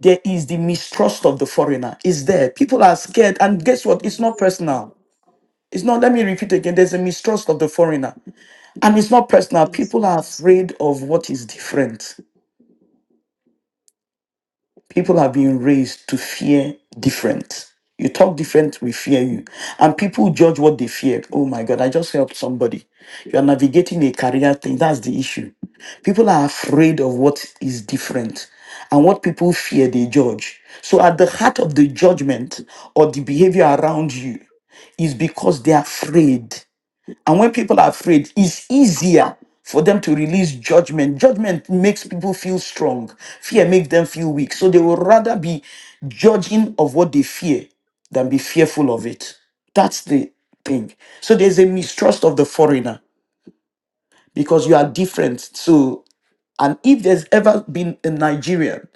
[SPEAKER 4] there is the mistrust of the foreigner. It's there. People are scared. And guess
[SPEAKER 2] Yes.
[SPEAKER 4] what? It's not
[SPEAKER 2] Yes, ma'am.
[SPEAKER 4] personal. It's not, let me repeat again. There's a mistrust of the foreigner. And it's not personal.
[SPEAKER 2] Yes,
[SPEAKER 4] People are
[SPEAKER 2] ma'am.
[SPEAKER 4] afraid of what is different. people have been raised to fear different. You talk different, we fear you. And people judge what they fear. Oh my God, I just helped somebody. You are navigating a career thing. That's the issue. People are afraid of what is different. And what people fear, they judge. So at the heart of the judgment or the behavior around you is because they're afraid. And when people are afraid, it's easier for them to release judgment. Judgment makes people feel strong, fear makes them feel weak. So they will rather be judging of what they fear than be fearful of it. That's the thing. So there's a mistrust of the foreigner because you are different. So, and if there's ever been a Nigerian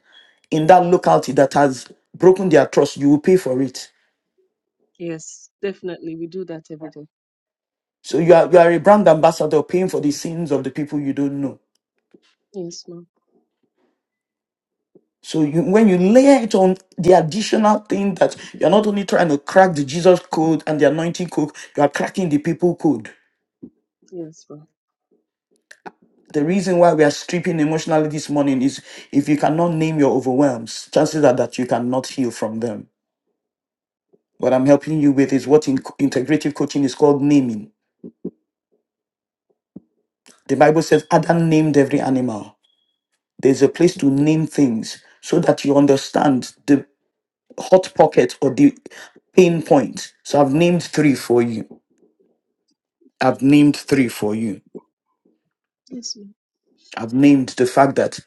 [SPEAKER 4] in that locality that has broken their trust, you will pay for it.
[SPEAKER 2] Yes, definitely. We do that every day.
[SPEAKER 4] So you are you are a brand ambassador paying for the sins of the people you don't know.
[SPEAKER 2] Yes, ma'am.
[SPEAKER 4] So you, when you layer it on the additional thing that you're not only trying to crack the Jesus code and the anointing code, you are cracking the people code.
[SPEAKER 2] Yes, ma'am.
[SPEAKER 4] The reason why we are stripping emotionally this morning is if you cannot name your overwhelms, chances are that you cannot heal from them. What I'm helping you with is what in integrative coaching is called naming. The Bible says Adam named every animal. There's a place to name things so that you understand the hot pocket or the pain point. So I've named three for you. I've named three for you.
[SPEAKER 2] Yes, ma'am.
[SPEAKER 4] I've named the fact that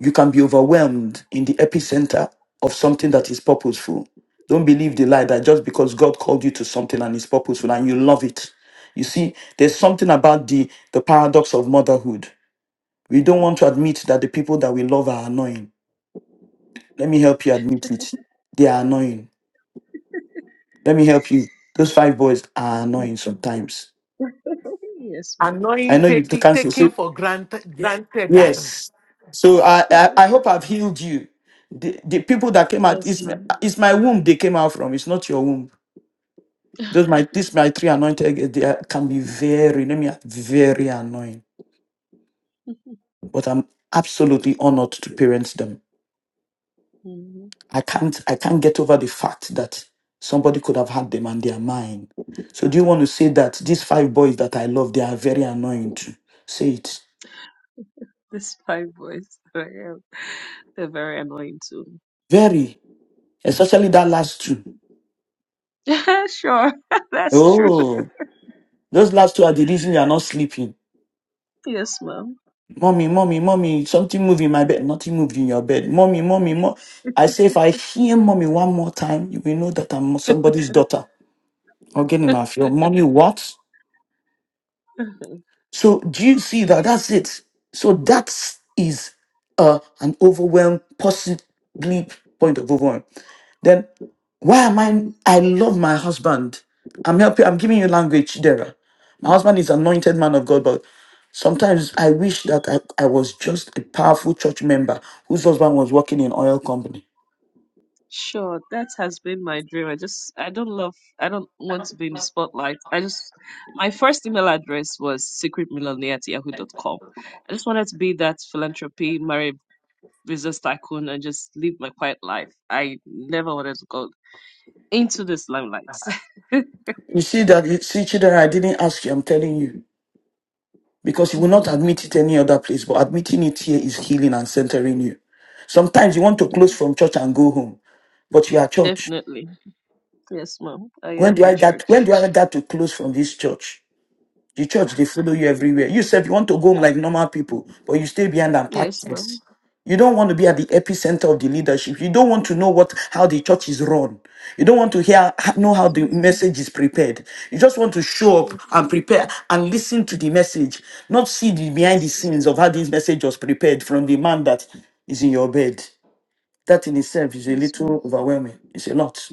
[SPEAKER 4] you can be overwhelmed in the epicenter of something that is purposeful. Don't believe the lie that just because God called you to something and it's purposeful and you love it. You see, there's something about the, the paradox of motherhood. We don't want to admit that the people that we love are annoying. Let me help you admit it. They are annoying. Let me help you. Those five boys are
[SPEAKER 2] Mm.
[SPEAKER 4] annoying sometimes.
[SPEAKER 2] (laughs) yes, ma'am.
[SPEAKER 4] I
[SPEAKER 1] Annoying,
[SPEAKER 4] know you
[SPEAKER 1] taking,
[SPEAKER 4] can't say
[SPEAKER 1] taking
[SPEAKER 4] so.
[SPEAKER 1] for granted, granted as.
[SPEAKER 4] Yes. So I,
[SPEAKER 2] (laughs)
[SPEAKER 4] I, I hope I've healed you. The, the people that came out,
[SPEAKER 2] yes,
[SPEAKER 4] it's,
[SPEAKER 2] ma'am.
[SPEAKER 4] it's my womb they came out from. It's not your womb.
[SPEAKER 2] (laughs)
[SPEAKER 4] Those my this my three anointed girls, they are- can be very let me very annoying. But I'm absolutely honored to parent them.
[SPEAKER 2] Mhm.
[SPEAKER 4] I can't I can't get over the fact that somebody could have had them and they are mine. So do you want to say that these five boys that I love, they are very annoying too? Say it.
[SPEAKER 2] These five boys, (laughs) They're very annoying too.
[SPEAKER 4] Very. Especially that last two.
[SPEAKER 2] (laughs) sure, (laughs) that's true.
[SPEAKER 4] Oh. Those last two are the reason you are not sleeping.
[SPEAKER 2] Yes, ma'am.
[SPEAKER 4] Mommy, mommy, mommy, something moved in my bed. Nothing moved in your bed. Mommy, mommy, mommy. I say, if I hear mommy one more time, you will know that I'm somebody's daughter. Again, in our field, mommy, what?
[SPEAKER 2] (laughs)
[SPEAKER 4] So, do you see that? That's it. So, that is uh, an overwhelm, possibly point of overwhelm. Then why am I? I love my husband. I'm helping. I'm giving you language, Dera. My husband is anointed man of God, but sometimes I wish that I, I was just a powerful church member whose husband was working in oil company.
[SPEAKER 2] Sure, that has been my dream. I just I don't love I don't want to be in the spotlight. I just my first email address was secretmillionaire at yahoo.com. I just wanted to be that philanthropy, marry a business tycoon and just live my quiet life. I never wanted to go into this limelight. (laughs)
[SPEAKER 4] You see that? You see, Chidera, I didn't ask you. I'm telling you because you will not
[SPEAKER 2] Mhm.
[SPEAKER 4] admit it any other place. But admitting it here is healing and centering you. Sometimes you want to close
[SPEAKER 2] yeah,
[SPEAKER 4] from church and go home, but you are church.
[SPEAKER 2] definitely. Yes, ma'am. I
[SPEAKER 4] When
[SPEAKER 2] am
[SPEAKER 4] do
[SPEAKER 2] the
[SPEAKER 4] I get? When
[SPEAKER 2] church.
[SPEAKER 4] do I get to close from this church? The church, they follow you everywhere. You said you want to go home like normal people, but you stay behind and
[SPEAKER 2] Yes,
[SPEAKER 4] practice.
[SPEAKER 2] ma'am.
[SPEAKER 4] You don't want to be at the epicenter of the leadership. You don't want to know what how the church is run. You don't want to hear know how
[SPEAKER 2] Yes,
[SPEAKER 4] the
[SPEAKER 2] ma'am.
[SPEAKER 4] message is prepared. You just want to show up
[SPEAKER 2] Yes,
[SPEAKER 4] and
[SPEAKER 2] ma'am.
[SPEAKER 4] prepare and listen to the message, not see the behind the
[SPEAKER 2] Yes, ma'am.
[SPEAKER 4] scenes of how this message was prepared from the man that is in your bed. That in itself is a
[SPEAKER 2] Yes, ma'am.
[SPEAKER 4] little overwhelming. It's a lot.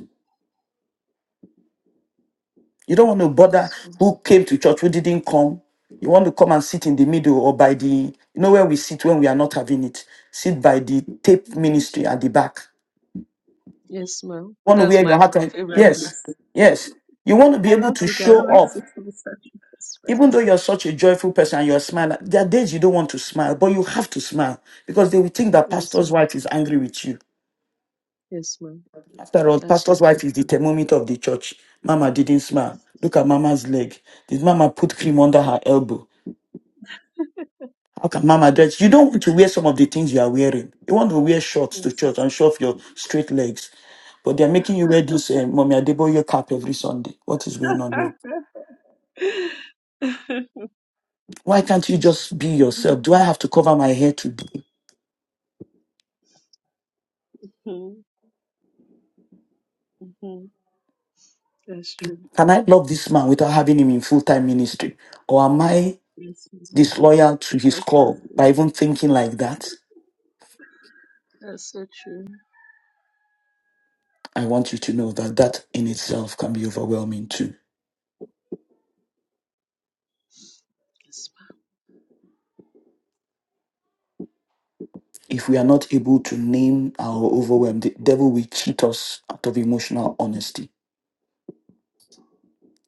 [SPEAKER 4] You don't want to bother
[SPEAKER 2] Yes,
[SPEAKER 4] who came to church, who didn't come. You want to come and sit in the middle or by the, you know where we sit when we are not having it. Sit by the
[SPEAKER 2] ma'am.
[SPEAKER 4] tape ministry at the back.
[SPEAKER 2] Yes, ma'am.
[SPEAKER 4] want to
[SPEAKER 2] That's
[SPEAKER 4] wear your
[SPEAKER 2] my
[SPEAKER 4] hat on.
[SPEAKER 2] favorite
[SPEAKER 4] Yes,
[SPEAKER 2] place. (laughs) I
[SPEAKER 4] yes. You want to be able
[SPEAKER 2] love
[SPEAKER 4] to
[SPEAKER 2] city. I
[SPEAKER 4] show
[SPEAKER 2] don't like
[SPEAKER 4] up.
[SPEAKER 2] city massage. That's
[SPEAKER 4] Even though
[SPEAKER 2] right.
[SPEAKER 4] you're such a joyful person and you're smiling, there are days you don't want to smile, but you have to smile because they will think that
[SPEAKER 2] Yes,
[SPEAKER 4] pastor's
[SPEAKER 2] ma'am.
[SPEAKER 4] wife is angry with you.
[SPEAKER 2] Yes, ma'am.
[SPEAKER 4] After all,
[SPEAKER 2] That's so
[SPEAKER 4] pastor's
[SPEAKER 2] true.
[SPEAKER 4] wife is the thermometer of the church. Mama didn't smile. Look at mama's leg. Did mama put cream under her elbow? How can Mama dress? You don't
[SPEAKER 2] (laughs)
[SPEAKER 4] want to wear some of the things you are wearing. You want to wear shorts to church
[SPEAKER 2] Yes.
[SPEAKER 4] and show off your straight legs. But they're making you wear this uh, Mommy Adeboye cap every Sunday. What is going on here?
[SPEAKER 2] (laughs)
[SPEAKER 4] Why can't you just be yourself?
[SPEAKER 2] Mhm,
[SPEAKER 4] Do I have to cover my hair today?
[SPEAKER 2] mhm, mhm. That's true.
[SPEAKER 4] Can I love this man without having him in full time ministry? Or am I
[SPEAKER 2] Yes, ma'am.
[SPEAKER 4] disloyal to his
[SPEAKER 2] That's so
[SPEAKER 4] call
[SPEAKER 2] true.
[SPEAKER 4] by even thinking like that?
[SPEAKER 2] That's so true.
[SPEAKER 4] I want you to know that that in itself can be overwhelming too.
[SPEAKER 2] Yes,
[SPEAKER 4] If we are not able to name our overwhelm, the devil will cheat us out of emotional honesty.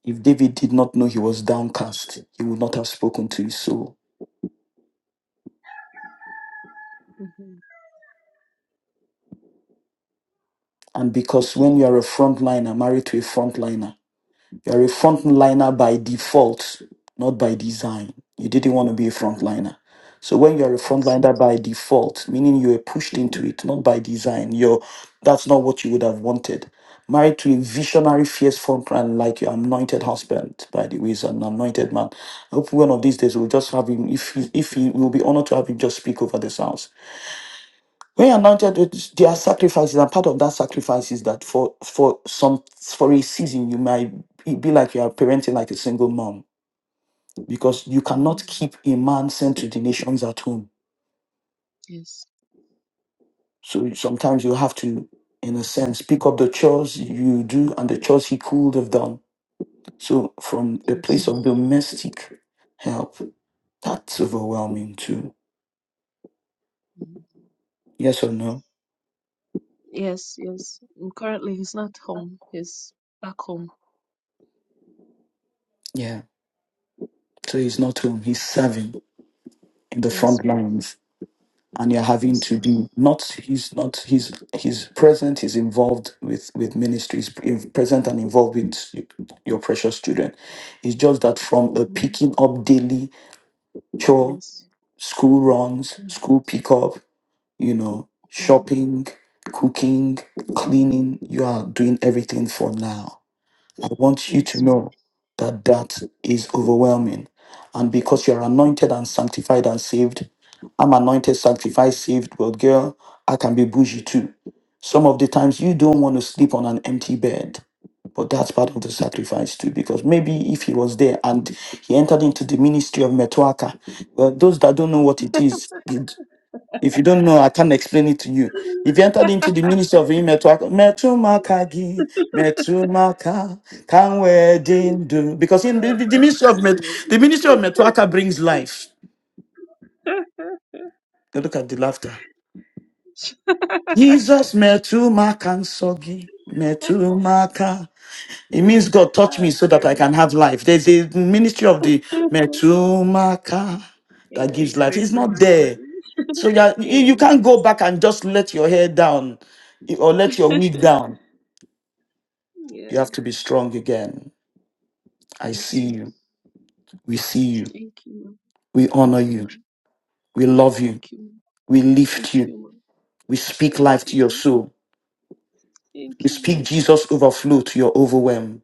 [SPEAKER 4] If David did not know he was downcast, he would not have spoken to his soul.
[SPEAKER 2] ma'am. hmm
[SPEAKER 4] And because when you are a frontliner married to a frontliner, You're a frontliner by default, not by design. You didn't want to be a frontliner. So when you're a
[SPEAKER 2] Yes.
[SPEAKER 4] frontliner by default, meaning you were pushed into it, not by design, you're, that's not what you would have wanted. Married to a visionary, fierce frontline like your anointed husband, by the way, is an anointed man. I hope one of these days we'll just have him, if he, if he will be honored to have him just speak over this house when you're anointed with there are sacrifices, and part of that sacrifice is that for for some for a season you might be be like you are parenting like a single mom because you
[SPEAKER 2] hmm
[SPEAKER 4] cannot keep a man sent to the nations at home.
[SPEAKER 2] Yes.
[SPEAKER 4] So sometimes you have to, in a sense, pick up the chores you do and the chores he could have done. So from a
[SPEAKER 2] Yes.
[SPEAKER 4] place of domestic help, that's overwhelming too.
[SPEAKER 2] Mm.
[SPEAKER 4] Yes or no?
[SPEAKER 2] Yes, yes. Mm, Currently, he's not home. He's back home.
[SPEAKER 4] Yeah. So he's not home, he's serving in the
[SPEAKER 2] Yes,
[SPEAKER 4] front
[SPEAKER 2] ma'am.
[SPEAKER 4] lines. and you're having
[SPEAKER 2] Yes,
[SPEAKER 4] to
[SPEAKER 2] ma'am.
[SPEAKER 4] be not he's not he's he's present he's involved with with ministry he's in- present and involved with y- your precious children it's just that from a
[SPEAKER 2] Mm.
[SPEAKER 4] picking up daily chore
[SPEAKER 2] Yes.
[SPEAKER 4] school runs
[SPEAKER 2] hmm
[SPEAKER 4] school pickup you know
[SPEAKER 2] hmm
[SPEAKER 4] shopping cooking
[SPEAKER 2] hmm
[SPEAKER 4] cleaning you are doing everything for now I want you to
[SPEAKER 2] Yes, ma'am.
[SPEAKER 4] know that that is overwhelming. And because you're anointed and sanctified and saved, I'm anointed, sanctified, saved, but girl, I can be bougie too. Some of the times you don't want to sleep on an empty bed, but that's part of the sacrifice too. Because maybe if he was there and he entered into the ministry of Metuaka, well, those that don't know what it is, if you don't know, I can't explain it to you. If you
[SPEAKER 2] (laughs)
[SPEAKER 4] entered
[SPEAKER 2] oh,
[SPEAKER 4] into the ministry of him, Metumakagi, Metumaka, can wedding do? Because in the, the
[SPEAKER 2] my
[SPEAKER 4] ministry of Met,
[SPEAKER 2] me.
[SPEAKER 4] the ministry of
[SPEAKER 2] (laughs)
[SPEAKER 4] Metuaka brings life. Now Look at the laughter. Jesus Metumaka and Sogi. Metumaka. It means God touch me
[SPEAKER 2] oh,
[SPEAKER 4] so that
[SPEAKER 2] girl.
[SPEAKER 4] I can have life. There's a ministry of the Metumaka
[SPEAKER 2] (laughs)
[SPEAKER 4] that gives
[SPEAKER 2] yes,
[SPEAKER 4] life.
[SPEAKER 2] way
[SPEAKER 4] It's
[SPEAKER 2] too
[SPEAKER 4] not
[SPEAKER 2] much. I
[SPEAKER 4] there. So you, are-
[SPEAKER 2] think. (laughs)
[SPEAKER 4] you you can't
[SPEAKER 2] yes.
[SPEAKER 4] go back and just let your hair down or let your
[SPEAKER 2] (laughs)
[SPEAKER 4] wig down. You
[SPEAKER 2] yeah.
[SPEAKER 4] have to be strong again. I
[SPEAKER 2] Yes,
[SPEAKER 4] see
[SPEAKER 2] ma'am.
[SPEAKER 4] you. We see you.
[SPEAKER 2] Thank you, ma'am.
[SPEAKER 4] We honor
[SPEAKER 2] Thank you,
[SPEAKER 4] you.
[SPEAKER 2] ma'am.
[SPEAKER 4] We love you.
[SPEAKER 2] Thank you, ma'am.
[SPEAKER 4] We
[SPEAKER 2] Thank
[SPEAKER 4] lift you.
[SPEAKER 2] you, ma'am.
[SPEAKER 4] We speak life
[SPEAKER 2] Thank
[SPEAKER 4] to
[SPEAKER 2] you,
[SPEAKER 4] your
[SPEAKER 2] ma'am.
[SPEAKER 4] soul.
[SPEAKER 2] Thank
[SPEAKER 4] We
[SPEAKER 2] you,
[SPEAKER 4] speak
[SPEAKER 2] Mom.
[SPEAKER 4] Jesus overflow to your overwhelm.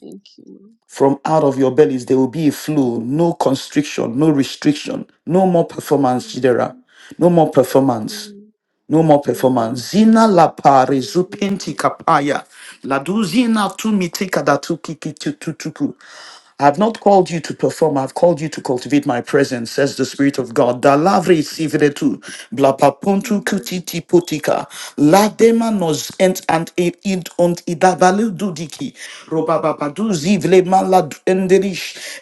[SPEAKER 2] Thank you, Mom.
[SPEAKER 4] From out of your bellies there will be a flow, no constriction, no restriction, no more performance, Jidera.
[SPEAKER 2] Amen.
[SPEAKER 4] No more performance.
[SPEAKER 2] Amen.
[SPEAKER 4] No more
[SPEAKER 2] Amen.
[SPEAKER 4] performance. Zina la pare zupinti kapaya. La duzina tu miteka da tu kiki tu tu tu ku. I've not called you to perform, I've called you to cultivate my presence, says the Spirit of God. Da Dalavri sivretu, blapapuntu
[SPEAKER 2] Amen. Amen.
[SPEAKER 4] kutiti putika, la dema nos ent and id und idavalu dudiki, livre malad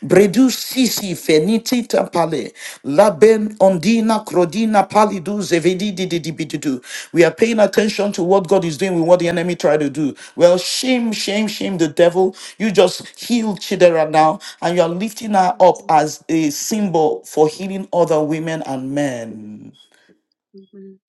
[SPEAKER 4] bredu sisi feniti tapale, laben
[SPEAKER 2] Amen.
[SPEAKER 4] ondina crodina palidu zevedi dididibididu. We are paying attention to what God is doing with what the enemy tried to do. Well, shame, shame, shame the devil. You just healed Chidera now, and you are lifting her up
[SPEAKER 2] Amen.
[SPEAKER 4] as a symbol for healing other women and men.
[SPEAKER 2] Amen.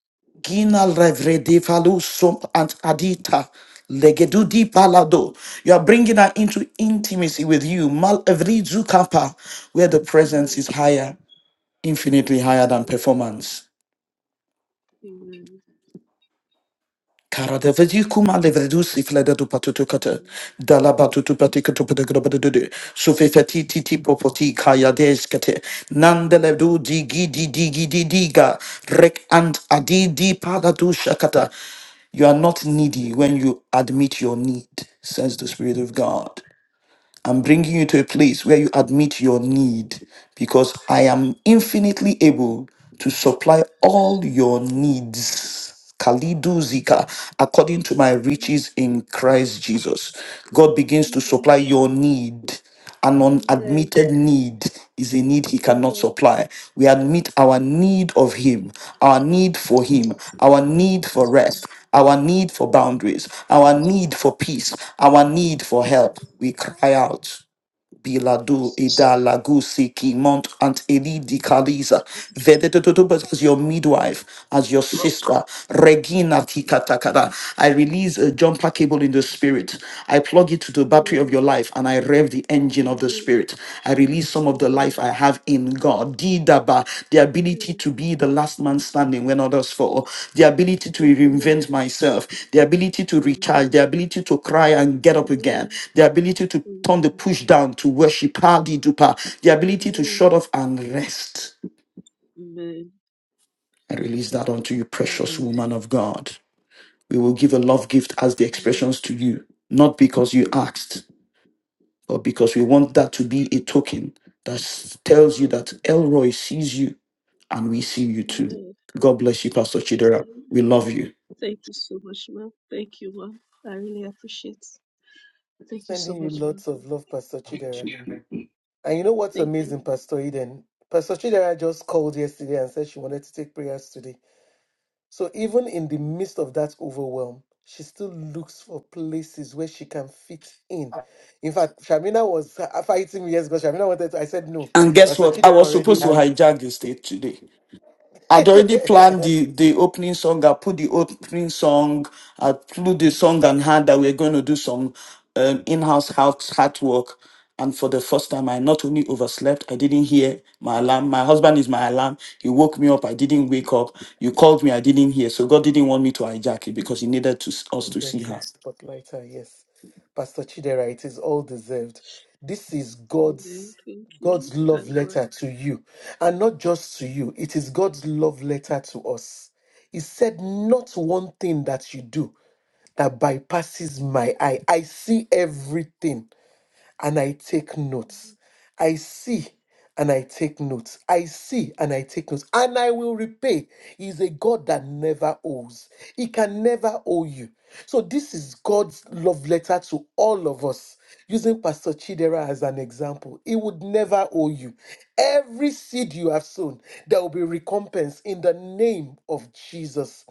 [SPEAKER 4] Gina Revrede Falusum and Adita. Legedudi palado. You are bringing her into intimacy with you. Mal evrizu kappa, where the presence
[SPEAKER 2] Amen.
[SPEAKER 4] is higher, infinitely
[SPEAKER 2] Amen. Amen. Amen.
[SPEAKER 4] higher than performance. Kara kuma le vedu si
[SPEAKER 2] Amen. Amen.
[SPEAKER 4] Dala batutu patika tu pedagra titi popoti kaya deskate. Nandele digi di digi di diga. Rek ant adi di pada shakata. You are not needy
[SPEAKER 2] Amen.
[SPEAKER 4] when you admit your need, says the Spirit of God. I'm bringing you to a place where you admit your need because I am infinitely able to supply all your needs. Kalidu Zika, according to my
[SPEAKER 2] Amen.
[SPEAKER 4] riches in Christ Jesus. God
[SPEAKER 2] Amen.
[SPEAKER 4] begins to
[SPEAKER 2] Amen.
[SPEAKER 4] supply your need. An unadmitted need is a need he cannot
[SPEAKER 2] Amen.
[SPEAKER 4] supply. We admit our need of him, our need
[SPEAKER 2] Yes,
[SPEAKER 4] for him,
[SPEAKER 2] Lord.
[SPEAKER 4] our need for
[SPEAKER 2] Yes, Lord.
[SPEAKER 4] rest, our need for boundaries, our need for peace, our need for help.
[SPEAKER 2] Yes,
[SPEAKER 4] We cry out. Biladu
[SPEAKER 2] Lord.
[SPEAKER 4] Ida Lagusi Ki Mont ant eli Elidi Kaliza
[SPEAKER 2] Yes, Lord. Yes,
[SPEAKER 4] Vedetetotobas as your midwife, as your
[SPEAKER 2] Lord.
[SPEAKER 4] sister, Regina Tikatakada. I release a jumper cable in the spirit. I plug it to the battery of your
[SPEAKER 2] Amen.
[SPEAKER 4] life and I rev the engine of the
[SPEAKER 2] Amen.
[SPEAKER 4] spirit. I release some of the
[SPEAKER 2] Amen.
[SPEAKER 4] life
[SPEAKER 2] Amen.
[SPEAKER 4] I have in God. Didaba, the ability to be the last man standing when others fall, the ability to reinvent myself, the ability to recharge,
[SPEAKER 2] Amen.
[SPEAKER 4] the ability to cry and get up again,
[SPEAKER 2] Amen.
[SPEAKER 4] the ability to turn the
[SPEAKER 2] Amen.
[SPEAKER 4] push down to worship, Hadidupa, the ability to
[SPEAKER 2] Amen.
[SPEAKER 4] shut off and rest.
[SPEAKER 2] Amen. Amen.
[SPEAKER 4] I release that unto you, precious
[SPEAKER 2] Amen.
[SPEAKER 4] woman of God. We will give a love gift as the
[SPEAKER 2] Amen.
[SPEAKER 4] expressions to you, not because you asked, but because we want that to be a token that s- tells you that Elroy sees you and we see you too.
[SPEAKER 2] Amen.
[SPEAKER 4] God bless you, Pastor Chidera.
[SPEAKER 2] Amen.
[SPEAKER 4] We love you.
[SPEAKER 2] Thank you so much, ma. Thank you, ma. I really appreciate. Thank you so
[SPEAKER 1] Sending you
[SPEAKER 2] much, ma.
[SPEAKER 1] lots of love, Pastor Chidera. And you know what's
[SPEAKER 2] Thank
[SPEAKER 1] amazing,
[SPEAKER 2] you.
[SPEAKER 1] Pastor Eden? Pastor Chidera just called yesterday and said she wanted to take prayers today. So even in the midst of that overwhelm, she still looks for places where she can fit in. In fact, Shamina was uh, fighting me years ago. Shamina wanted to, I said no.
[SPEAKER 4] And guess
[SPEAKER 1] Pastor
[SPEAKER 4] what? I
[SPEAKER 1] Chidera
[SPEAKER 4] was
[SPEAKER 1] already
[SPEAKER 4] supposed to
[SPEAKER 1] had
[SPEAKER 4] hijack the stage today. I'd already
[SPEAKER 1] it.
[SPEAKER 4] planned
[SPEAKER 1] (laughs)
[SPEAKER 4] the, the opening song. I put the opening song. I flew the song and had that we're going to do some um, in-house house heart work. And for the first time, I not only overslept, I didn't hear my alarm. My husband is my alarm. He woke me up. I didn't wake up. You called me. I didn't hear. So God didn't want me to hijack it because He needed to, us
[SPEAKER 1] I'm
[SPEAKER 4] to
[SPEAKER 1] dead
[SPEAKER 4] see
[SPEAKER 1] sick,
[SPEAKER 4] her.
[SPEAKER 1] but yes. Pastor Chidera, it is all deserved. This is
[SPEAKER 2] Amen.
[SPEAKER 1] God's
[SPEAKER 2] Thank you.
[SPEAKER 1] God's love
[SPEAKER 2] Thank God.
[SPEAKER 1] letter to you. And not just to you, it is God's love letter to us. He said, Not one thing that you do that bypasses my eye. I see everything and I take notes.
[SPEAKER 2] Amen.
[SPEAKER 1] I see and I take notes. I see and I take notes. And I will repay. He is a God that never owes. He can never owe you. So this is God's love letter to all of us. Using Pastor Chidera as an example, he would never owe you. Every seed you have sown, there will be recompense in the name of Jesus.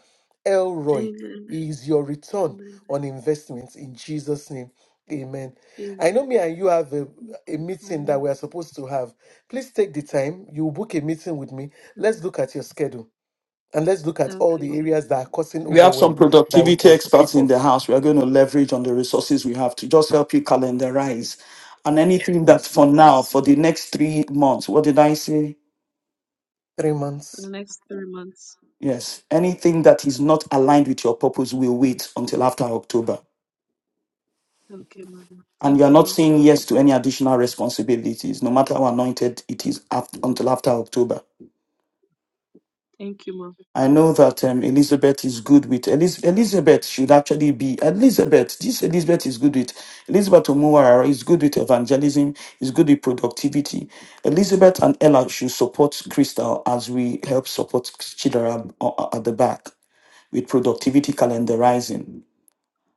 [SPEAKER 1] Elroy
[SPEAKER 2] Amen.
[SPEAKER 1] is your return on investment in Jesus' name. Amen.
[SPEAKER 2] Amen.
[SPEAKER 1] I know me and you have a,
[SPEAKER 2] Thank
[SPEAKER 1] a
[SPEAKER 2] you,
[SPEAKER 1] meeting that
[SPEAKER 2] family.
[SPEAKER 1] we are supposed to have. Please take the time. You book a meeting with me. Let's look at your schedule and let's look at all
[SPEAKER 2] Okay,
[SPEAKER 1] the
[SPEAKER 2] ma.
[SPEAKER 1] areas that are causing
[SPEAKER 4] We have some
[SPEAKER 1] overwhelm that we
[SPEAKER 4] productivity
[SPEAKER 1] can
[SPEAKER 4] experts
[SPEAKER 1] strip
[SPEAKER 4] in
[SPEAKER 1] off.
[SPEAKER 4] the house. We are going to leverage on the resources we have to just help you calendarize. And anything that
[SPEAKER 1] Yes.
[SPEAKER 4] for now,
[SPEAKER 2] Yes,
[SPEAKER 4] for
[SPEAKER 2] ma.
[SPEAKER 4] the next three months, what did I say?
[SPEAKER 1] Three
[SPEAKER 2] For the
[SPEAKER 1] months.
[SPEAKER 2] next three months.
[SPEAKER 4] Yes. Anything that is not aligned with your purpose will wait until after October.
[SPEAKER 2] Okay, ma.
[SPEAKER 4] And you
[SPEAKER 2] Thank
[SPEAKER 4] are
[SPEAKER 2] you,
[SPEAKER 4] not
[SPEAKER 2] ma.
[SPEAKER 4] saying yes to any additional responsibilities, no matter how anointed it is after, until after October.
[SPEAKER 2] Thank you, ma.
[SPEAKER 4] I know that um, Elizabeth is good with Eliz- Elizabeth should actually be Elizabeth. This Elizabeth is good with Elizabeth Omuwara is good with evangelism, is good with productivity. Elizabeth and Ella should support Crystal as we help support Chidera uh, uh, at the back with productivity calendarizing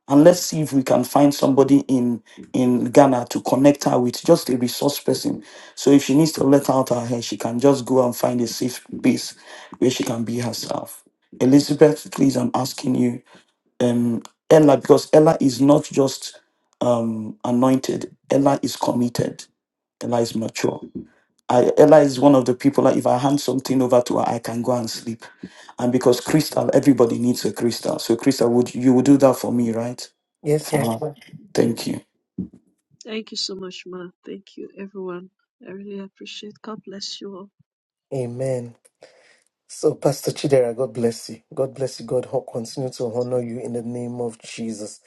[SPEAKER 4] and let's see if we can find somebody in in Ghana to connect her with just a resource person. So if she needs to let out her hair, she can just go and find a safe place where she can be herself. Elizabeth, please, I'm asking you, um, Ella, because Ella is not just um, anointed. Ella is committed. Ella is mature. I, Ella is one of the people that if I hand something over to her, I can go and sleep. And because Crystal, everybody needs a Crystal. So Crystal, would you would do that for me, right?
[SPEAKER 1] Yes,
[SPEAKER 4] For
[SPEAKER 1] ma'am.
[SPEAKER 4] her. Thank you.
[SPEAKER 2] Thank you so much, ma. Thank you, everyone. I really appreciate. God bless you all.
[SPEAKER 1] Amen. So, Pastor Chidera, God bless you. God bless you. God ho- continue to
[SPEAKER 2] Bless you too.
[SPEAKER 1] honor you in the name of Jesus.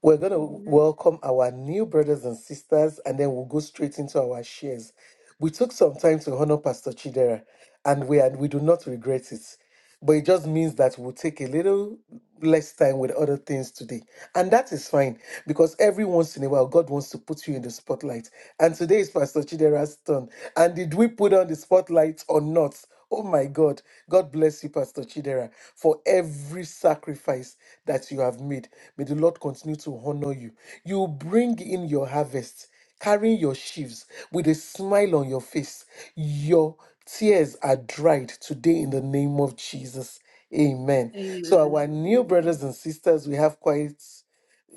[SPEAKER 1] We're going to
[SPEAKER 2] Amen.
[SPEAKER 1] welcome our new brothers and sisters, and then we'll go straight into our shares. We took some time to honor Pastor Chidera, and we and we do not regret it but it just means that we'll take a little less time with other things today. And that is fine because every once in a while, God wants to put you in the spotlight. And today is Pastor Chidera's turn. And did we put on the spotlight or not? Oh my God. God bless you, Pastor Chidera, for every sacrifice that you have made. May the Lord continue to honor you. You bring in your harvest carrying your sheaves with a smile on your face. Your tears are dried today in the name of Jesus. Amen. So,
[SPEAKER 2] Amen.
[SPEAKER 1] our new
[SPEAKER 2] Thank you.
[SPEAKER 1] brothers and sisters, we have quite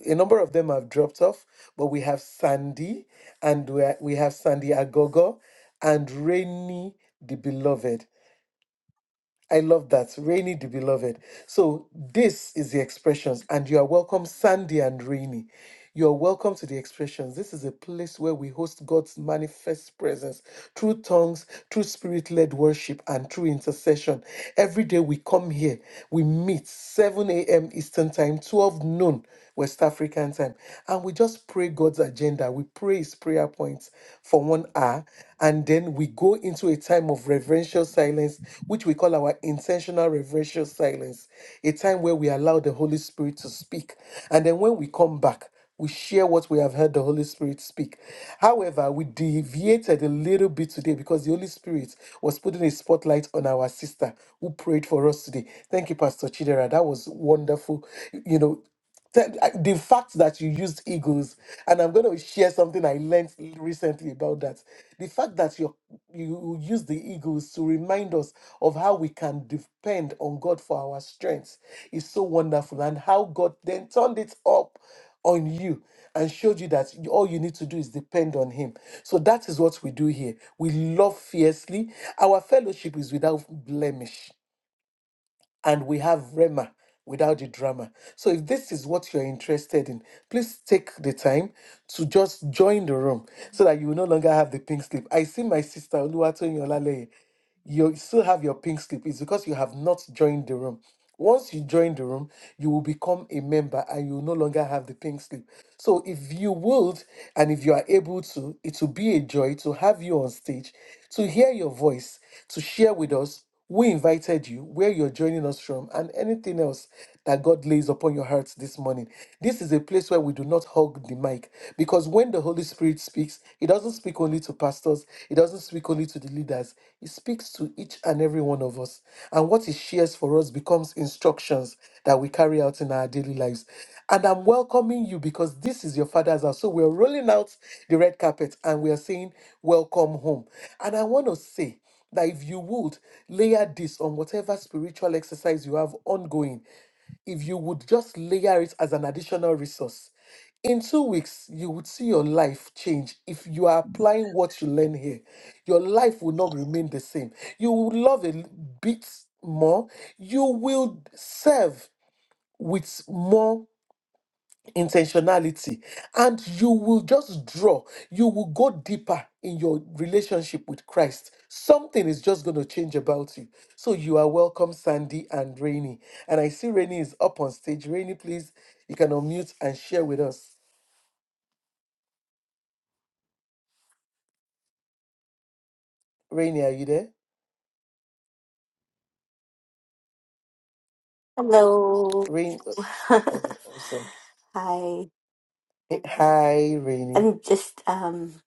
[SPEAKER 1] a number of them have dropped off, but we have Sandy and we ha- we have Sandy Agogo and Rainy the Beloved. I love that. Rainy the beloved. So this is the expressions, and you are welcome, Sandy and Rainy. You are welcome to the expressions. This is a place where we host God's manifest presence through tongues, through spirit led worship, and through intercession. Every day we come here, we meet 7 a.m. Eastern Time, 12 noon West African Time, and we just pray God's agenda. We pray His prayer points for one hour, and then we go into a time of reverential silence, which we call our intentional reverential silence, a time where we allow the Holy Spirit to speak. And then when we come back, we share what we have heard the Holy Spirit speak. However, we deviated a little bit today because the Holy Spirit was putting a spotlight on our sister who prayed for us today. Thank you, Pastor Chidera. That was wonderful. You know, that- I- The fact that you used egos, and I'm going to share something I learned recently about that. The fact that you you use the egos to remind us of how we can depend on God for our strength is so wonderful, and how God then turned it up on you and showed you that you- all you need to do is depend on him. So that is what we do here. We love fiercely. Our fellowship is without blemish and we have Rema without the drama. So if this is what you're interested in, please take the time to just join the room so that you will no longer have the pink slip. I see my sister Oluwatoyin Olaleye you still have your pink slip. It's because you have not joined the room. Once you join the room, you will become a member and you will no longer have the pink slip. So if you would and if you are able to, it will be a joy to have you on stage, to hear your voice, to share with us who invited you, where you're joining us from, and anything else that God lays upon your hearts this morning. This is a place where we do not hug the mic because when the Holy Spirit speaks, He doesn't speak only to pastors, He doesn't speak only to the leaders, He speaks to each and every one of us. And what He shares for us becomes instructions that we carry out in our daily lives. And I'm welcoming you because this is your Father's house. So we're rolling out the red carpet and we are saying, Welcome home. And I want to say, that if you would layer this on whatever spiritual exercise you have ongoing, if you would just layer it as an additional resource. In two weeks, you would see your life change if you are applying what you learn here. Your life will not remain the same. You will love a l- bit more. You will serve with more intentionality and you will just draw you will go deeper in your relationship with christ something is just going to change about you so you are welcome sandy and rainy and i see rainy is up on stage rainy please you can unmute and share with us rainy are you there
[SPEAKER 5] Hello.
[SPEAKER 1] rain uh,
[SPEAKER 5] (laughs)
[SPEAKER 1] oh, awesome
[SPEAKER 5] Hi.
[SPEAKER 1] Hey, hi rainy
[SPEAKER 5] I'm just um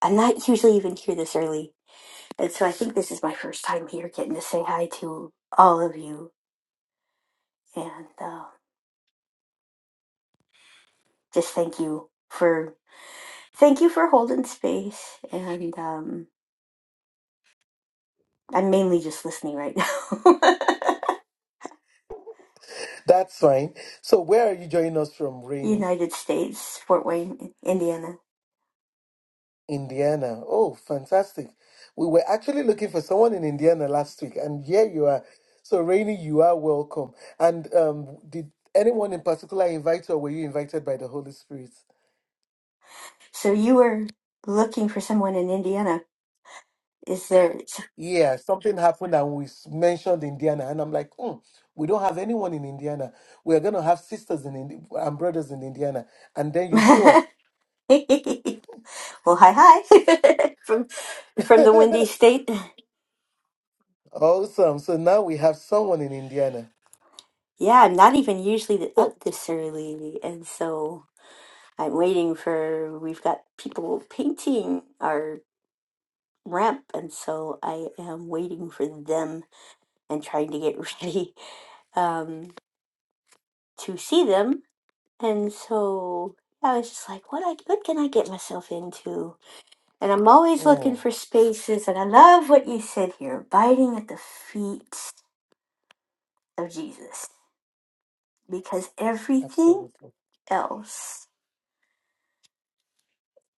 [SPEAKER 5] I'm not usually even here this early. And so I think this is my first time here getting to say hi to all of you and uh, just thank you for thank you for holding space and um I'm mainly just listening right now.
[SPEAKER 1] that's fine so where are you joining us from
[SPEAKER 5] (laughs)
[SPEAKER 1] rainy
[SPEAKER 5] United States, Fort Wayne, Indiana.
[SPEAKER 1] Indiana. Oh, fantastic. We were actually looking for someone in Indiana last week, and here you are. So, Rainy, you are welcome. And um, did anyone in particular invite you, or were you invited by the Holy Spirit?
[SPEAKER 5] So you were looking for someone in Indiana. Is there
[SPEAKER 1] Yeah, something happened, and we s- mentioned Indiana. And I'm like, hmm, we don't have anyone in Indiana. We're going to have sisters in Indi- and brothers in Indiana. And then you show
[SPEAKER 5] (laughs) Well, hi, hi. (laughs) from from
[SPEAKER 1] up.
[SPEAKER 5] the windy
[SPEAKER 1] (laughs)
[SPEAKER 5] state.
[SPEAKER 1] awesome. So now we have someone in Indiana.
[SPEAKER 5] Yeah, I'm not even usually
[SPEAKER 1] So,
[SPEAKER 5] up this early, and so I'm waiting for. We've got people painting our ramp, and so I am waiting for them and trying to get (laughs) ready um, to see them. And so yeah, I was just like, what I what can I get myself into? And I'm always looking
[SPEAKER 1] mm,
[SPEAKER 5] for spaces, and I love what you said here, abiding at the feet of Jesus because everything
[SPEAKER 1] absolutely.
[SPEAKER 5] else,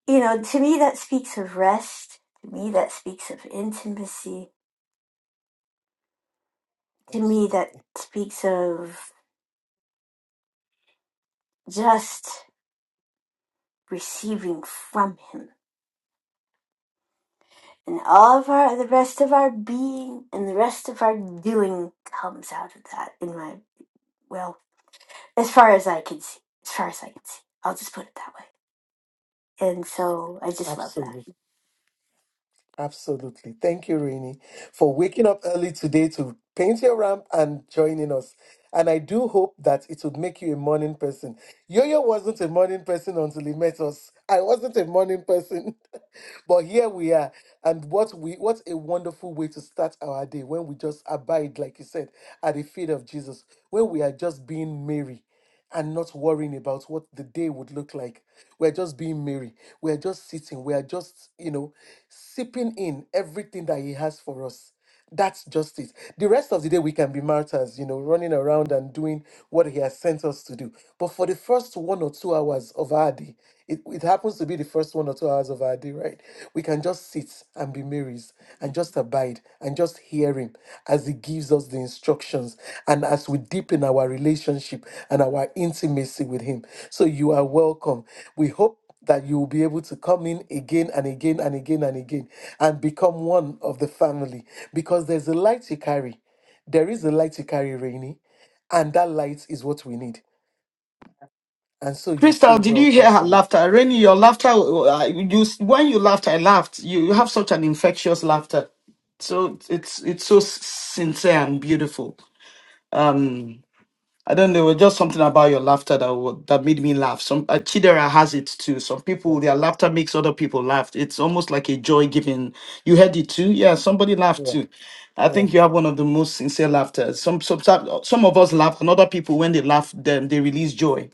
[SPEAKER 5] you know, to me that speaks of rest. To me that speaks of intimacy. To me that
[SPEAKER 1] Absolutely.
[SPEAKER 5] speaks of just receiving from Him. And all of our, the rest of our being and the rest of our doing comes out of that in my, well, as far as I can see, as far as I can see. I'll just put it that way. And so I just love that.
[SPEAKER 1] Absolutely. Absolutely. Thank you, Rini, for waking up early today to paint your ramp and joining us. And I do hope that it would make you a morning person. Yo-Yo wasn't a morning person until he met us. I wasn't a morning person. (laughs) but here we are. And what we what a wonderful way to start our day when we just abide, like you said at the feet of Jesus when we are just being Mary and not worrying about what the day would look like. We're just being Mary. We're just sitting. We are just, you know, sipping in everything that He has for us. That's just it. The rest of the day, we can be martyrs, you know, running around and doing what He has sent us to do. But for the first one or two hours of our day, it, it happens to be the first one or two hours of our day, right? We can just sit and be Marys and just abide and just hear Him as He gives us the instructions and as we deepen our relationship and our intimacy with Him. So you are welcome. We hope that you will be able to come in again and again and again and again and become one of the family because there's a light you carry. There is a light you carry, Rainy, and that light is what we need. And so you
[SPEAKER 4] Crystal,
[SPEAKER 1] say,
[SPEAKER 4] did you
[SPEAKER 1] Welcome
[SPEAKER 4] hear her
[SPEAKER 1] to you.
[SPEAKER 4] laughter? Rainy, your laughter, uh, you, when you laughed, I laughed. You, you have such an infectious laughter. So it's it's so sincere and beautiful. I don't know. It was just something about your laughter that wa- that made me laugh. Some uh, Chidera has it too. Some people
[SPEAKER 1] Yes.
[SPEAKER 4] their laughter makes other people laugh. It's almost like a joy giving. You heard it too. Yeah, somebody laughed
[SPEAKER 1] Yeah.
[SPEAKER 4] too. I
[SPEAKER 1] Yeah.
[SPEAKER 4] think you have one of the most sincere laughter. Some some some of us laugh, and other people when they laugh, then they release joy.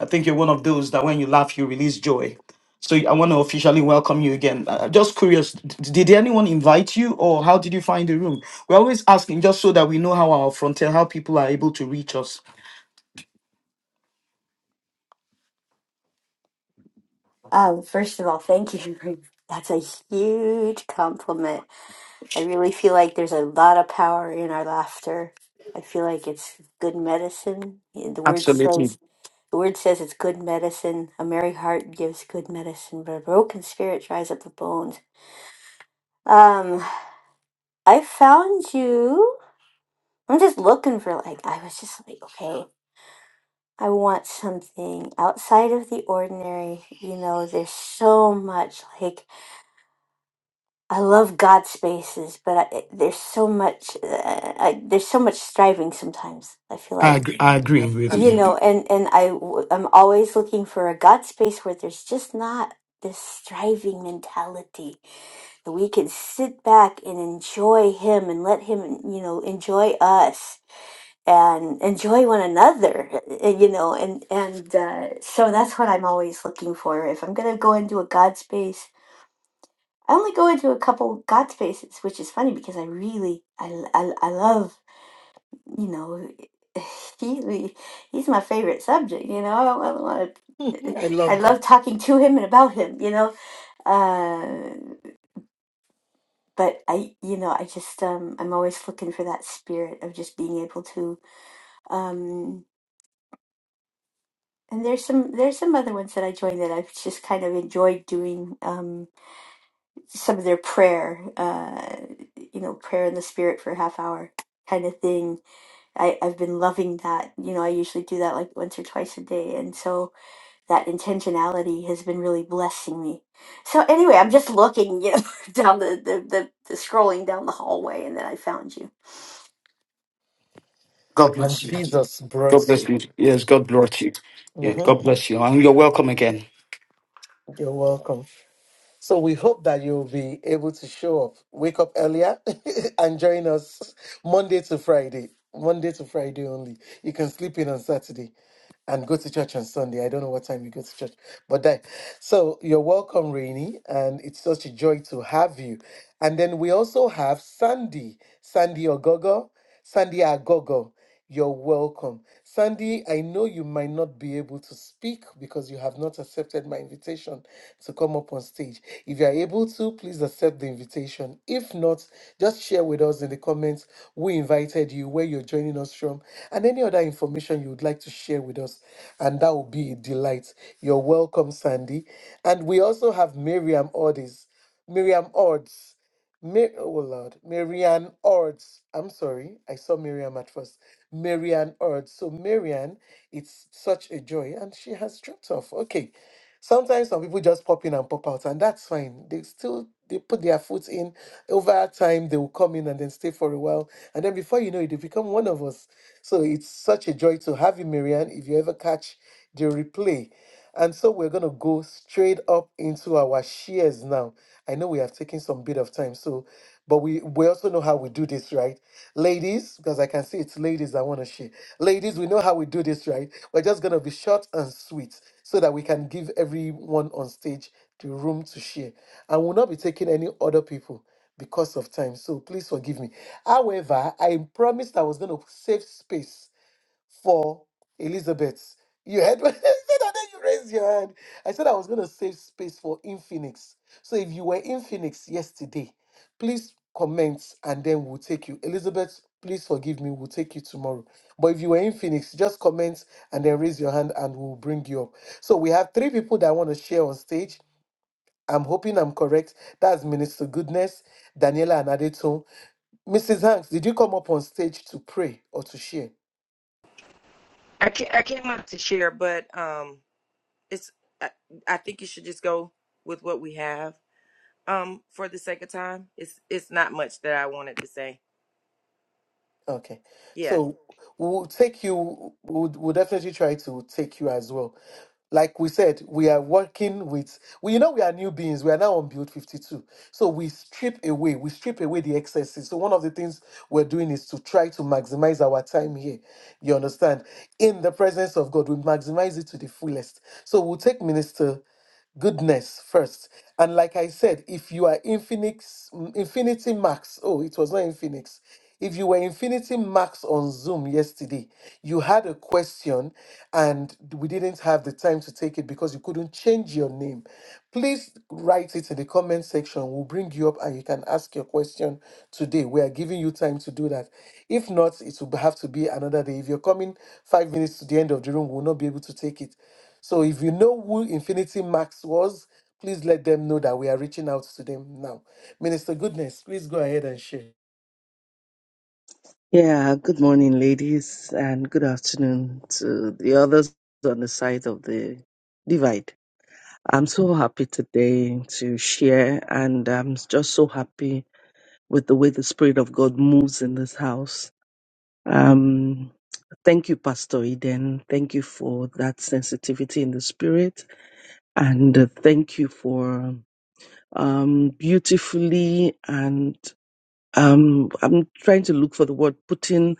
[SPEAKER 4] I think you're one of those that when you laugh, you release joy. So I want to officially welcome you again. Uh, just curious, d- did anyone invite you, or how did you find the room? We're always asking just so that we know how our frontier, how people are able to reach us.
[SPEAKER 5] Um, first of all, thank you. (laughs) That's a huge compliment I really feel like there's a lot of power in our laughter. I feel like it's good medicine. Yeah, The word says
[SPEAKER 4] Absolutely.
[SPEAKER 5] the word says it's good medicine. A merry heart gives good medicine, but a broken spirit dries up the bones. Um, I found you. I'm just looking for like I was just like, okay, I want something outside of the ordinary. You know, there's so much like I love God spaces, but I, there's so much uh, I, there's so much striving sometimes. I feel
[SPEAKER 4] I,
[SPEAKER 5] like
[SPEAKER 4] agree. I agree
[SPEAKER 1] Ab-
[SPEAKER 4] with
[SPEAKER 5] you
[SPEAKER 4] you.
[SPEAKER 5] know,
[SPEAKER 1] Absolutely.
[SPEAKER 5] and and I w- I'm always looking for a God space where there's just not this striving mentality that we can sit back and enjoy Him and let Him you know enjoy us and enjoy one another uh, you know and and uh, so that's what I'm always looking for. If I'm gonna go into a God space I only go into a couple God spaces, which is funny because I really, I, l- I, l- I love, you know, (laughs) he, he- he's my favorite subject, you know. I, I, wanna,
[SPEAKER 1] (laughs) I
[SPEAKER 5] I
[SPEAKER 1] love that.
[SPEAKER 5] love talking to him and about him, you know. Uh, but I, you know, I just, um, I'm always looking for that spirit of just being able to, um, and there's some, there's some other ones that I joined that I've just kind of enjoyed doing, Um, some of their prayer, uh, you know, prayer in the spirit for a half hour kind of thing. I, I've been loving that. You know, I usually do that like once or twice a day. And so that intentionality has been really blessing me. So anyway, I'm just looking, you know, (laughs) down the, the, the, the scrolling down the hallway and then I found you.
[SPEAKER 4] God
[SPEAKER 1] And
[SPEAKER 4] bless you.
[SPEAKER 1] Jesus brought
[SPEAKER 4] God bless
[SPEAKER 1] you.
[SPEAKER 4] you. Yes, God
[SPEAKER 1] Yeah.
[SPEAKER 4] bless you. Yeah,
[SPEAKER 1] hmm
[SPEAKER 4] God bless you. And you're welcome again.
[SPEAKER 1] You're welcome. So we hope that you'll be able to show up, wake up earlier, (laughs) and join us Monday to Friday. Monday to Friday only. You can sleep in on Saturday and go to church on Sunday. I don't know what time you go to church, but that. So you're welcome, Rainy, and it's such a joy to have you. And then we also have Sandy, Sandy Ogogo, Sandy Agogo. You're welcome. Sandy, I know you might not be able to speak because you have not accepted my invitation to come up on stage. If you are able to, please accept the invitation. If not, just share with us in the comments who invited you, where you're joining us from, and any other information you would like to share with us. And that will be a delight. You're welcome, Sandy. And we also have Miriam Ordis. Miriam Odds. Mar- oh Lord, Marianne Ords. I'm sorry, I saw Miriam at first. Marianne Ords. So Marianne, it's such a joy, and she has dropped off. Okay, sometimes some people just pop in and pop out, and that's fine. They still they put their foot in. Over time, they will come in and then stay for a while, and then before you know it, they become one of us. So it's such a joy to have you, Marianne. If you ever catch the replay, and so we're going to go straight up into our shares now. I know we have taken some bit of time, so but we we also know how we do this, right? Ladies, because I can see it's ladies I want to share. Ladies, we know how we do this, right? We're just going to be short and sweet so that we can give everyone on stage the room to share. And we'll not be taking any other people because of time. So please forgive me. However, I promised I was going to save space for Elizabeth. You heard what (laughs) I said, and then you raised your hand. I said I was going to save space for Infinix. So if you were in Phoenix yesterday, please comment and then we'll take you. Elizabeth, please forgive me, we'll take you tomorrow. But if you were in Phoenix, just comment and then raise your hand and we'll bring you up. So we have three people that want to share on stage. I'm hoping I'm correct. That's Minister Goodness, Daniela Anadeto. Mrs. Hanks, did you come up on stage to pray or to share?
[SPEAKER 6] I can't, I came out to share, but um, it's I, I think you should just go with what we have. Um, for the sake of time, it's it's not much that I wanted to say.
[SPEAKER 1] Okay.
[SPEAKER 6] Yeah.
[SPEAKER 1] So we'll take you, we'll, we'll definitely try to take you as well. Like we said, we are working with, we you know we are new beings. We are now on build 52. So we strip away, we strip away the excesses. So one of the things we're doing is to try to maximize our time here. You understand? In the presence of God, we maximize it to the fullest. So we'll take Minister goodness first. And like I said, if you are in mm, Infinity Max, oh, it was not in If you were Infinity Max on Zoom yesterday, you had a question and we didn't have the time to take it because you couldn't change your name. Please write it in the comment section. We'll bring you up and you can ask your question today. We are giving you time to do that. If not, it will have to be another day. If you're coming five minutes to the end of the room, we'll not be able to take it. So if you know who Infinity Max was, please let them know that we are reaching out to them now. Minister Goodness, please go ahead and share.
[SPEAKER 7] Yeah, good morning, ladies, and good afternoon to the others on the side of the divide. I'm so happy today to share, and I'm just so happy with the way the Spirit of God moves in this house. Um, thank you, Pastor Eden. Thank you for that sensitivity in the Spirit, and uh, thank you for um beautifully and um i'm trying to look for the word putting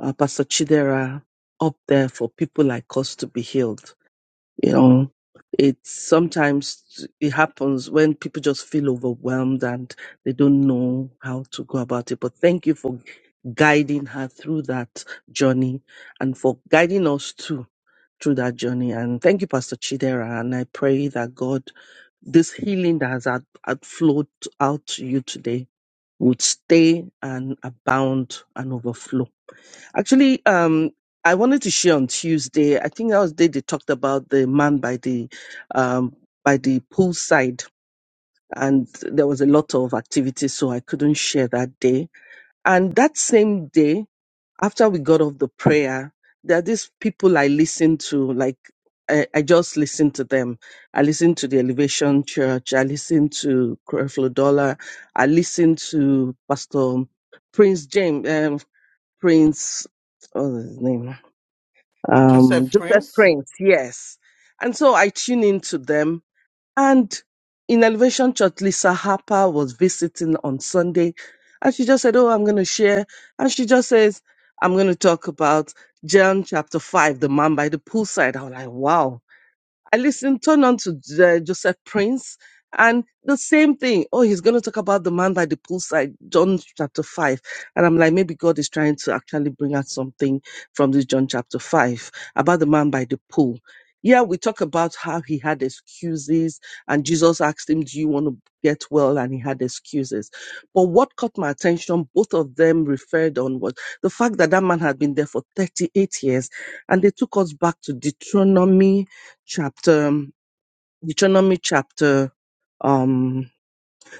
[SPEAKER 7] uh, Pastor Chidera up there for people like us to be healed. You know, it's sometimes it happens when people just feel overwhelmed and they don't know how to go about it. But thank you for guiding her through that journey and for guiding us too through that journey. And thank you, Pastor Chidera. And I pray that God, this healing that has out- outflowed out to you today would stay and abound and overflow Actually, um, I wanted to share on Tuesday. I think that was the day they talked about the man by the um, by the poolside, and there was a lot of activity, so I couldn't share that day. And that same day, after we got off the prayer, there are these people I listen to. Like I, I just listen to them. I listen to the Elevation Church. I listen to Creflo Dollar. I listen to Pastor Prince James. Um, Prince, what was his name?
[SPEAKER 1] Joseph
[SPEAKER 7] um, Joseph
[SPEAKER 1] Prince.
[SPEAKER 7] Prince, yes. And so I tune into them. And in Elevation Church, Lisa Harper was visiting on Sunday, and she just said, "Oh, I'm going to share," and she just says, "I'm going to talk about John chapter five, the man by the poolside." I was like, "Wow!" I listened, turned on to uh, Joseph Prince, and the same thing. Oh, he's going to talk about the man by the poolside, John chapter 5. And I'm like, maybe God is trying to actually bring out something from this John chapter 5 about the man by the pool. Yeah, we talk about how he had excuses, and Jesus asked him, Do you want to get well? And he had excuses. But what caught my attention, both of them referred on, was the fact that that man had been there for 38 years, and they took us back to Deuteronomy chapter, Deuteronomy chapter um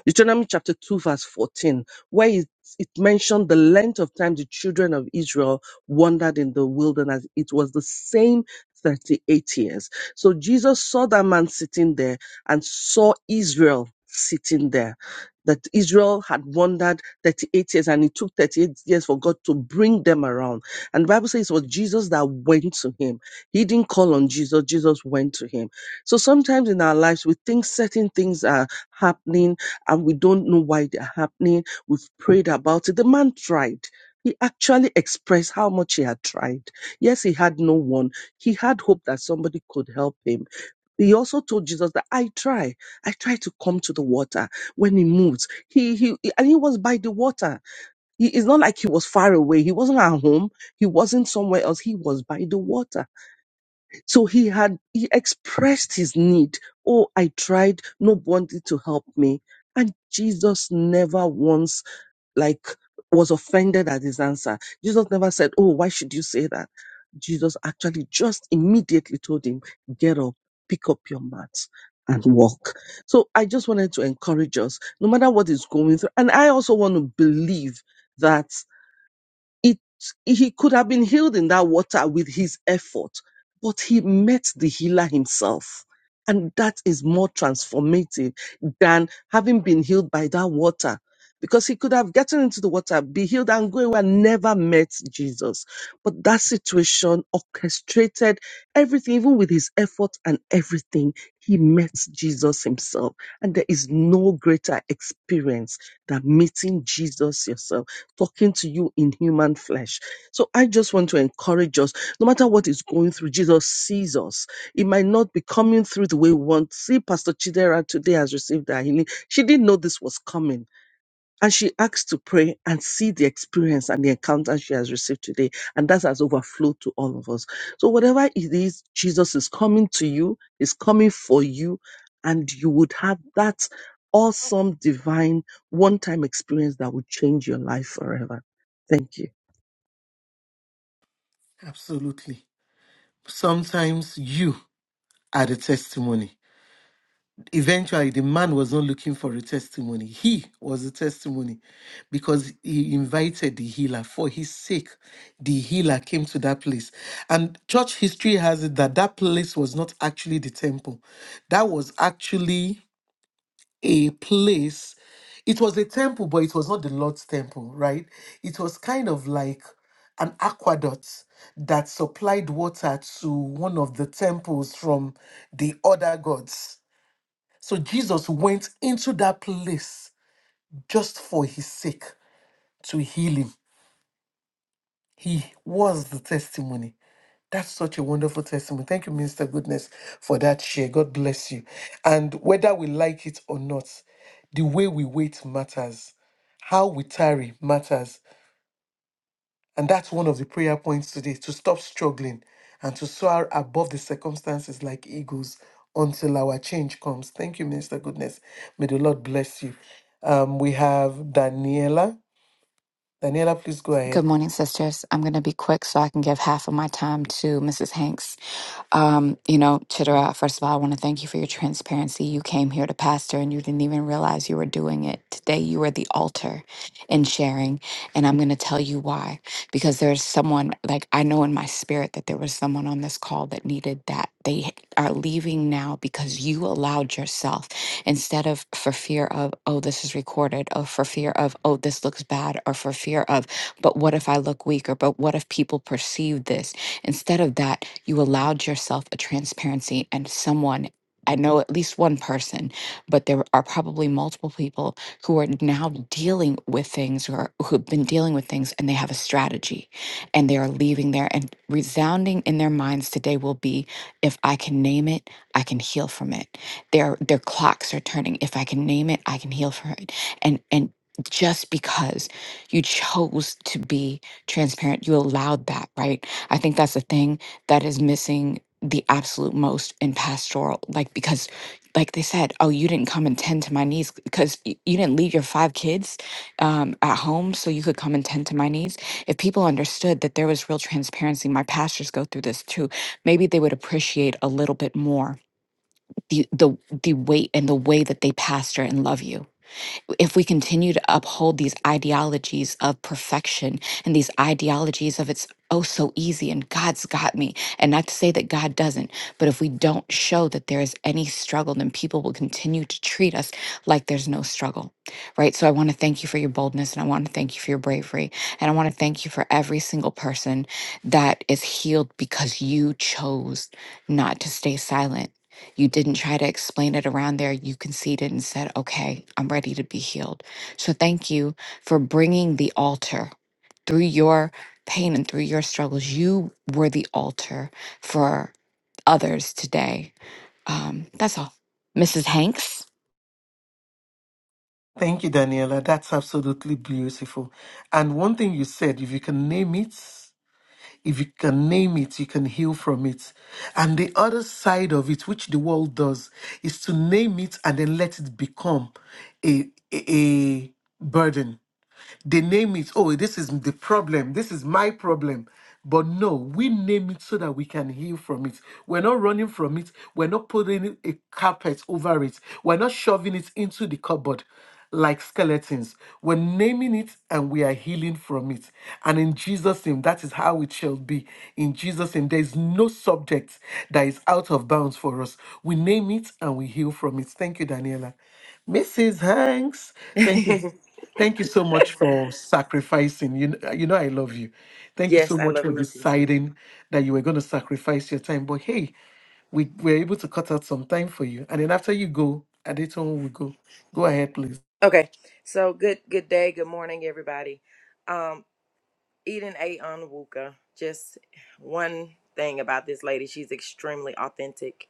[SPEAKER 7] Deuteronomy chapter 2, verse 14, where it, it mentioned the length of time the children of Israel wandered in the wilderness. It was the same 38 years. So Jesus saw that man sitting there and saw Israel sitting there. That Israel had wandered 38 years and it took 38 years for God to bring them around. And the Bible says it was Jesus that went to him. He didn't call on Jesus, Jesus went to him. So sometimes in our lives, we think certain things are happening and we don't know why they're happening. We've prayed about it. The man tried. He actually expressed how much he had tried. Yes, he had no one. He had hope that somebody could help him. He also told Jesus that I try. I try to come to the water when he moves. He, he, and he was by the water. He, it's not like he was far away. He wasn't at home. He wasn't somewhere else. He was by the water. So he had, he expressed his need. Oh, I tried nobody to help me. And Jesus never once like was offended at his answer. Jesus never said, Oh, why should you say that? Jesus actually just immediately told him, get up, pick up your mat and walk. So I just wanted to encourage us, no matter what is going through. And I also want to believe that it he could have been healed in that water with his effort but he met the healer himself and that is more transformative than having been healed by that water because he could have gotten into the water be healed and go away and never met jesus but that situation orchestrated everything even with his effort and everything he met jesus himself and there is no greater experience than meeting jesus yourself talking to you in human flesh. So I just want to encourage us, no matter what is going through, Jesus sees us. It might not be coming through the way we want. See, Pastor Chidera today has received her healing. She didn't know this was coming. And she asks to pray and see the experience and the encounter she has received today. And that has overflowed to all of us. So whatever it is, Jesus is coming to you, is coming for you, and you would have that awesome divine one-time experience that would change your life forever. Thank you.
[SPEAKER 1] Absolutely. Sometimes you are the testimony. Eventually, the man was not looking for a testimony. He was a testimony because he invited the healer. For his sake, the healer came to that place. And church history has it that that place was not actually the temple, that was actually a place. It was a temple, but it was not the Lord's temple, right? It was kind of like an aqueduct that supplied water to one of the temples from the other gods. So Jesus went into that place just for his sake to heal him. He was the testimony. That's such a wonderful testimony. Thank you, Minister Goodness, for that share. God bless you. And whether we like it or not, the way we wait matters. How we tarry matters. And that's one of the prayer points today to stop struggling and to soar above the circumstances like eagles until our change comes. Thank you, Minister Goodness. May the Lord bless you. Um, we have Daniela. Daniela, please go ahead.
[SPEAKER 8] Good morning, sisters. I'm going to be quick so I can give half of my time to Mrs. Hanks. Um, you know, Chitra, first of all, I want to thank you for your transparency. You came here to pastor and you didn't even realize you were doing it. Today, you were the altar in sharing. And I'm going to tell you why. Because there's someone, like, I know in my spirit that there was someone on this call that needed that. They are leaving now because you allowed yourself, instead of for fear of, oh, this is recorded, or for fear of, oh, this looks bad, or for fear of, but what if I look weak, or but what if people perceive this? Instead of that, you allowed yourself a transparency and someone. I know at least one person, but there are probably multiple people who are now dealing with things or who've been dealing with things and they have a strategy and they are leaving there. And resounding in their minds today will be if I can name it, I can heal from it. Their their clocks are turning. If I can name it, I can heal from it. And and just because you chose to be transparent, you allowed that, right? I think that's the thing that is missing the absolute most in pastoral. Like, because, like they said, oh, you didn't come and tend to my needs because y- you didn't leave your five kids um, at home so you could come and tend to my needs. If people understood that there was real transparency, my pastors go through this too, maybe they would appreciate a little bit more the, the, the weight and the way that they pastor and love you if we continue to uphold these ideologies of perfection and these ideologies of it's oh so easy and God's got me, and not to say that God doesn't, but if we don't show that there is any struggle, then people will continue to treat us like there's no struggle, right? So I want to thank you for your boldness and I want to thank you for your bravery. And I want to thank you for every single person that is healed because you chose not to stay silent you didn't try to explain it around there. You conceded and said, okay, I'm ready to be healed. So thank you for bringing the altar through your pain and through your struggles. You were the altar for others today. Um, that's all. Mrs. Hanks?
[SPEAKER 1] Thank you, Daniela. That's absolutely beautiful. And one thing you said, if you can name it, if you can name it, you can heal from it. And the other side of it, which the world does, is to name it and then let it become a, a a burden they name it, oh, this is the problem, this is my problem. But no, we name it so that we can heal from it. We're not running from it. We're not putting a carpet over it. We're not shoving it into the cupboard like skeletons. We're naming it and we are healing from it. And in Jesus' name, that is how it shall be. In Jesus' name, there is no subject that is out of bounds for us. We name it and we heal from it. Thank you, Daniela. Mrs. Hanks, thank you
[SPEAKER 6] (laughs)
[SPEAKER 1] Thank you so much for sacrificing. You know, you know I love you. Thank you so
[SPEAKER 6] yes, I
[SPEAKER 1] much
[SPEAKER 6] love
[SPEAKER 1] for
[SPEAKER 6] you too.
[SPEAKER 1] deciding that you were going to sacrifice your time. But hey, we were able to cut out some time for you. And then after you go, Adeton will go. Go ahead, please.
[SPEAKER 6] Okay, so good good day, good morning, everybody. Um, Eden A. Onwuka, just one thing about this lady, she's extremely authentic.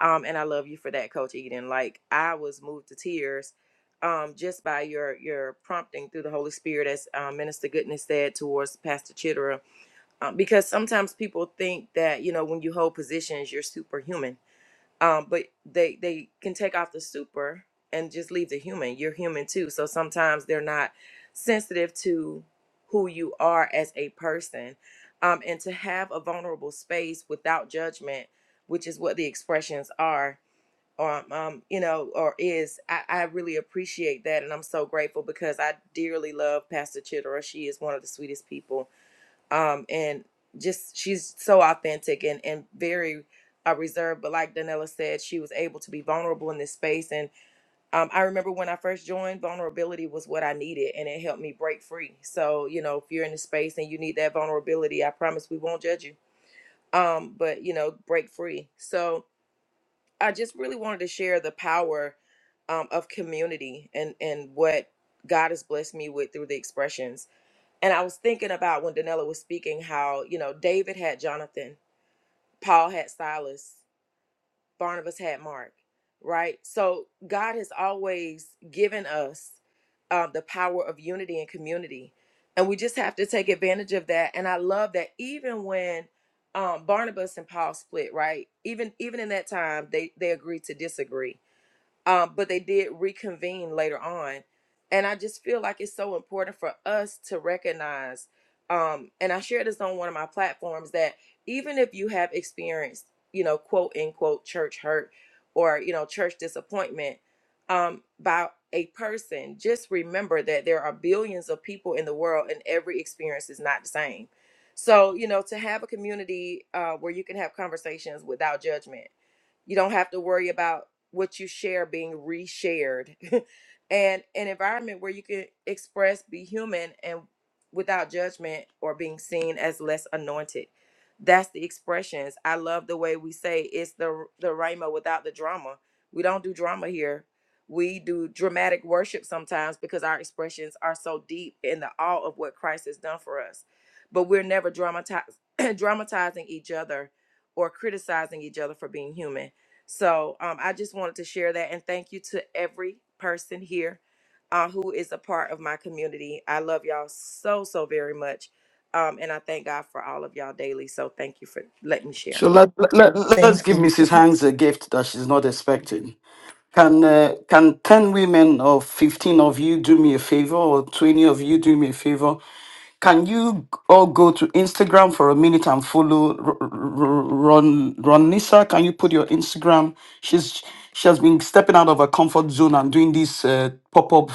[SPEAKER 6] Um, and I love you for that, Coach Eden. Like I was moved to tears um, just by your your prompting through the Holy Spirit, as uh, Minister Goodness said towards Pastor Chittera, um, because sometimes people think that you know when you hold positions, you're superhuman um but they they can take off the super and just leave the human you're human too so sometimes they're not sensitive to who you are as a person um and to have a vulnerable space without judgment which is what the expressions are um, um you know or is I, I really appreciate that and i'm so grateful because i dearly love pastor chitera she is one of the sweetest people um and just she's so authentic and and very uh, reserved but like danella said she was able to be vulnerable in this space and um, i remember when i first joined vulnerability was what i needed and it helped me break free so you know if you're in the space and you need that vulnerability i promise we won't judge you um, but you know break free so i just really wanted to share the power um, of community and and what god has blessed me with through the expressions and I was thinking about when Danella was speaking how, you know, David had Jonathan, Paul had Silas, Barnabas had Mark, right? So God has always given us um, the power of unity and community. And we just have to take advantage of that. And I love that even when um, Barnabas and Paul split, right? Even even in that time, they they agreed to disagree um, but they did reconvene later on and i just feel like it's so important for us to recognize um, and i shared this on one of my platforms that even if you have experienced you know quote unquote church hurt or you know church disappointment um, by a person just remember that there are billions of people in the world and every experience is not the same so you know to have a community uh, where you can have conversations without judgment you don't have to worry about what you share being reshared (laughs) and an environment where you can express be human and without judgment or being seen as less anointed that's the expressions i love the way we say it's the the rhema without the drama we don't do drama here we do dramatic worship sometimes because our expressions are so deep in the awe of what christ has done for us but we're never dramatize, (clears throat) dramatizing each other or criticizing each other for being human so um, I just wanted to share that and thank you to every person here uh, who is a part of my community. I love y'all so, so very much. Um, and I thank God for all of y'all daily. So thank you for letting me
[SPEAKER 4] So
[SPEAKER 6] share.
[SPEAKER 4] let, let, let's
[SPEAKER 1] Thank
[SPEAKER 4] give
[SPEAKER 1] you.
[SPEAKER 4] Mrs. Hanks a gift that she's not expecting. Can uh, can 10 women or 15 of you do me a favor or 20 of you do me a favor Can you all go to Instagram for a minute and follow R- R- R- Ron Ronisa? Can you put your Instagram? She's she has been stepping out of her comfort zone and doing these uh, pop up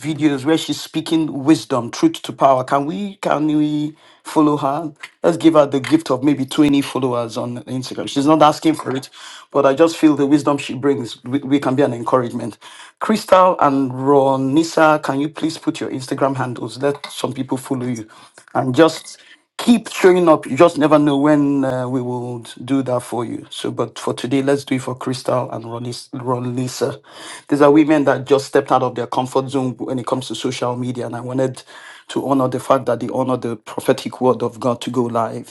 [SPEAKER 4] videos where she's speaking wisdom, truth to power. Can we can we follow her? Let's give her the gift of maybe twenty followers on Instagram. She's not asking for it, but I just feel the wisdom she brings. We, we can be comedy and encouragement. Crystal and Ronisa, can you please put your Instagram handles? Let some people follow you. And just keep showing up. You just never know when uh, we will do that for you. So, but for today, let's do it for Crystal and Ronis- Ronisa. These are women that just stepped out of their comfort zone when it comes to social media. And I wanted to honor the fact that they honor the prophetic word of God to go live.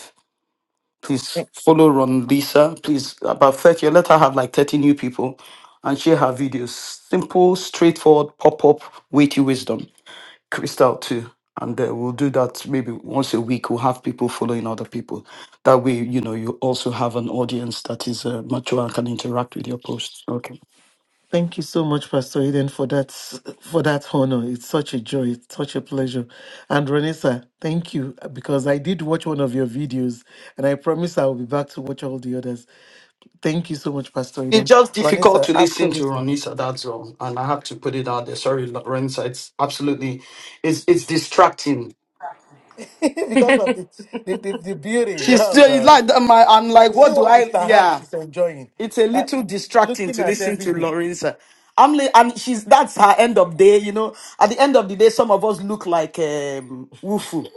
[SPEAKER 4] Please follow Ron Lisa. Please, about 30, let her have like 30 new people and share her videos. Simple, straightforward, pop up, weighty wisdom. Crystal, too. And uh, we'll do that maybe once a week. We'll have people following other people. That way, you know, you also have an audience that is uh, mature and can interact with your posts. Okay.
[SPEAKER 1] Thank you so much, Pastor Eden, for that for that honor. It's such a joy. It's such a pleasure. And Renessa, thank you because I did watch one of your videos, and I promise I will be back to watch all the others. Thank you so much, Pastor
[SPEAKER 4] It's
[SPEAKER 1] Eden.
[SPEAKER 4] just difficult
[SPEAKER 1] Renessa,
[SPEAKER 4] to listen to
[SPEAKER 1] absolutely.
[SPEAKER 4] Ronisa, that's all. And I have to put it out there. Sorry, Lorenza. It's absolutely, it's, it's distracting
[SPEAKER 1] (laughs) because of the, the, the, the beauty.
[SPEAKER 4] She's
[SPEAKER 1] Oh
[SPEAKER 4] still it's
[SPEAKER 1] God!
[SPEAKER 4] like that. My, I'm
[SPEAKER 1] You
[SPEAKER 4] like,
[SPEAKER 1] see
[SPEAKER 4] what do
[SPEAKER 1] what
[SPEAKER 4] I?
[SPEAKER 1] Mr. Hanks
[SPEAKER 4] Yeah,
[SPEAKER 1] is enjoying,
[SPEAKER 4] it's a
[SPEAKER 1] uh,
[SPEAKER 4] little distracting
[SPEAKER 1] looking
[SPEAKER 4] to
[SPEAKER 1] at
[SPEAKER 4] listen
[SPEAKER 1] every
[SPEAKER 4] to
[SPEAKER 1] day.
[SPEAKER 4] Lorenza. I'm li- and she's that's her end of day. You know, at the end of the day, some of us look like um, Wufu.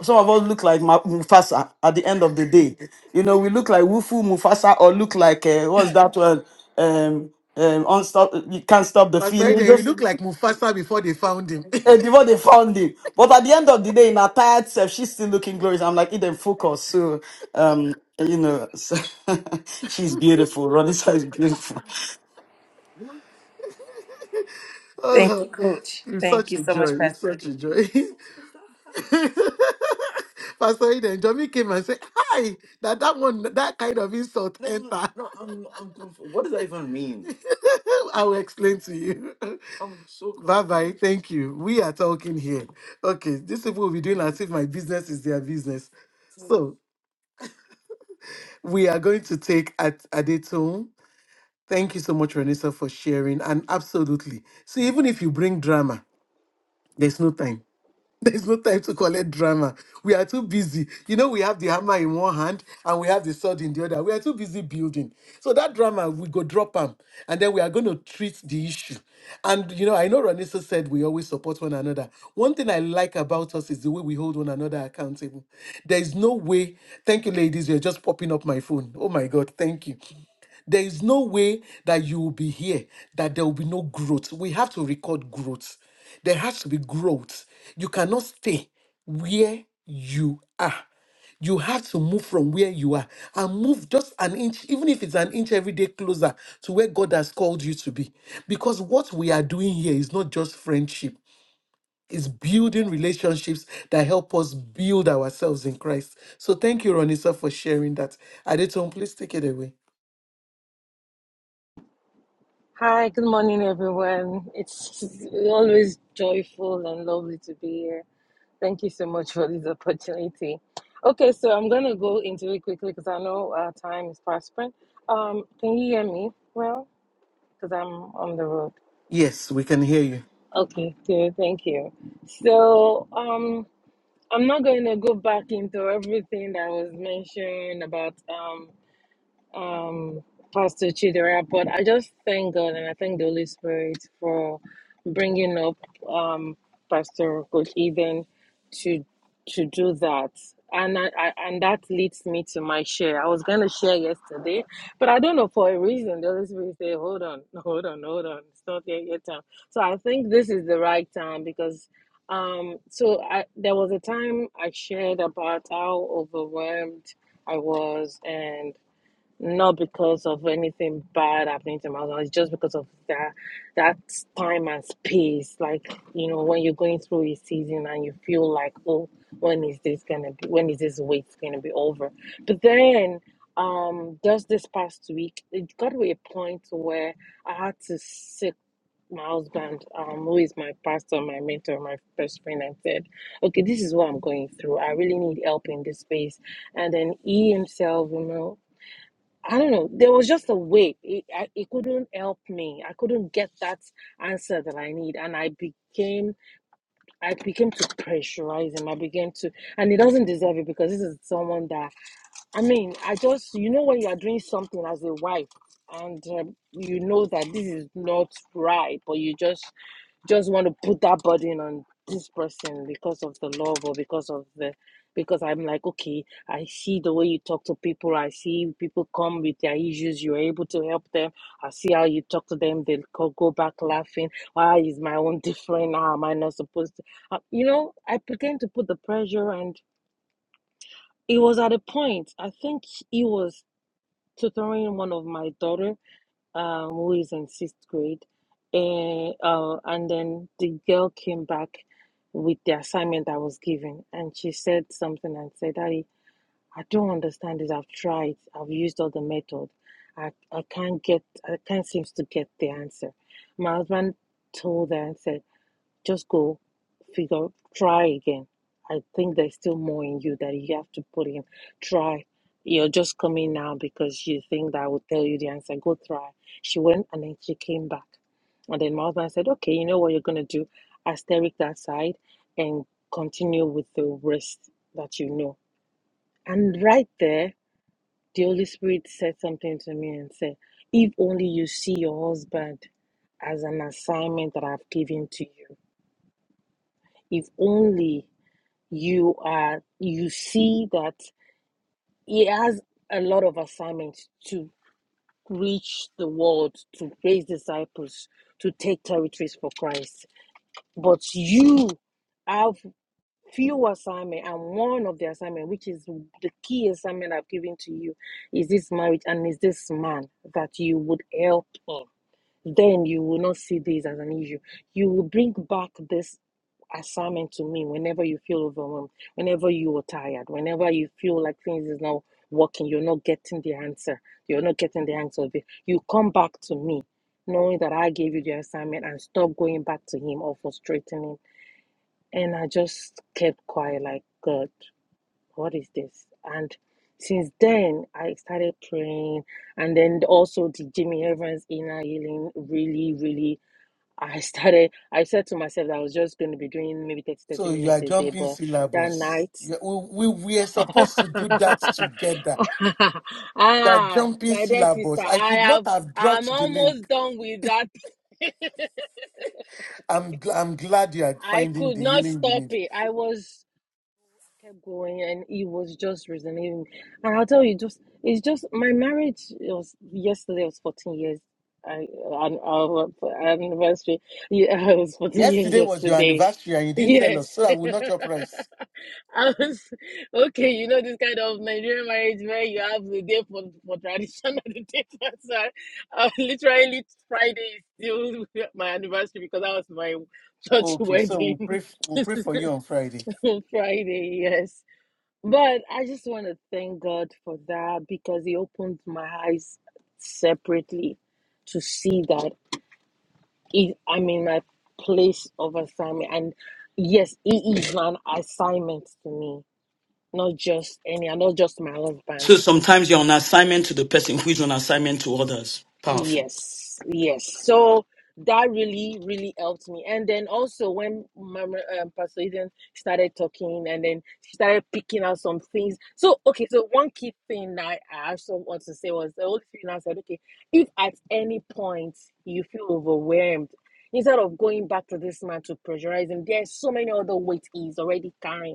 [SPEAKER 4] Some of us look like Ma- Mufasa. At the end of the day, you know, we look like Wufu, Mufasa, or look like uh, what's that one? Um, um, unstop. You can't stop the
[SPEAKER 1] Pastor
[SPEAKER 4] feeling.
[SPEAKER 1] Eden, you look like Mufasa before they found him.
[SPEAKER 4] And before they found him. But at the end of the day, in her tired self, she's still looking glorious. I'm like, Eden, focus. So, um, you know, so (laughs) she's beautiful. Ronisa is beautiful.
[SPEAKER 1] (laughs) oh
[SPEAKER 6] Thank
[SPEAKER 1] Lord,
[SPEAKER 6] you, Coach.
[SPEAKER 1] it's
[SPEAKER 6] Thank
[SPEAKER 1] such
[SPEAKER 6] you
[SPEAKER 1] a
[SPEAKER 6] so much,
[SPEAKER 1] joy. It's
[SPEAKER 6] Pastor
[SPEAKER 1] such
[SPEAKER 6] Edie.
[SPEAKER 1] a joy. (laughs) Pastor Eden, Johnny came and said, "Hi, that that one, that kind of insult enter." (laughs) I will explain to you. (laughs) bye bye. Thank you. We are talking here. Okay, these people will be doing as if my business is their business. We are going to take at Adetun. Thank you so much, Renessa, for sharing. And absolutely. So even if you bring drama, there's no time. (laughs) There's no time to call it drama. We are too busy. You know, we have the hammer in one hand and we have the sword in the other. We are too busy building. So that drama, we go drop them and then we are going to treat the issue. And, you know, I know Ranisa said we always support one another. One thing I like about us is the way we hold one another accountable. There is no way. Thank you, ladies. You're just popping up my phone. Oh my God. Thank you. There is no way that you will be here, that there will be no growth. We have to record growth. There has to be growth. You cannot stay where you are. You have to move from where you are and move just an inch, even if it's an inch every day closer to where God has called you to be. Because what we are doing here is not just friendship, it's building relationships that help us build ourselves in Christ. So thank you, Ronisa, for sharing that. Adeton, please take it away.
[SPEAKER 9] Hi, good morning, everyone. It's always joyful and lovely to be here. Thank you so much for this opportunity. Okay, so I'm going to go into it quickly because I know our time is fast spent. Um, can you hear me well? Because I'm on the road.
[SPEAKER 1] Yes, we can hear you.
[SPEAKER 9] Okay, good. Thank you. So, um, I'm not going to go back into everything that was mentioned about. Um, um, Pastor Chidera, but I just thank God and I thank the Holy Spirit for bringing up um, Pastor Coach Eben to to do that. And I, I, and that leads me to my share. I was going to share yesterday, but I don't know for a reason. The Holy Spirit said, "Hold on, (laughs) hold on, hold on. It's not yet your time." So I think this is the right time because um, so I, there was a time I shared about how overwhelmed I was, and not because of anything bad happening to my husband. It's just because of that that time and space. Like you know, when you're going through a season and you feel like, oh, when is this gonna be? When is this wait gonna be over? But then, um, just this past week, it got to a point where I had to sit. My husband, um, who is my pastor, my mentor, my best friend, and said, "Okay, this is what I'm going through. I really need help in this space." And then he himself, you know. I don't know. There was just a way. It, I, it couldn't help me. I couldn't get that answer that I need, and I became I became to pressurize him. I began to, and he doesn't deserve it because this is someone that I mean. I just you know when you are doing something as a wife, and um, you know that this is not right, but you just just want to put that burden on this person because of the love or because of the because I'm like, okay, I see the way you talk to people. I see people come with their issues. You're able to help them. I see how you talk to them. They go go back laughing. Why is my own different? How am I not supposed to? Uh, you know, I began to put the pressure, and it was at a point. I think he was tutoring one of my daughter, um, who is in sixth grade. And, uh, and then the girl came back with the assignment I was given, and she said something and said, Daddy, I don't understand this. I've tried, I've used all the method. I, I can't get, I can't seem to get the answer. My husband told her and said, just go figure, try again. I think there's still more in you that you have to put in. Try. You're just coming now because you think that I will tell you the answer. Go try. She went and then she came back. And then my husband said, Okay, you know what you're going to do? Asterisk that side and continue with the rest that you know. And right there, the Holy Spirit said something to me and said, If only you see your husband as an assignment that I've given to you. If only you are you see that he has a lot of assignments to reach the world to raise disciples to take territories for christ but you have few assignment and one of the assignment which is the key assignment i've given to you is this marriage and is this man that you would help him then you will not see this as an issue. You will bring back this assignment to me whenever you feel overwhelmed, whenever you are tired, whenever you feel like things is not working, you're not getting the answer, you're not getting the answer of it. You come back to me knowing that I gave you the assignment and stop going back to him or frustrating him. And I just kept quiet, like, God, what is this? And since then, I started praying. And then also, the Jimmy Evans inner healing really, really I started, I said to myself that I was just going to be doing maybe 30, 30
[SPEAKER 1] So you are
[SPEAKER 9] minutes a day,
[SPEAKER 1] jumping
[SPEAKER 9] but that
[SPEAKER 1] syllables.
[SPEAKER 9] night,
[SPEAKER 1] You- We, we, we are supposed to do that together.
[SPEAKER 9] (laughs)
[SPEAKER 1] You are
[SPEAKER 9] ah,
[SPEAKER 1] jumping
[SPEAKER 9] my dear sister,
[SPEAKER 1] syllables. I
[SPEAKER 9] I
[SPEAKER 1] should not
[SPEAKER 9] have,
[SPEAKER 1] have
[SPEAKER 9] I'm
[SPEAKER 1] dropped the link.
[SPEAKER 9] almost done with that. (laughs)
[SPEAKER 1] I'm, gl- I'm glad you are
[SPEAKER 9] I
[SPEAKER 1] finding
[SPEAKER 9] could
[SPEAKER 1] the
[SPEAKER 9] not
[SPEAKER 1] healing you
[SPEAKER 9] stop
[SPEAKER 1] need.
[SPEAKER 9] it. I was, I kept going and it was just resonating. And I'll tell you, just, it's just, my marriage was, yesterday was 14 years. I, on our anniversary, yeah, (laughs) it was 14 years
[SPEAKER 1] Yesterday was your
[SPEAKER 9] yesterday.
[SPEAKER 1] anniversary and you didn't tell us,
[SPEAKER 9] Yes.
[SPEAKER 1] so I will not your
[SPEAKER 9] (laughs)
[SPEAKER 1] price.
[SPEAKER 9] I was (laughs) okay, you know this kind of Nigerian marriage where you have the day for, for tradition (laughs) and the day for sorry. Uh, literally Friday is still (laughs) my anniversary because that was my church
[SPEAKER 1] Okay, so we'll pray,
[SPEAKER 9] wedding
[SPEAKER 1] f-
[SPEAKER 9] (laughs)
[SPEAKER 1] we'll pray for you on Friday.
[SPEAKER 9] on Friday, yes. But I just want to thank God for that because He opened my eyes separately to see that if I'm in my place of assignment and yes, it is an assignment to me not just any, and not just my husband.
[SPEAKER 4] So sometimes you're on assignment to the person who is on assignment to others. Powerful.
[SPEAKER 9] Yes, yes. So that really, really helped me. And then also when Mama um, Pastor Eden started talking, and then she started picking out some things. So okay, so one key thing that I also want to say was the Holy Spirit now said, okay, if at any point you feel overwhelmed. Instead of going back to this man to pressurize him, there's so many other weight he's already carrying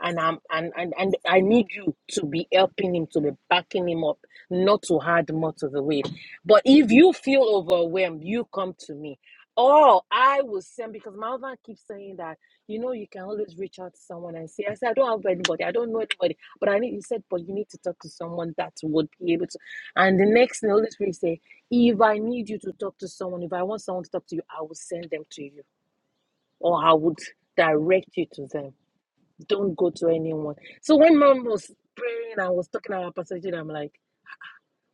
[SPEAKER 9] and I'm and, and and I need you to be helping him to be backing him up, not to add more to the weight. But if you feel overwhelmed, you come to me. Oh, I will send because my husband keeps saying that you know you can always reach out to someone and say, I said I don't have anybody, I don't know anybody, but I need you said, but you need to talk to someone that would be able to. And the next thing, the Holy Spirit say, if I need you to talk to someone, if I want someone to talk to you, I will send them to you, or I would direct you to them don't go to anyone. So when mom was praying and was talking about Pastor I'm like,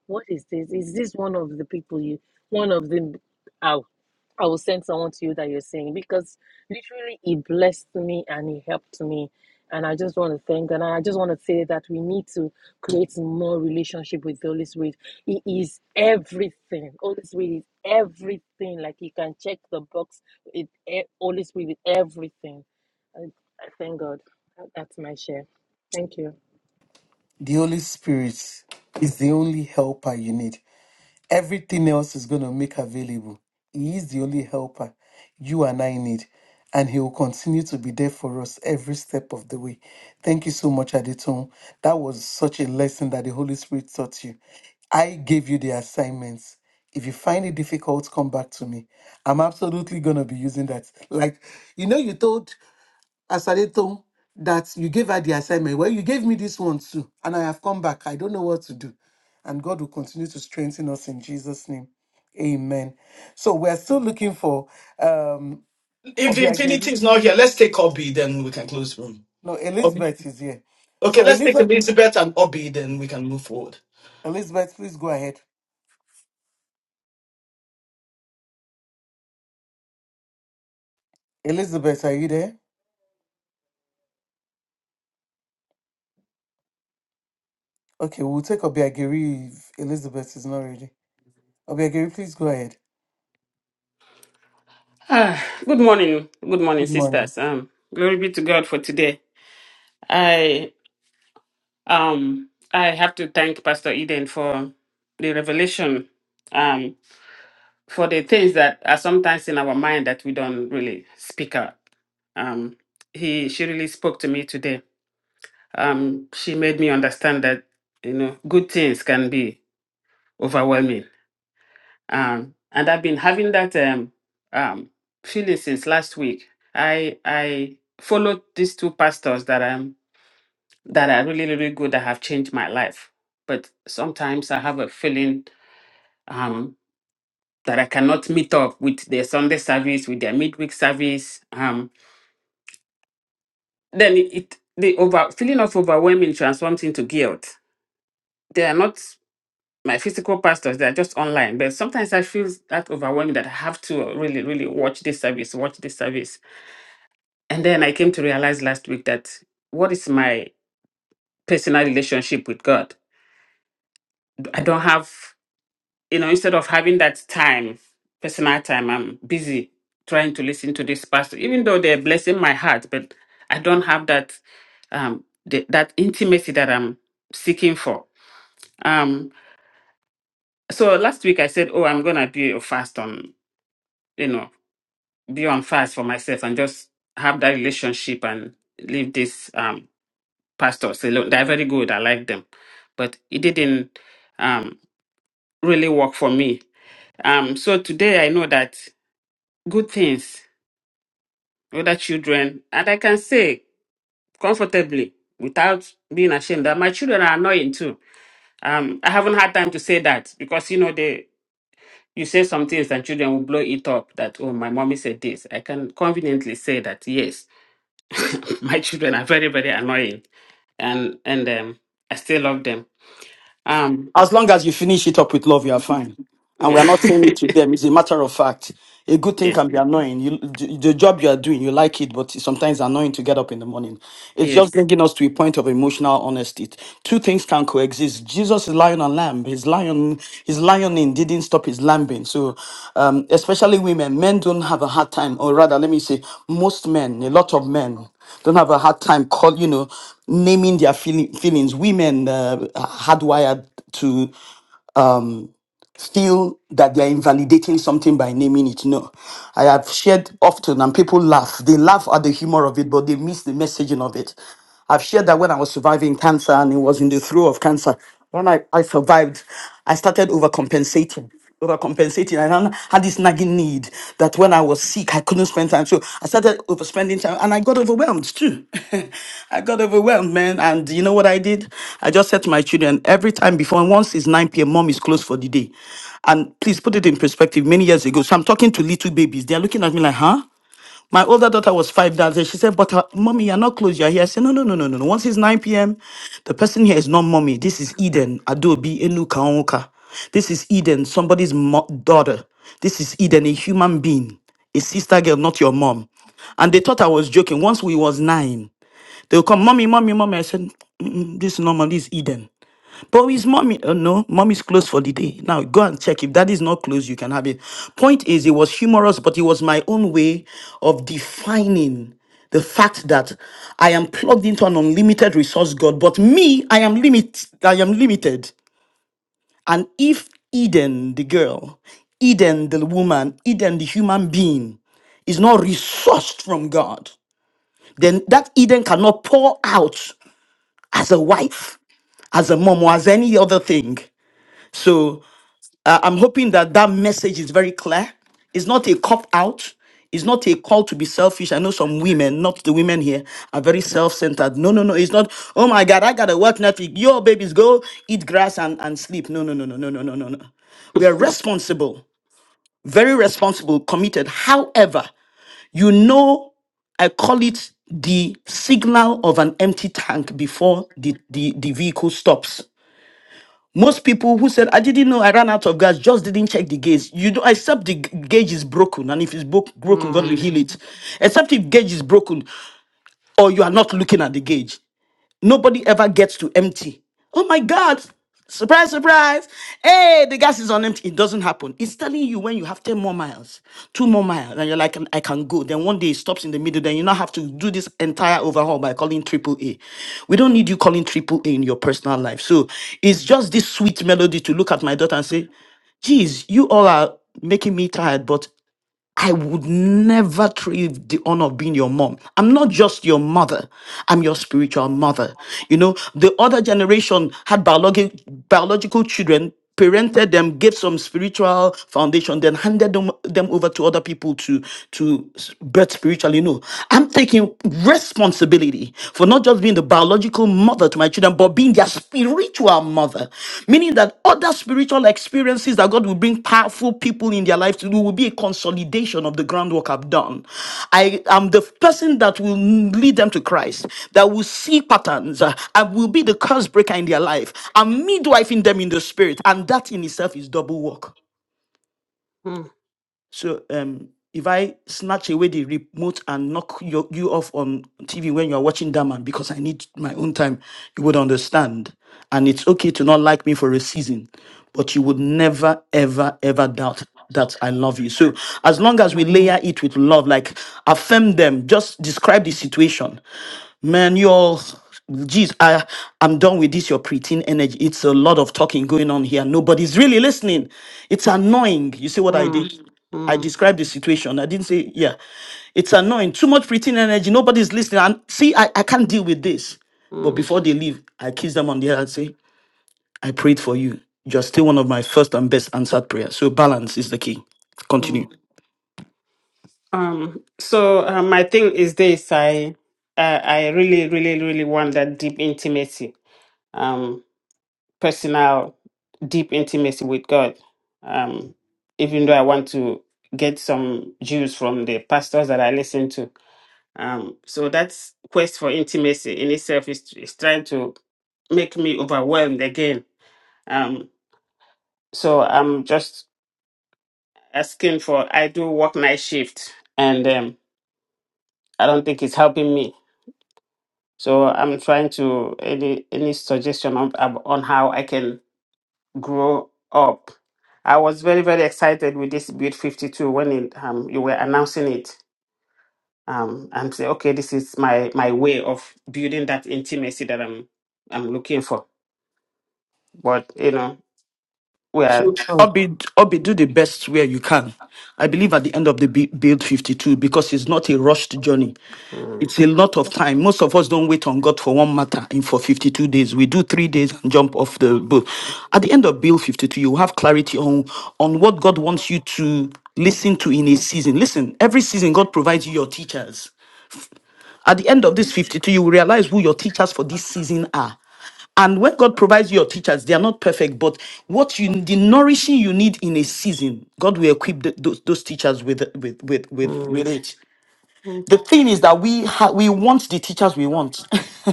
[SPEAKER 9] what is this? Is this one of the people you, one of them, I, I will send someone to you that you're saying? Because literally, he blessed me and he helped me. And I just want to thank And I just want to say that we need to create more relationship with the Holy Spirit. He is everything. Holy Spirit is everything. Like you can check the box It e- Holy Spirit with everything. I, I thank God. That's my share. Thank you.
[SPEAKER 1] The Holy Spirit is the only helper you need. Everything else is going to make available. He is the only helper you and I need. And he will continue to be there for us every step of the way. Thank you so much, Adetun. That was such a lesson that the Holy Spirit taught you. I gave you the assignments. If you find it difficult, come back to me. I'm absolutely going to be using that. Like, you know, you told Asaleto that you gave her the assignment. Well, you gave me this one too, and I have come back. I don't know what to do. And God will continue to strengthen us in Jesus' name. Amen. So we're still looking for um
[SPEAKER 4] If Infinity
[SPEAKER 1] Obiageli.
[SPEAKER 4] is not here, let's take Obi, then we can close room.
[SPEAKER 1] No,
[SPEAKER 4] Obi.
[SPEAKER 1] Elizabeth is here.
[SPEAKER 4] Okay,
[SPEAKER 1] So
[SPEAKER 4] let's take
[SPEAKER 1] Elizabeth
[SPEAKER 4] Elizabeth and Obi, then we can move forward.
[SPEAKER 1] Elizabeth, please go ahead. Elizabeth, are you there? Okay, we'll take Obiageri if Elizabeth is not ready. Obiageri, please go ahead.
[SPEAKER 10] Ah, good morning, good morning,
[SPEAKER 1] Good morning.
[SPEAKER 10] sisters. Um, glory be to God for today. I um I have to thank Pastor Eden for the revelation, um, for the things that are sometimes in our mind that we don't really speak out. Um, he she really spoke to me today. Um, she made me understand that you know good things can be overwhelming um, and I've been having that um, um, feeling since last week. I I followed these two pastors that um that are really really good that have changed my life, but sometimes I have a feeling um that I cannot meet up with their Sunday service, with their midweek service. Um, then it, it the over feeling of overwhelming transforms into guilt. They are not my physical pastors; they are just online. But sometimes I feel that overwhelming that I have to really really watch this service, watch this service And then I came to realize last week that what is my personal relationship with God? I don't have, you know, instead of having that time, personal time, I'm busy trying to listen to this pastor, even though they're blessing my heart, but I don't have that um the, that intimacy that I'm seeking for. Um so last week I said, Oh, I'm gonna be a fast on, you know, be on fast for myself and just have that relationship and leave this. um. pastors. They look, they're very good. I like them, but it didn't um, really work for me. Um, so today I know that good things, other children, and I can say comfortably without being ashamed that my children are annoying too. Um, I haven't had time to say that because you know they. You say some things and children will blow it up that, oh, my mommy said this. I can conveniently say that, yes, (laughs) my children are very, very annoying and and um, I still love them. Um,
[SPEAKER 4] As long as you finish it up with love, you're fine. And we are
[SPEAKER 10] Yeah.
[SPEAKER 4] not saying it to them. It's a matter of fact. A good
[SPEAKER 10] (laughs)
[SPEAKER 4] thing
[SPEAKER 10] yes.
[SPEAKER 4] can be annoying. You, the the job you are doing, you like it, but it's sometimes annoying to get up in the morning. It's just
[SPEAKER 10] Yes.
[SPEAKER 4] bringing us to a point of emotional honesty. Two things can coexist. Jesus is lion and lamb. His lion, his lioning didn't stop his lambing. So, um, especially women, men don't have a hard time, or rather, let me say, most men, a lot of men, don't have a hard time call you know naming their feeling, feelings. Women uh, are hardwired to um, feel that they are invalidating something by naming it. No, I have shared often, and people laugh. They laugh at the humor of it, but they miss the messaging of it. I've shared that when I was surviving cancer and it was in the throes of cancer, when I, I survived, I started overcompensating overcompensating. I now had this nagging need that when I was sick, I couldn't spend time. So I started overspending time and I got overwhelmed too. (laughs) I got overwhelmed, man. And you know what I did? I just said to my children, every time before, once it's 9 p.m., mom is closed for the day. And please put it in perspective many years ago. So I'm talking to little babies. They're looking at me like, huh? My older daughter was five that day. She said, But uh, mommy, you're not close. You're here. I said, No, no, no, no, no. no. Once it's 9 p.m., the person here is not mommy. This is Eden, Adobe, Enuka, Onwuka. This is Eden, somebody's mo- daughter. This is Eden, a human being, a sister girl, not your mom. And they thought I was joking. Once we was nine, they'll come, mommy, mommy, mommy. I said, "Mm, mm, This is normal. This is Eden. But is mommy? Oh no, mommy's closed for the day. Now go and check. If that is not closed, you can have it. Point is, it was humorous, but it was my own way of defining the fact that I am plugged into an unlimited resource God. But me, I am limit. I am limited. And if Eden, the girl, Eden, the woman, Eden, the human being, is not resourced from God, then that Eden cannot pour out as a wife, as a mom, or as any other thing. So Uh, I'm hoping that that message is very clear. It's not a cop out. It's not a call to be selfish. I know some women, not the women here, are very self-centered. No, no, no. It's not, oh my God, I gotta work Netflix. Yo, babies, go eat grass and, and sleep. No, no, no, no, no, no, no, no, no. We are responsible, very responsible, committed. However, you know, I call it the signal of an empty tank before the, the, the vehicle stops. Most people who said, I didn't know I ran out of gas, just didn't check the gauge. You don't, except the g- gauge is broken. And if it's bro- broken, God will
[SPEAKER 10] Mm,
[SPEAKER 4] heal it. Except if gauge is broken or you are not looking at the gauge. Nobody ever gets to empty. Oh my God. Surprise, surprise. Hey, the gas is on empty. It doesn't happen. It's telling you when you have 10 more miles, two more miles, and you're like, I can go. Then one day it stops in the middle. Then you now have to do this entire overhaul by calling Triple A. We don't need you calling Triple A in your personal life. So it's just this sweet melody to look at my daughter and say, geez, you all are making me tired, but I would never trade the honor of being your mom. I'm not just your mother, I'm your spiritual mother. You know, the other generation had biologi- biological children, parented them, gave some spiritual foundation, then handed them, them over to other people to, to birth spiritually. No, I'm taking responsibility for not just being the biological biological mother to my children, but being their spiritual mother. Meaning that other spiritual experiences that God will bring powerful people in their life to do will be a consolidation of the groundwork I've done. I am the person that will lead them to Christ, that will see patterns, uh, and will be the curse breaker in their life, and midwife in them in the spirit. And that in itself is double work.
[SPEAKER 10] mm,
[SPEAKER 4] So um, if I snatch away the remote and knock you, you off on TV when you're watching Daman because I need my own time, you would understand. And it's okay to not like me for a season, but you would never, ever, ever doubt that I love you. So as long as we
[SPEAKER 10] mm,
[SPEAKER 4] layer it with love, like affirm them, just describe the situation. Man, you're geez, I I'm done with this your preteen energy. It's a lot of talking going on here. Nobody's really listening. It's annoying. You see what I
[SPEAKER 10] mm,
[SPEAKER 4] did? I
[SPEAKER 10] mm,
[SPEAKER 4] described the situation. I didn't say, yeah, it's annoying. Too much pretend energy. Nobody's listening. And see, I, I can't deal with this. But
[SPEAKER 10] mm,
[SPEAKER 4] before they leave, I kiss them on the head and say, I prayed for you. You're still one of my first and best answered prayers. So balance is the key. Continue.
[SPEAKER 10] mm. Um. So uh, my thing is this: I, uh, I really, really, really want that deep intimacy, um, personal, deep intimacy with God. Um, even though I want to get some Jews from the pastors that I listen to. Um, so that's quest for intimacy in itself is, is trying to make me overwhelmed again Um, so I'm just asking for, I do work night shift and um, I don't think it's helping me. So I'm trying to, any, any suggestion on, ab- on how I can grow up. I was very, very excited with this Build 52 when it, um, you were announcing it. Um, and say, okay, this is my, my way of building that intimacy that I'm, I'm looking for. But, you know, we are,
[SPEAKER 4] So
[SPEAKER 1] So
[SPEAKER 4] Obi, Obi, do the best where you can. I believe at the end of the bu- build 52 because it's not a rushed journey.
[SPEAKER 10] mm,
[SPEAKER 4] It's a lot of time. Most of us don't wait on God for one matter in for 52 days. We do three days and jump off the boat.
[SPEAKER 10] mm,
[SPEAKER 4] At the end of build 52, you have clarity on on what God wants you to listen to in a season. Listen, every season God provides you your teachers. At the end of this 52, you will realize who your teachers for this season are. And when God provides you your teachers, they are not perfect, but what you the nourishing you need in a season, God will equip th- those, those teachers with with with with with
[SPEAKER 10] mm,
[SPEAKER 4] it. The thing is that we ha- we want the teachers we want.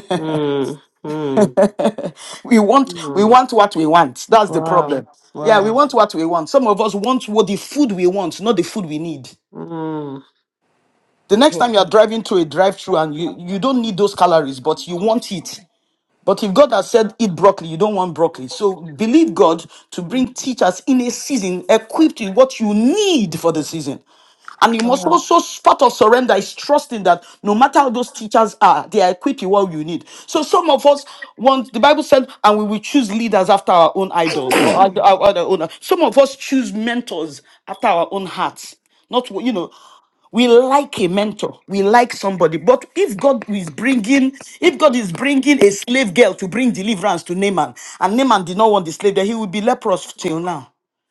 [SPEAKER 10] mm, mm.
[SPEAKER 4] (laughs) we want
[SPEAKER 10] mm.
[SPEAKER 4] we want what we want. That's the
[SPEAKER 10] Wow.
[SPEAKER 4] problem. Yeah, we
[SPEAKER 10] Wow.
[SPEAKER 4] want what we want. Some of us want what the food we want, not the food we need.
[SPEAKER 10] Mm.
[SPEAKER 4] The next time
[SPEAKER 6] Hmm.
[SPEAKER 4] you are driving to a drive-through and you,
[SPEAKER 10] Mm.
[SPEAKER 4] you don't need those calories, but you want it. But if God has said eat broccoli, you don't want broccoli. So believe God to bring teachers in a season equipped with what you need for the season. And you must
[SPEAKER 10] Wow.
[SPEAKER 4] also, part of surrender is trusting that no matter how those teachers are, they are equipped with what you need. So some of us want, the Bible said, and we will choose leaders after our own idols or our,
[SPEAKER 6] (coughs)
[SPEAKER 4] our, our own. Some of us choose mentors after our own hearts. Not, what- you know, we like a mentor we like somebody but if god is bringing if god is bringing a slave girl to bring deliverance to naaman and naaman did not want the slave then he would be leprous till now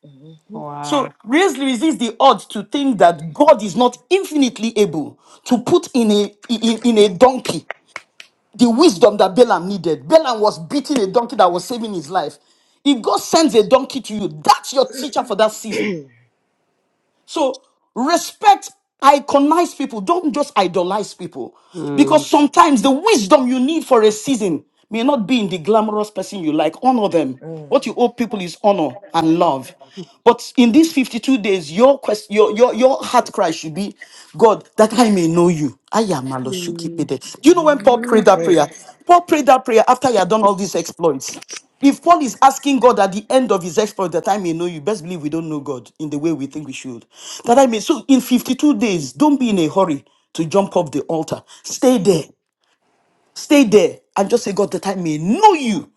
[SPEAKER 6] Mhm.
[SPEAKER 4] so
[SPEAKER 10] Wow.
[SPEAKER 4] raise resist the odds to think that God is not infinitely able to put in a in, in a donkey the wisdom that Balaam needed. Balaam was beating a donkey that was saving his life. If God sends a donkey to you, that's your teacher for that season. So respect iconize people. Don't just idolize people. Because
[SPEAKER 10] Mm.
[SPEAKER 4] sometimes the wisdom you need for a season may not be in the glamorous person you like. Honor them. What you owe people is honor and love. But in these 52 days, your quest, your, your, your heart cry should be, God, that I may know you. I am Maloshuki
[SPEAKER 10] Mm.
[SPEAKER 4] pede. Do you know when Paul prayed that
[SPEAKER 6] Mhm.
[SPEAKER 4] prayer? Paul prayed that prayer after he had done all these exploits. If Paul is asking God at the end of his exploit that I may know you, best believe we don't know God in the way we think we should. That I may so in 52 days, don't be in a hurry to jump off the altar. Stay there. Stay there and just say, God, that I may know you.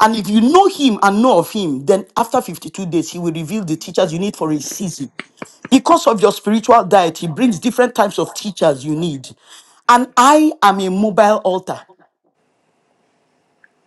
[SPEAKER 4] And if you know him and know of him, then after 52 days, he will reveal the teachers you need for a season. Because of your spiritual diet, he brings different types of teachers you need. And I am a mobile altar.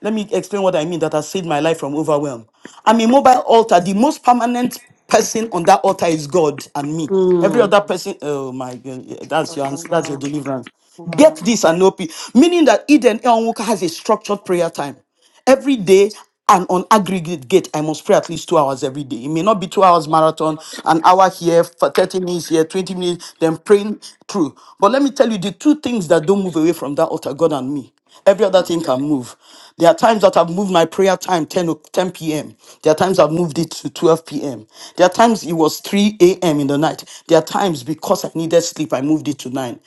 [SPEAKER 4] Let me explain what I mean that has saved my life from overwhelm. I'm a mobile altar. The most permanent person on that altar is God and me. Every
[SPEAKER 10] Mm.
[SPEAKER 4] other person, oh my God, yeah, that's your ans- that's your
[SPEAKER 10] Wow.
[SPEAKER 4] deliverance. Get
[SPEAKER 10] Wow.
[SPEAKER 4] this and no Meaning that Eden Elnwoka has a structured prayer time every day and on aggregate gate i must pray at least two hours every day it may not be two hours marathon an hour here for 30 minutes here 20 minutes then praying through but let me tell you the two things that don't move away from that altar god and me every other thing can move there are times that i've moved my prayer time 10 o- p.m there are times i've moved it to 12 p.m there are times it was 3 a.m in the night there are times because i needed sleep i moved it to 9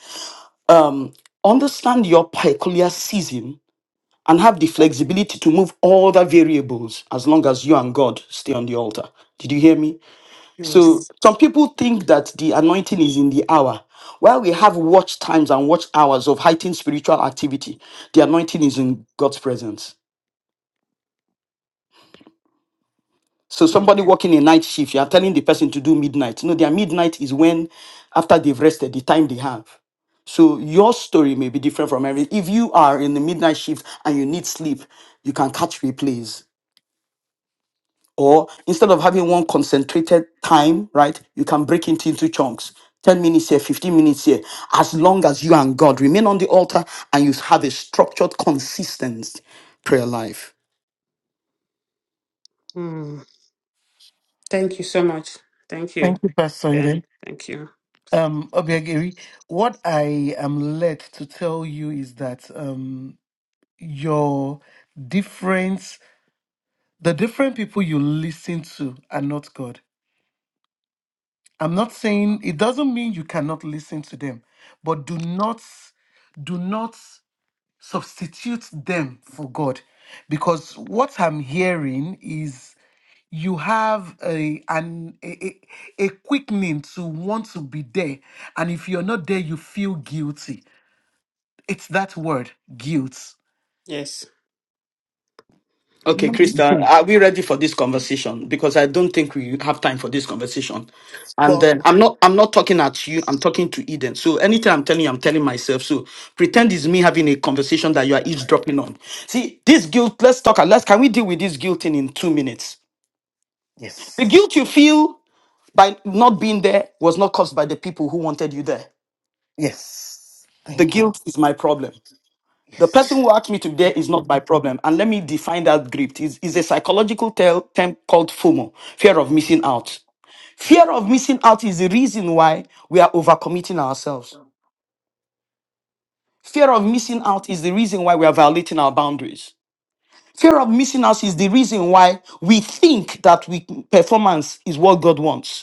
[SPEAKER 4] understand your peculiar season and have the flexibility to move all the variables as long as you and God stay on the altar. Did you hear me? So
[SPEAKER 10] Yes.
[SPEAKER 4] some people think that the anointing is in the hour. While we have watch times and watch hours of heightened spiritual activity, the anointing is in God's presence. So
[SPEAKER 10] Mm.
[SPEAKER 4] somebody working a night shift, you are telling the person to do midnight. No, their midnight is when after they've rested, the time they have. So your story may be different from every. If you are in the midnight shift and you need sleep, you can catch replays or instead of having one concentrated time, right, you can break it into chunks. 10 minutes here, 15 minutes here, as long as you and God remain on the altar and you have a structured, consistent prayer life.
[SPEAKER 10] Mm. Thank you so much. Thank you.
[SPEAKER 1] thank you, Pastor
[SPEAKER 10] Yeah.
[SPEAKER 1] Eden.
[SPEAKER 10] Thank you.
[SPEAKER 1] Um, Obiageri, what I am led to tell you is that um, your difference, the different people you listen to are not God. I'm not saying it doesn't mean you cannot listen to them, but do not, do not substitute them for God, because what I'm hearing is you have a an a, a a quickening to want to be there, and if you're not there, you feel guilty It's that word, guilt.
[SPEAKER 10] Yes.
[SPEAKER 4] Okay,
[SPEAKER 1] Let
[SPEAKER 4] Krista,
[SPEAKER 1] go.
[SPEAKER 4] are we ready for this conversation? Because I don't think we have time for this conversation. And
[SPEAKER 1] Well,
[SPEAKER 4] then I'm not I'm not talking at you, I'm talking to Eden. So anything I'm telling you, I'm telling myself. So pretend it's me having a conversation that you are eavesdropping on. See, this guilt, let's talk let's can we deal with this guilt thing in two minutes? The
[SPEAKER 1] yes.
[SPEAKER 4] guilt you feel by not being there was not caused by the people who wanted you there.
[SPEAKER 1] Yes.
[SPEAKER 4] The
[SPEAKER 1] Thank you.
[SPEAKER 4] guilt is my problem. The person
[SPEAKER 1] Yes.
[SPEAKER 4] who asked me to be there is not my problem. And let me define that grief. It's, it's a psychological tel- term called FOMO, fear of missing out. Fear of missing out is the reason why we are overcommitting ourselves. Fear of missing out is the reason why we are violating our boundaries. Fear of missing out is the reason why we think that we performance is what God wants.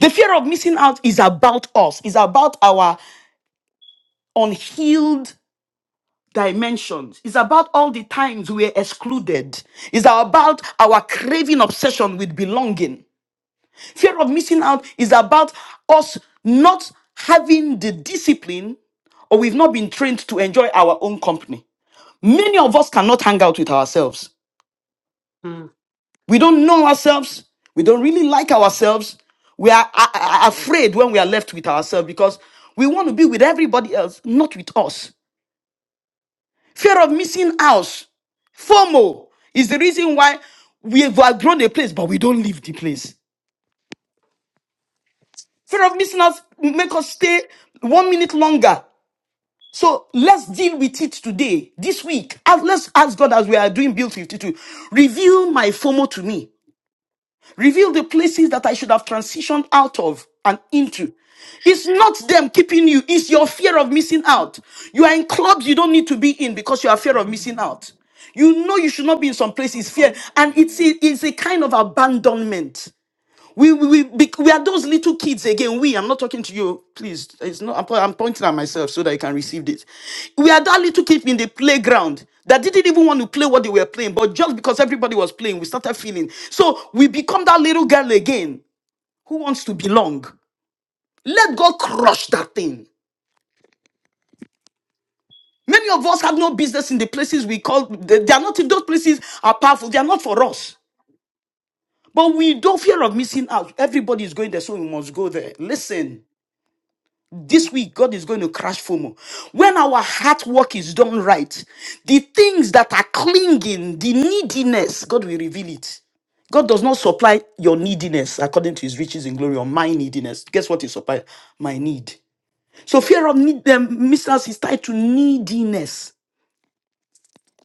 [SPEAKER 4] The fear of missing out is about us, it's about our unhealed dimensions, it's about all the times we're excluded, it's about our craving obsession with belonging. Fear of missing out is about us not having the discipline or we've not been trained to enjoy our own company. Many of us cannot hang out with ourselves.
[SPEAKER 10] Mm.
[SPEAKER 4] We don't know ourselves. We don't really like ourselves. We are a- a- afraid when we are left with ourselves because we want to be with everybody else, not with us. Fear of missing out, FOMO, is the reason why we have outgrown a place, but we don't leave the place. Fear of missing out make us stay one minute longer. So let's deal with it today, this week. And Let's ask God as we are doing Build 52. Reveal my FOMO to me. Reveal the places that I should have transitioned out of and into. It's not them keeping you, it's your fear of missing out. You are in clubs you don't need to be in because you are fear of missing out. You know you should not be in some places, fear, and it's a, it's a kind of abandonment. We, we, we, we are those little kids again. We, I'm not talking to you, please. It's not, I'm, po- I'm pointing at myself so that you can receive this. We are that little kid in the playground that didn't even want to play what they were playing, but just because everybody was playing, we started feeling. So we become that little girl again who wants to belong. Let God crush that thing. Many of us have no business in the places we call, they, they are not, if those places are powerful, they are not for us. But we don't fear of missing out. Everybody is going there, so we must go there. Listen. This week, God is going to crash FOMO. When our heart work is done right, the things that are clinging, the neediness, God will reveal it. God does not supply your neediness according to his riches in glory or my neediness. Guess what he supplied? My need. So fear of need, um, mistrust is tied to neediness,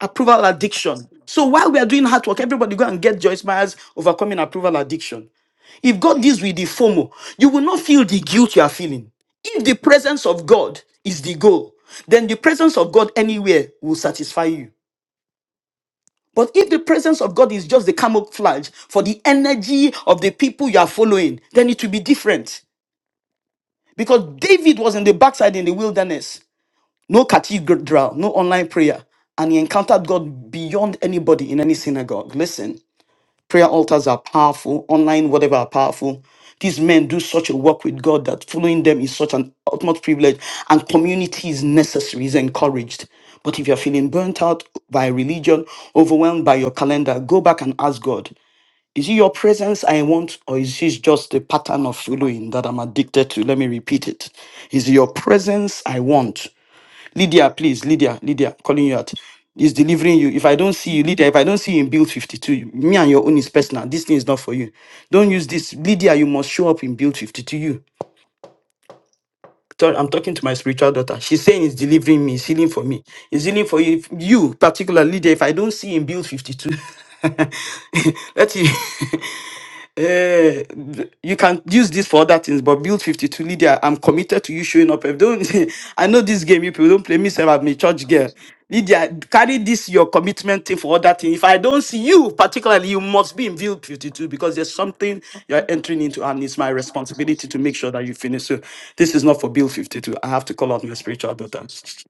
[SPEAKER 4] approval addiction. So while we are doing hard work, everybody go and get Joyce Myers overcoming approval addiction. If God deals with the FOMO, you will not feel the guilt you are feeling. If the presence of God is the goal, then the presence of God anywhere will satisfy you. But if the presence of God is just the camouflage for the energy of the people you are following, then it will be different. Because David was in the backside in the wilderness, no cathedral, no online prayer, and he encountered God beyond anybody in any synagogue. Listen. Prayer altars are powerful, online, whatever are powerful. These men do such a work with God that following them is such an ultimate privilege, and community is necessary, is encouraged. But if you're feeling burnt out by religion, overwhelmed by your calendar, go back and ask God, is it your presence I want, or is this just the pattern of following that I'm addicted to? Let me repeat it. Is it your presence I want, Lydia, please, Lydia, Lydia, I'm calling you out. Is delivering you. If I don't see you, Lydia, if I don't see you in build 52, me and your own is personal. This thing is not for you. Don't use this. Lydia, you must show up in build 52. You. Sorry, I'm talking to my spiritual daughter. She's saying it's delivering me, it's healing for me. It's healing for you. If you, particular Lydia, if I don't see you in build 52, (laughs) let you. (laughs) eh, th- you can use this for other things, but build 52 Lydia. I'm committed to you showing up. If don't, (laughs) I know this game, you people don't play me, sir. I'm a church girl. Lydia, carry this your commitment thing for other things. If I don't see you, particularly, you must be in build 52 because there's something you're entering into, and it's my responsibility to make sure that you finish. So, this is not for build 52. I have to call out my spiritual daughters.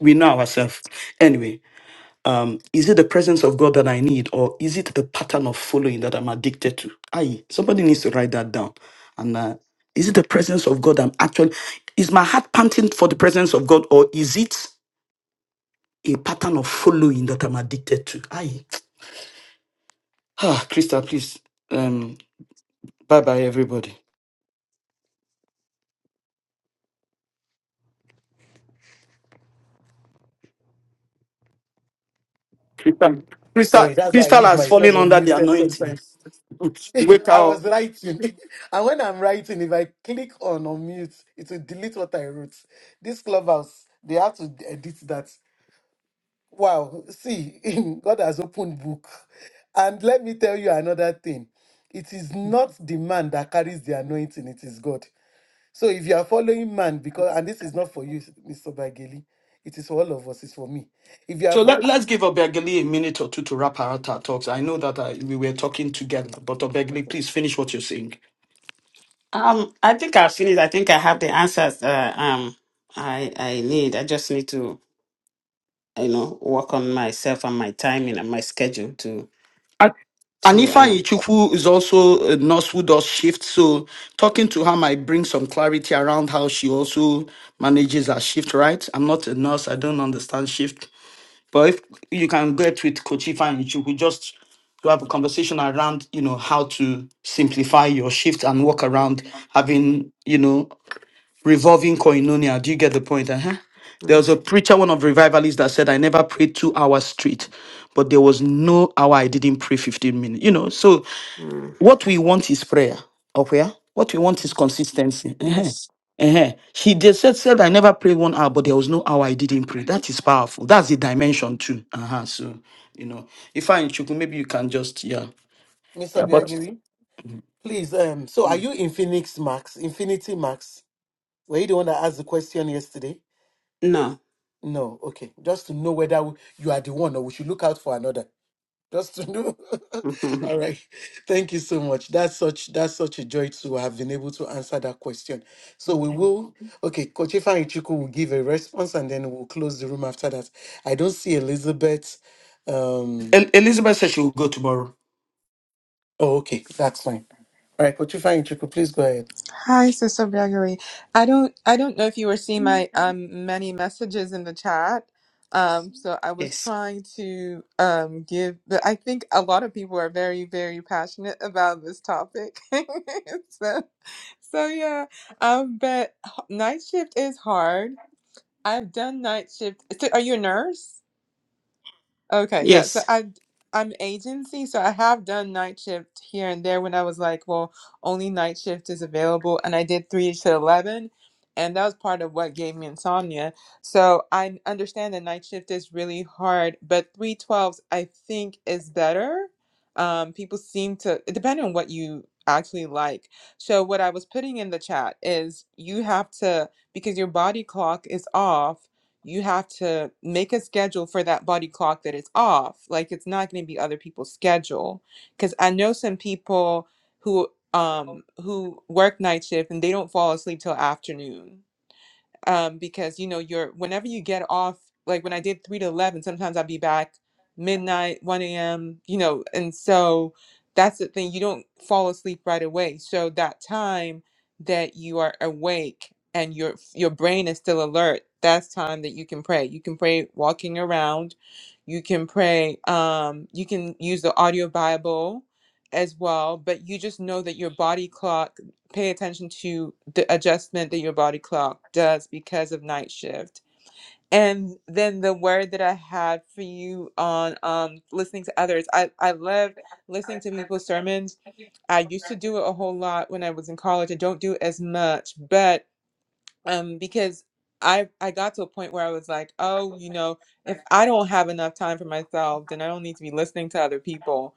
[SPEAKER 4] We know ourselves. Anyway, um, is it the presence of God that I need, or is it the pattern of following that I'm addicted to? Aye, somebody needs to write that down. And uh, is it the presence of God I'm actually, is my heart panting for the presence of God, or is it a pattern of following that I'm addicted to? Aye. Ah, Crystal, please. Um, bye bye, everybody. Crystal, Crystal,
[SPEAKER 1] Sorry, that's why I
[SPEAKER 4] Crystal
[SPEAKER 1] leave
[SPEAKER 4] has
[SPEAKER 1] myself
[SPEAKER 4] fallen under the
[SPEAKER 1] unmuted
[SPEAKER 4] anointing.
[SPEAKER 1] sometimes.
[SPEAKER 4] (laughs) Wake
[SPEAKER 1] (laughs) I
[SPEAKER 4] up.
[SPEAKER 1] was writing. (laughs) And when I'm writing, if I click on unmute, it will delete what I wrote. This clubhouse, they have to edit that. Wow. See, (laughs) God has opened book. And let me tell you another thing. It is not the man that carries the anointing, it is God. So if you are following man, because and this is not for you, Mr. Bageli, it is for all of us, it's for me. If you are
[SPEAKER 4] So let,
[SPEAKER 1] following,
[SPEAKER 4] let's give Obegali a minute or two to wrap our our talks. I know that uh, we were talking together, but Obegali, please finish what you're saying.
[SPEAKER 10] Um, I think I've finished. I think I have the answers uh, um I I need. I just need to, you know, work on myself and my timing and my schedule
[SPEAKER 4] And
[SPEAKER 10] to
[SPEAKER 4] Anifa
[SPEAKER 10] um
[SPEAKER 4] Ichukwu is also a nurse who does shifts, so talking to her might bring some clarity around how she also manages her shift, right? I'm not a nurse, I don't understand shift. But if you can get with Coach Ifa Ichukwu, just to have a conversation around, you know, how to simplify your shift and work around having, you know, revolving koinonia. Do you get the point? Uh-huh. There was a
[SPEAKER 10] yes,
[SPEAKER 4] preacher, one of the revivalists, that said, I never prayed two hours straight, but there was no hour I didn't pray 15 minutes. You know, so
[SPEAKER 10] mm,
[SPEAKER 4] what we want is prayer. Okay? ah? What we want is consistency. Uh-huh.
[SPEAKER 10] yes.
[SPEAKER 4] Uh-huh. He just said, said, I never prayed one hour, but there was no hour I didn't pray. That is powerful. That's the dimension too. Uh-huh. So, you know, if I, Chuku, maybe you can just, yeah.
[SPEAKER 1] Mr.
[SPEAKER 4] Yeah, but
[SPEAKER 1] Bageli, please, um, so are you in Phoenix Max, Infinity Max? Were you the one that asked the question yesterday?
[SPEAKER 10] no
[SPEAKER 1] No, okay. Just to know whether you are the one or we should look out for another. just to know. (laughs)
[SPEAKER 10] Mhm.
[SPEAKER 1] All right. Thank you so much. That's such that's such a joy to have been able to answer that question. So we will okay, Kochifa Ichiku will give a response and then we'll close the room after that. I don't see Elizabeth. Um
[SPEAKER 4] El- Elizabeth said she will go tomorrow.
[SPEAKER 1] oh okay, that's fine. All right, Kochifa Ichiku, please go ahead.
[SPEAKER 11] Hi, Sister Gregory. I don't I don't know if you were seeing my um many messages in the chat. Um, so I was
[SPEAKER 10] yes
[SPEAKER 11] trying to um give but I think a lot of people are very, very passionate (laughs) about this topic. (laughs) so so yeah. Um, but h- night shift is hard. I've done night shift. So are you a nurse? Okay, yeah. So
[SPEAKER 10] yes
[SPEAKER 11] I I'm agency, so I have done night shift here and there when I was like, well, only night shift is available, and I did three to eleven, and that was part of what gave me insomnia. So I understand that night shift is really hard, but three twelves I think is better. Um, people seem to depending on what you actually like. So what I was putting in the chat is you have to because your body clock is off you have to make a schedule for that body clock that is off. Like it's not going to be other people's schedule. Because I know some people who um who work night shift and they don't fall asleep till afternoon um, because you know you're whenever you get off like when i did 3 to 11 sometimes i'd be back midnight 1 a.m you know and so that's the thing you don't fall asleep right away so that time that you are awake and your your brain is still alert that's time that you can pray you can pray walking around you can pray um you can use the audio bible as well but you just know that your body clock pay attention to the adjustment that your body clock does because of night shift. And then the word that I had for you on um, listening to others, I, I love listening to people's sermons. I used to do it a whole lot when I was in college. I don't do it as much, but um because i i got to a point where i was like oh you know if i don't have enough time for myself then i don't need to be listening to other people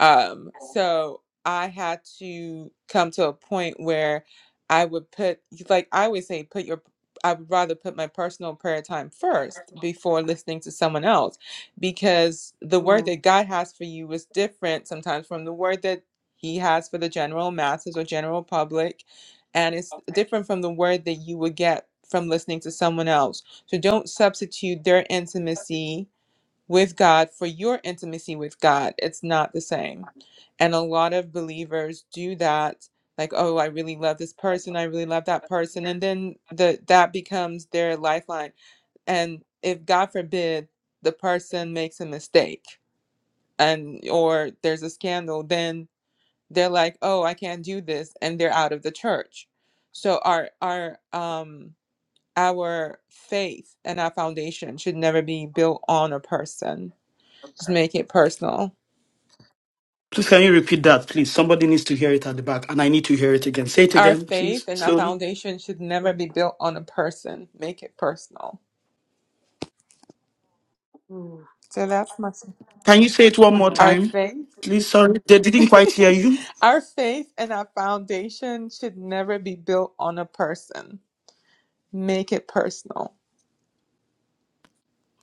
[SPEAKER 11] um so i had to come to a point where i would put like i always say put your i would rather put my personal prayer time first before listening to someone else because the word that god has for you is different sometimes from the word that he has for the general masses or general public and it's different from the word that you would get from listening to someone else. So don't substitute their intimacy with God for your intimacy with God. It's not the same. And a lot of believers do that like oh I really love this person, I really love that person and then the that becomes their lifeline. And if God forbid the person makes a mistake and or there's a scandal, then they're like oh i can't do this and they're out of the church so our our um our faith and our foundation should never be built on a person just make it personal
[SPEAKER 4] Please, can you repeat that, please? Somebody needs to hear it at the back, and I need to hear it again. Say it
[SPEAKER 11] our
[SPEAKER 4] again,
[SPEAKER 11] faith
[SPEAKER 4] please,
[SPEAKER 11] and our
[SPEAKER 4] slowly.
[SPEAKER 11] foundation should never be built on a person make it personal
[SPEAKER 10] Mm,
[SPEAKER 11] so that's my
[SPEAKER 4] Can you say it one more
[SPEAKER 11] our
[SPEAKER 10] mm,
[SPEAKER 4] time?
[SPEAKER 11] faith
[SPEAKER 4] Please, sorry, they didn't quite hear you.
[SPEAKER 11] (laughs) our faith and our foundation should never be built on a person make it personal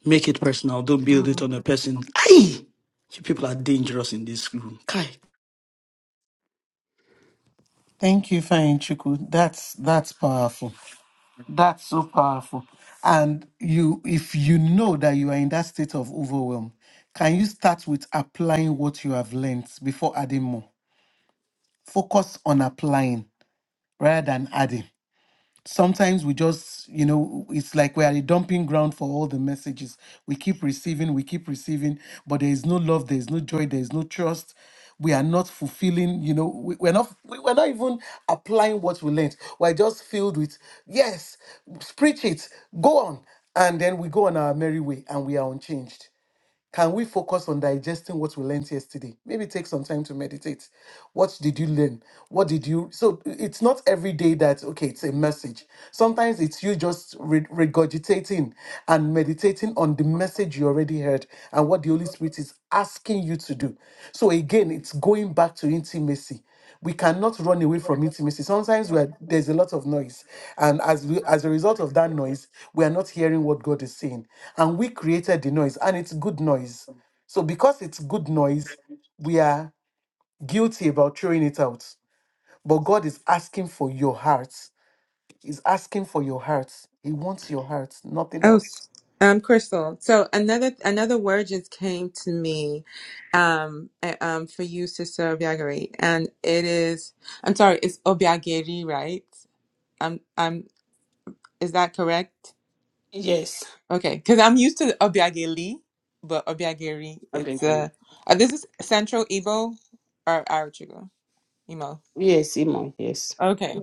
[SPEAKER 4] Make it personal. Don't build it
[SPEAKER 11] Mhm.
[SPEAKER 4] on a person. Aye! You people are dangerous in this room. Kai.
[SPEAKER 1] Thank you, Fine Chuku. That's that's powerful. That's so powerful. And you, if you know that you are in that state of overwhelm, can you start with applying what you have learned before adding more? Focus on applying rather than adding sometimes we just you know it's like we are a dumping ground for all the messages we keep receiving we keep receiving but there is no love there is no joy there is no trust we are not fulfilling you know we, we're not we, we're not even applying what we learned we're just filled with yes preach it go on and then we go on our merry way and we are unchanged can we focus on digesting what we learned yesterday? Maybe take some time to meditate. What did you learn? What did you? So it's not every day that, okay, it's a message. Sometimes it's you just re- regurgitating and meditating on the message you already heard and what the Holy Spirit is asking you to do. So again, it's going back to intimacy we cannot run away from intimacy. Sometimes we are, there's a lot of noise, and as we, as a result of that noise, we are not hearing what God is saying. And we created the noise, and it's good noise. So because it's good noise, we are guilty about throwing it out. But God is asking for your heart. He's asking for your heart. He wants your heart, nothing
[SPEAKER 11] Oh,
[SPEAKER 1] else.
[SPEAKER 11] Um, Crystal. So another another word just came to me, um, uh, um, for you, Sister Obiageri, and it is. I'm sorry, it's Obiageri, right? Um, um, is that correct?
[SPEAKER 10] yes
[SPEAKER 11] Okay, because I'm used to Obiageli, but Obiageri, it's
[SPEAKER 10] Okay,
[SPEAKER 11] uh, uh this is Central Igbo or Arachigo,
[SPEAKER 10] yes Imo yes
[SPEAKER 11] Okay.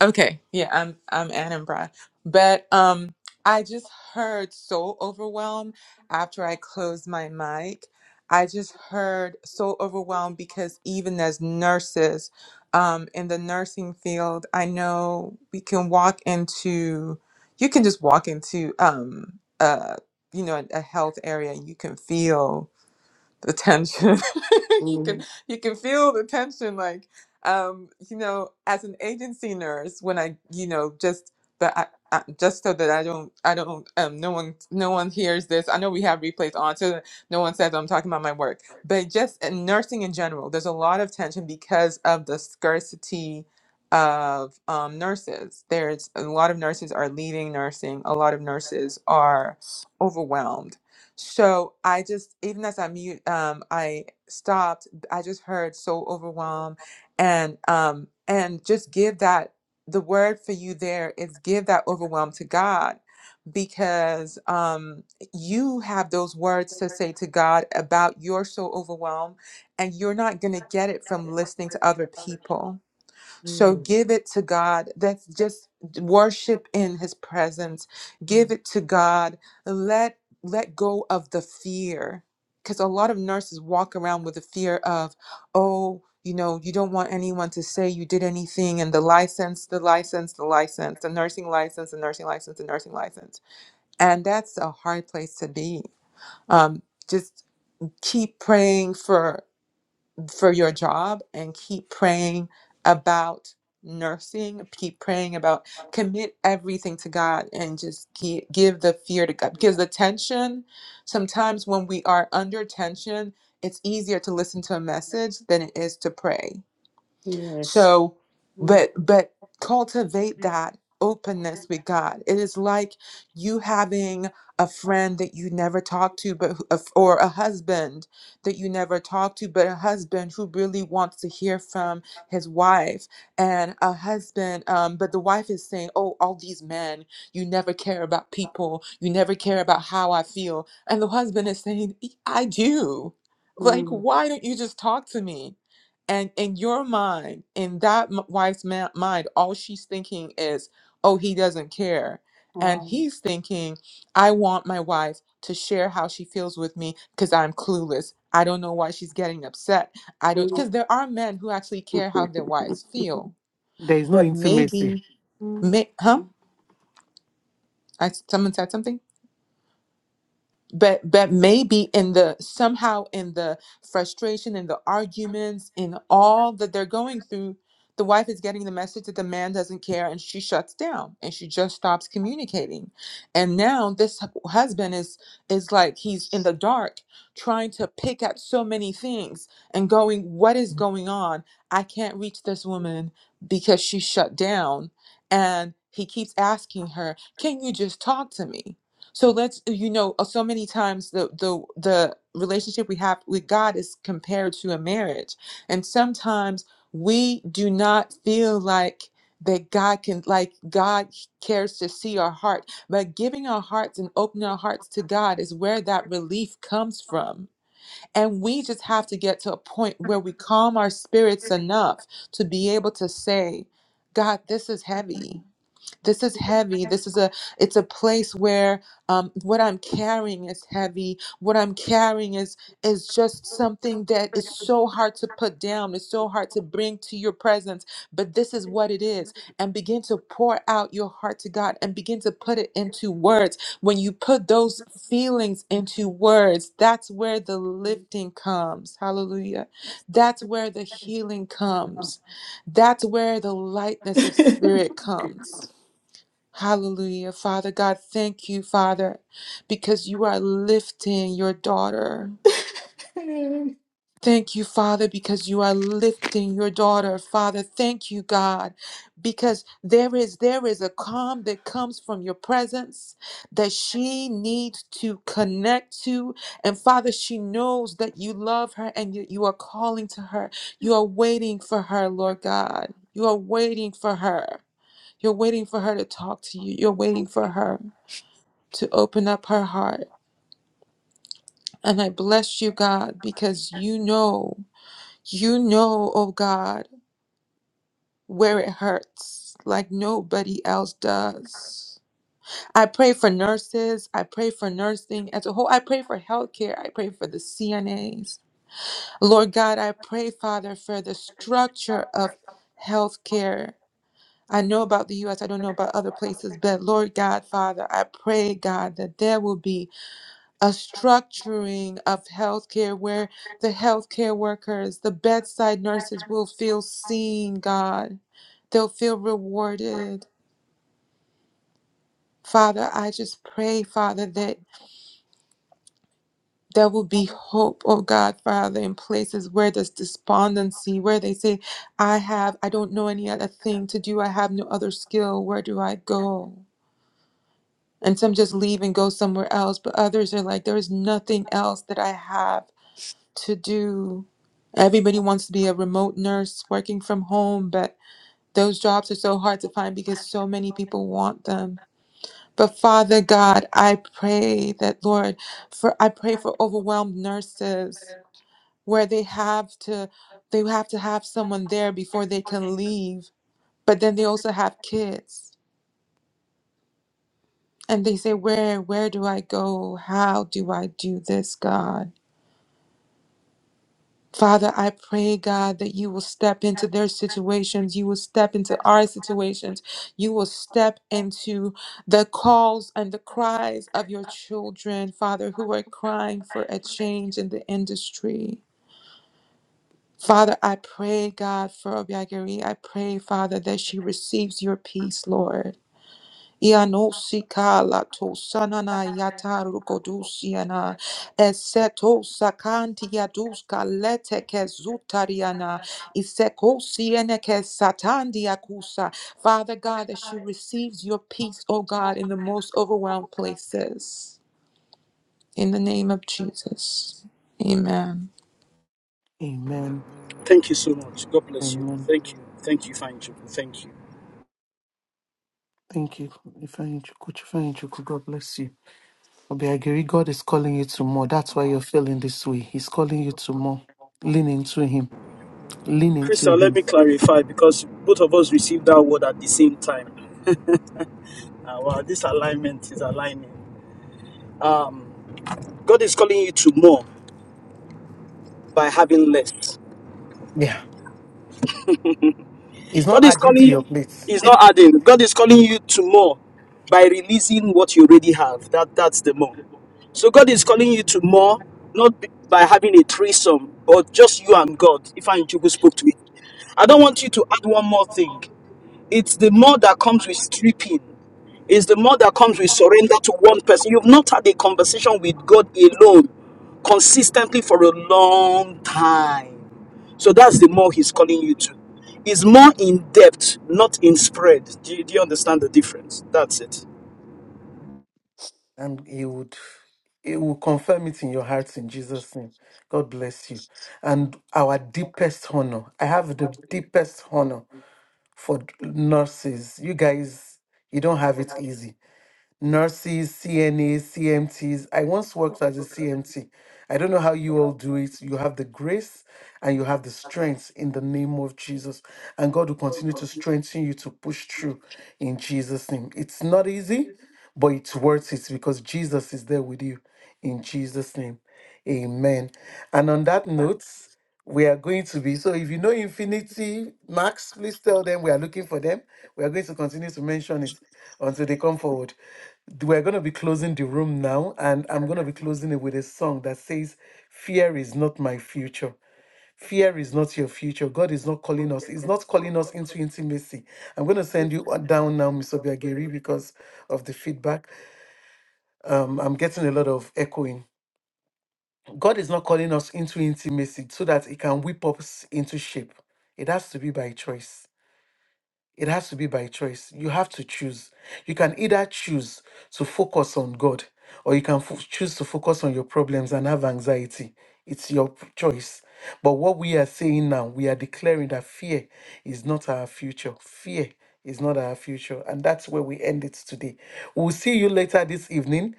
[SPEAKER 11] Okay. Yeah, I'm I'm Anambra. But um I just heard so overwhelmed after I closed my mic. I just heard so overwhelmed because even as nurses, um, in the nursing field, I know we can walk into you can just walk into um uh you know a, a health area and you can feel the tension. (laughs) you can
[SPEAKER 10] Mhm.
[SPEAKER 11] you can feel the tension like um you know as an agency nurse when I you know just the I, I, just so that I don't I don't um no one no one hears this. I know we have replays on so that no one says I'm talking about my work. But just in nursing in general, there's a lot of tension because of the scarcity of um, nurses. There's a lot of nurses are leaving nursing. A lot of nurses are overwhelmed so I just, even as I mute, um, I stopped. I just heard so overwhelmed, and um, and just give that the word for you there is give that overwhelm to God, because um, you have those words to say to God about you're so overwhelmed, and you're not gonna get it from listening to other people so give it to God. That's just worship in his presence. Give it to God. Let let go of the fear. Cuz a lot of nurses walk around with the fear of, "Oh, you know, you don't want anyone to say you did anything and the license, the license, the license, the nursing license, the nursing license, the nursing license." And that's a hard place to be. Um just keep praying for for your job and keep praying about nursing keep praying about commit everything to god and just gi- give the fear to god because the tension sometimes when we are under tension it's easier to listen to a message than it is to pray
[SPEAKER 10] yes
[SPEAKER 11] so,
[SPEAKER 10] Mm,
[SPEAKER 11] but but cultivate that openness with God. It is like you having a friend that you never talk to, but who- of- or a husband that you never talk to, but a husband who really wants to hear from his wife, and a husband, um, but the wife is saying, "Oh, all these men, you never care about people, you never care about how I feel," and the husband is saying, "E, "I do." Like,
[SPEAKER 10] mm,
[SPEAKER 11] why don't you just talk to me? and in your mind in that m- wife's ma- mind all she's thinking is oh he doesn't care and
[SPEAKER 10] wow.
[SPEAKER 11] he's thinking i want my wife to share how she feels with me because i'm clueless i don't know why she's getting upset i don't because there are men who actually care how their wives feel
[SPEAKER 1] There is no
[SPEAKER 11] but
[SPEAKER 1] intimacy.
[SPEAKER 11] maybe may, huh I, someone said something but but maybe in the somehow in the frustration in the arguments in all that they're going through the wife is getting the message that the man doesn't care and she shuts down and she just stops communicating and now this hu- husband is is like he's in the dark trying to pick at so many things and going what is going on i can't reach this woman because she shut down and he keeps asking her can you just talk to me so let's you know uh, so many times the the the relationship we have with God is compared to a marriage, and sometimes we do not feel like that God can like God cares to see our heart, but giving our hearts and opening our hearts to God is where that relief comes from. And we just have to get to a point where we calm our spirits enough to be able to say, God, this is heavy this is heavy this is a it's a place where um, what i'm carrying is heavy what i'm carrying is is just something that is so hard to put down it's so hard to bring to your presence but this is what it is and begin to pour out your heart to god and begin to put it into words when you put those feelings into words that's where the lifting comes hallelujah that's where the healing comes that's where the lightness of spirit comes Hallelujah. Father God, thank you, Father, because you are lifting your daughter.
[SPEAKER 10] Mm. (laughs)
[SPEAKER 11] Thank you, Father, because you are lifting your daughter. Father, thank you, God, because there is there is a calm that comes from your presence that she needs to connect to. And Father, she knows that you love her and yet you are calling to her. You are waiting for her, Lord God. You are waiting for her. You're waiting for her to talk to you. You're waiting for her to open up her heart. And I bless you, God, because you know, you know, oh God, where it hurts like nobody else does. I pray for nurses. I pray for nursing as a whole. I pray for healthcare. I pray for the CNAs. Lord God, I pray, Father, for the structure of healthcare. I know about the US, I don't know about other places, but Lord God, Father, I pray, God, that there will be a structuring of healthcare where the healthcare workers, the bedside nurses will feel seen, God. They'll feel rewarded. Father, I just pray, Father, that there will be hope, oh God, Father, in places where there's despondency, where they say, I have, I don't know any other thing to do, I have no other skill, where do I go? And some just leave and go somewhere else, but others are like, there is nothing else that I have. to do everybody wants to be a remote nurse working from home but those jobs are so hard to find because so many people want them but father god i pray that lord for i pray for overwhelmed nurses where they have to they have to have someone there before they can leave but then they also have kids and they say where where do i go how do i do this god Father, I pray, God, that you will step into their situations. You will step into our situations. You will step into the calls and the cries of your children, Father, who are crying for a change in the industry. Father, I pray, God, for Obiageri. I pray, Father, that she receives your peace, Lord. Ianosicala tosanana yatarugodusiana eseto sakantia duska lete kezutariana isekosiene kesatandia kusa. Father God, that she receives your peace, O God, in the most overwhelmed places. In the name of Jesus. Amen.
[SPEAKER 1] Amen.
[SPEAKER 4] Thank you so much. God bless you.
[SPEAKER 1] Amen.
[SPEAKER 4] Thank you. Thank you, fine Chukwu. Thank you.
[SPEAKER 1] Thank you. Ifeanyi Chukwu. Chifeanyi Chukwu, God bless you. Obiagiri, God is calling you to more. That's why you're feeling this way. He's calling you to more. Lean into Him. Lean into
[SPEAKER 4] Crystal, let
[SPEAKER 1] Him.
[SPEAKER 4] me clarify because both of us received that word at the same time. Uh, wow, this alignment is aligning. Um, God is calling you to more by having less.
[SPEAKER 1] Yeah. He's not
[SPEAKER 4] God is
[SPEAKER 1] adding to
[SPEAKER 4] calling
[SPEAKER 1] your plate.
[SPEAKER 4] is
[SPEAKER 1] (laughs)
[SPEAKER 4] not adding. God is calling you to more by releasing what you already have. That that's the more. So God is calling you to more, not b- by having a threesome, but just you and God. If I Chubu spoke to it. I don't want you to add one more thing. It's the more that comes with stripping. It's the more that comes with surrender to one person. You've not had a conversation with God alone consistently for a long time. So that's the more He's calling you to. It's more in depth, not in spread. Do you, do you understand the difference? That's it.
[SPEAKER 1] And He would. He will confirm it in your hearts in Jesus' name. God bless you. And our deepest honor. I have the deepest honor for nurses. You guys, you don't have it easy. nurses, CNAs, CMTs. I once worked as a CMT. I don't know how you all do it. You have the grace and you have the strength in the name of Jesus. And God will continue to strengthen you to push through in Jesus' name. It's not easy, but it's worth it because Jesus is there with you in Jesus' name. Amen. And on that note, we are going to be so if you know Infinity Max, please tell them we are looking for them. We are going to continue to mention it until they come forward we're going to be closing the room now, and I'm going to be closing it with a song that says, Fear is not my future. Fear is not your future. God is not calling us. He's not calling us into intimacy. I'm going to send you on down now, Miss Obiageri, because of the feedback. Um, I'm getting a lot of echoing. God is not calling us into intimacy so that He can whip us into shape. It has to be by choice. It has to be by choice. You have to choose. You can either choose to focus on God or you can fo- choose to focus on your problems and have anxiety. It's your p- choice. But what we are saying now, we are declaring that fear is not our future. Fear is not our future. And that's where we end it today. We'll see you later this evening,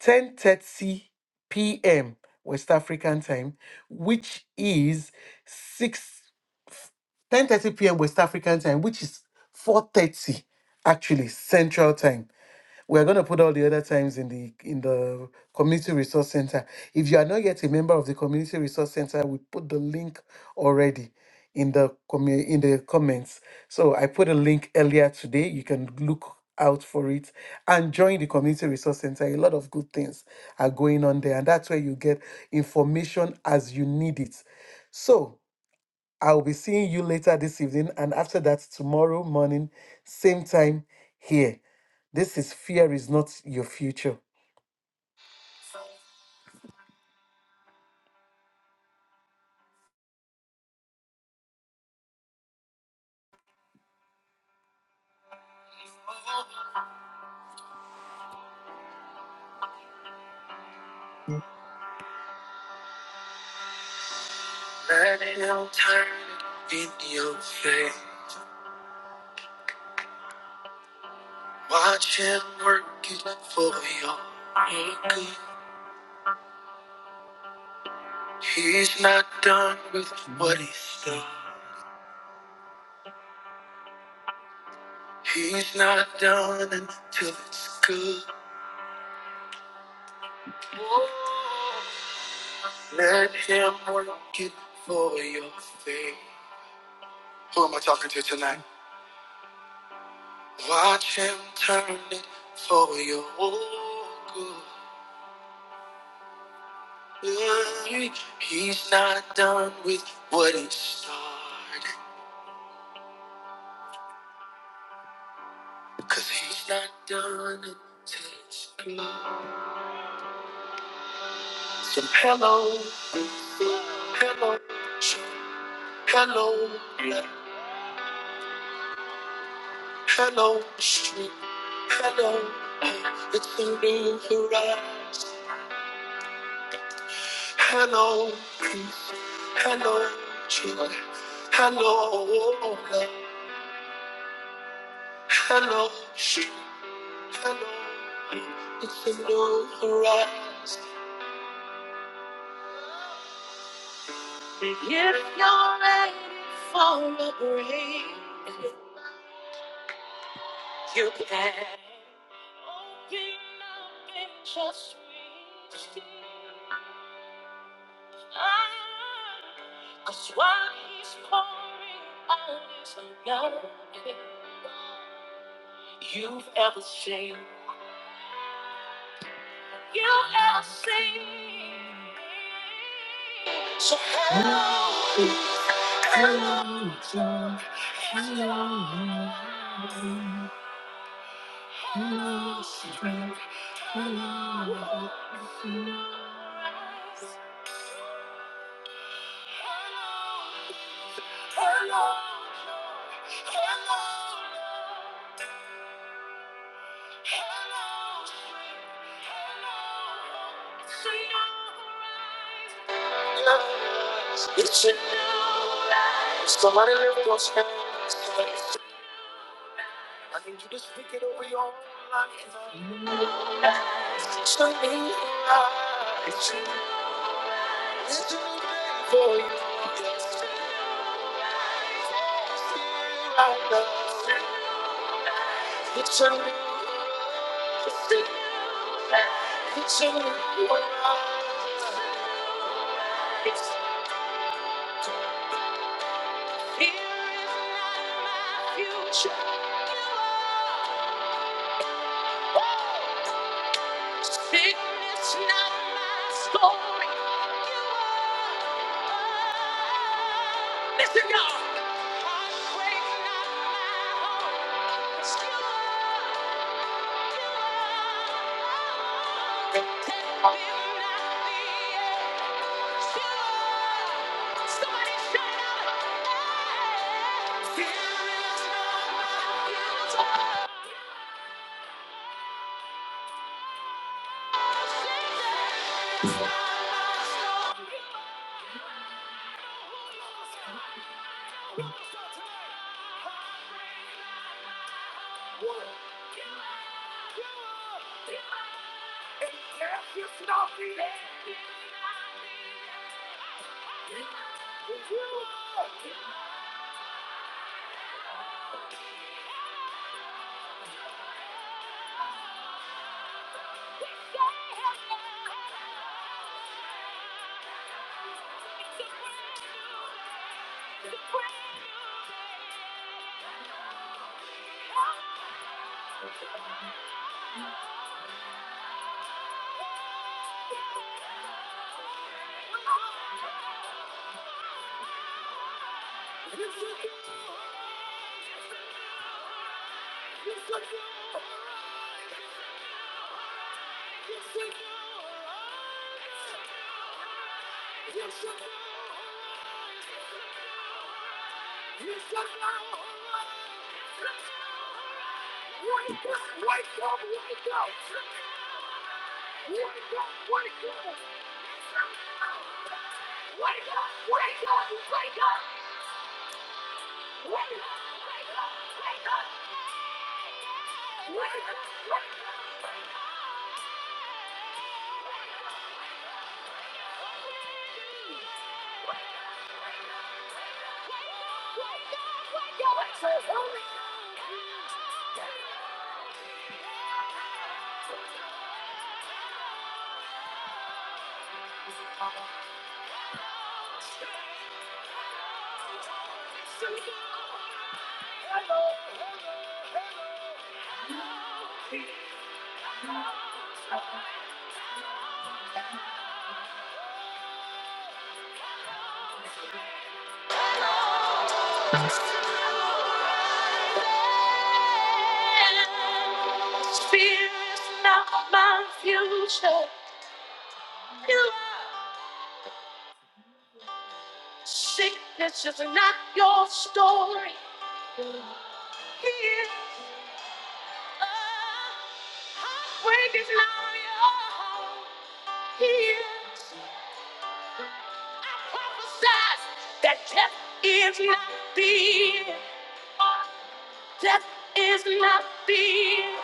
[SPEAKER 1] 10:30 p.m. West African time, which is 6 10:30 p.m. West African time, which is 4:30 actually Central time. We are going to put all the other times in the in the Community Resource Center. If you are not yet a member of the Community Resource Center, we put the link already in the commu- in the comments. So I put a link earlier today. You can look out for it and join the community resource center a lot of good things are going on there and that's where you get information as you need it so I'll be seeing you later this evening, and after that, tomorrow morning, same time here. This is Fear is Not Your Future. Burning out time in your face. Watch him work it for your own good. He's not done with what he's done. He's not done until it's good. Let him work it for your faith. Who am I talking to tonight? Watch him turn it for your good. He's not done with what he started. Cause he's not done until it's good. So hello, hello, sh- hello, hello, street, hello. It's a new horizon. Hello, hello, joy. Hello, Hello, street. It's a new horizon. If you're ready for a break, you can open up and just reach deep. Cause while he's pouring out his love, you've ever seen, you've ever seen. So hello, hello. hello. It's a new life. Somebody lift those hands. I need you to speak it over your own life. It's a new life. It's a new it's a new day for you. It's a new life. It's a new day. It's a new life. Here is not my future. You are. Whoa. Sickness not my story. You are. Listen, y'all. Heartbreak not my home. It's you are. You are. Death will not be it. It's you are. Somebody shout out. Here is not my future. Fear is not my future. You are sickness is not your story. Heal. Heartbreak is not your home. Heal. I prophesied that death is not fear. Death is not the end.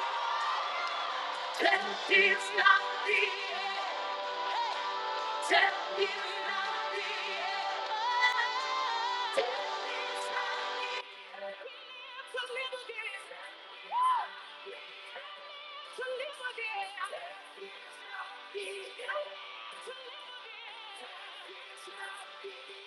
[SPEAKER 1] Death is not the end. Death is not the end. Death is not the end. To live again. To live again. Death is not the end. To live again.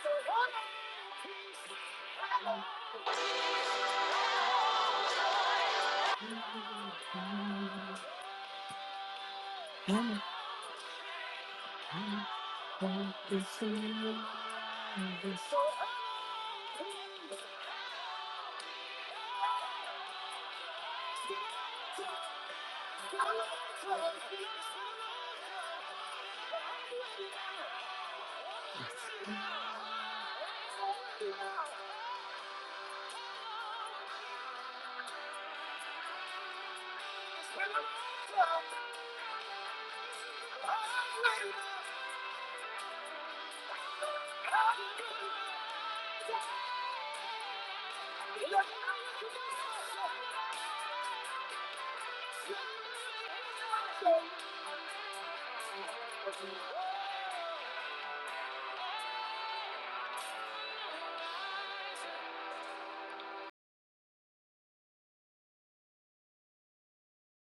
[SPEAKER 1] To run again. To run again. To run again. Thank you.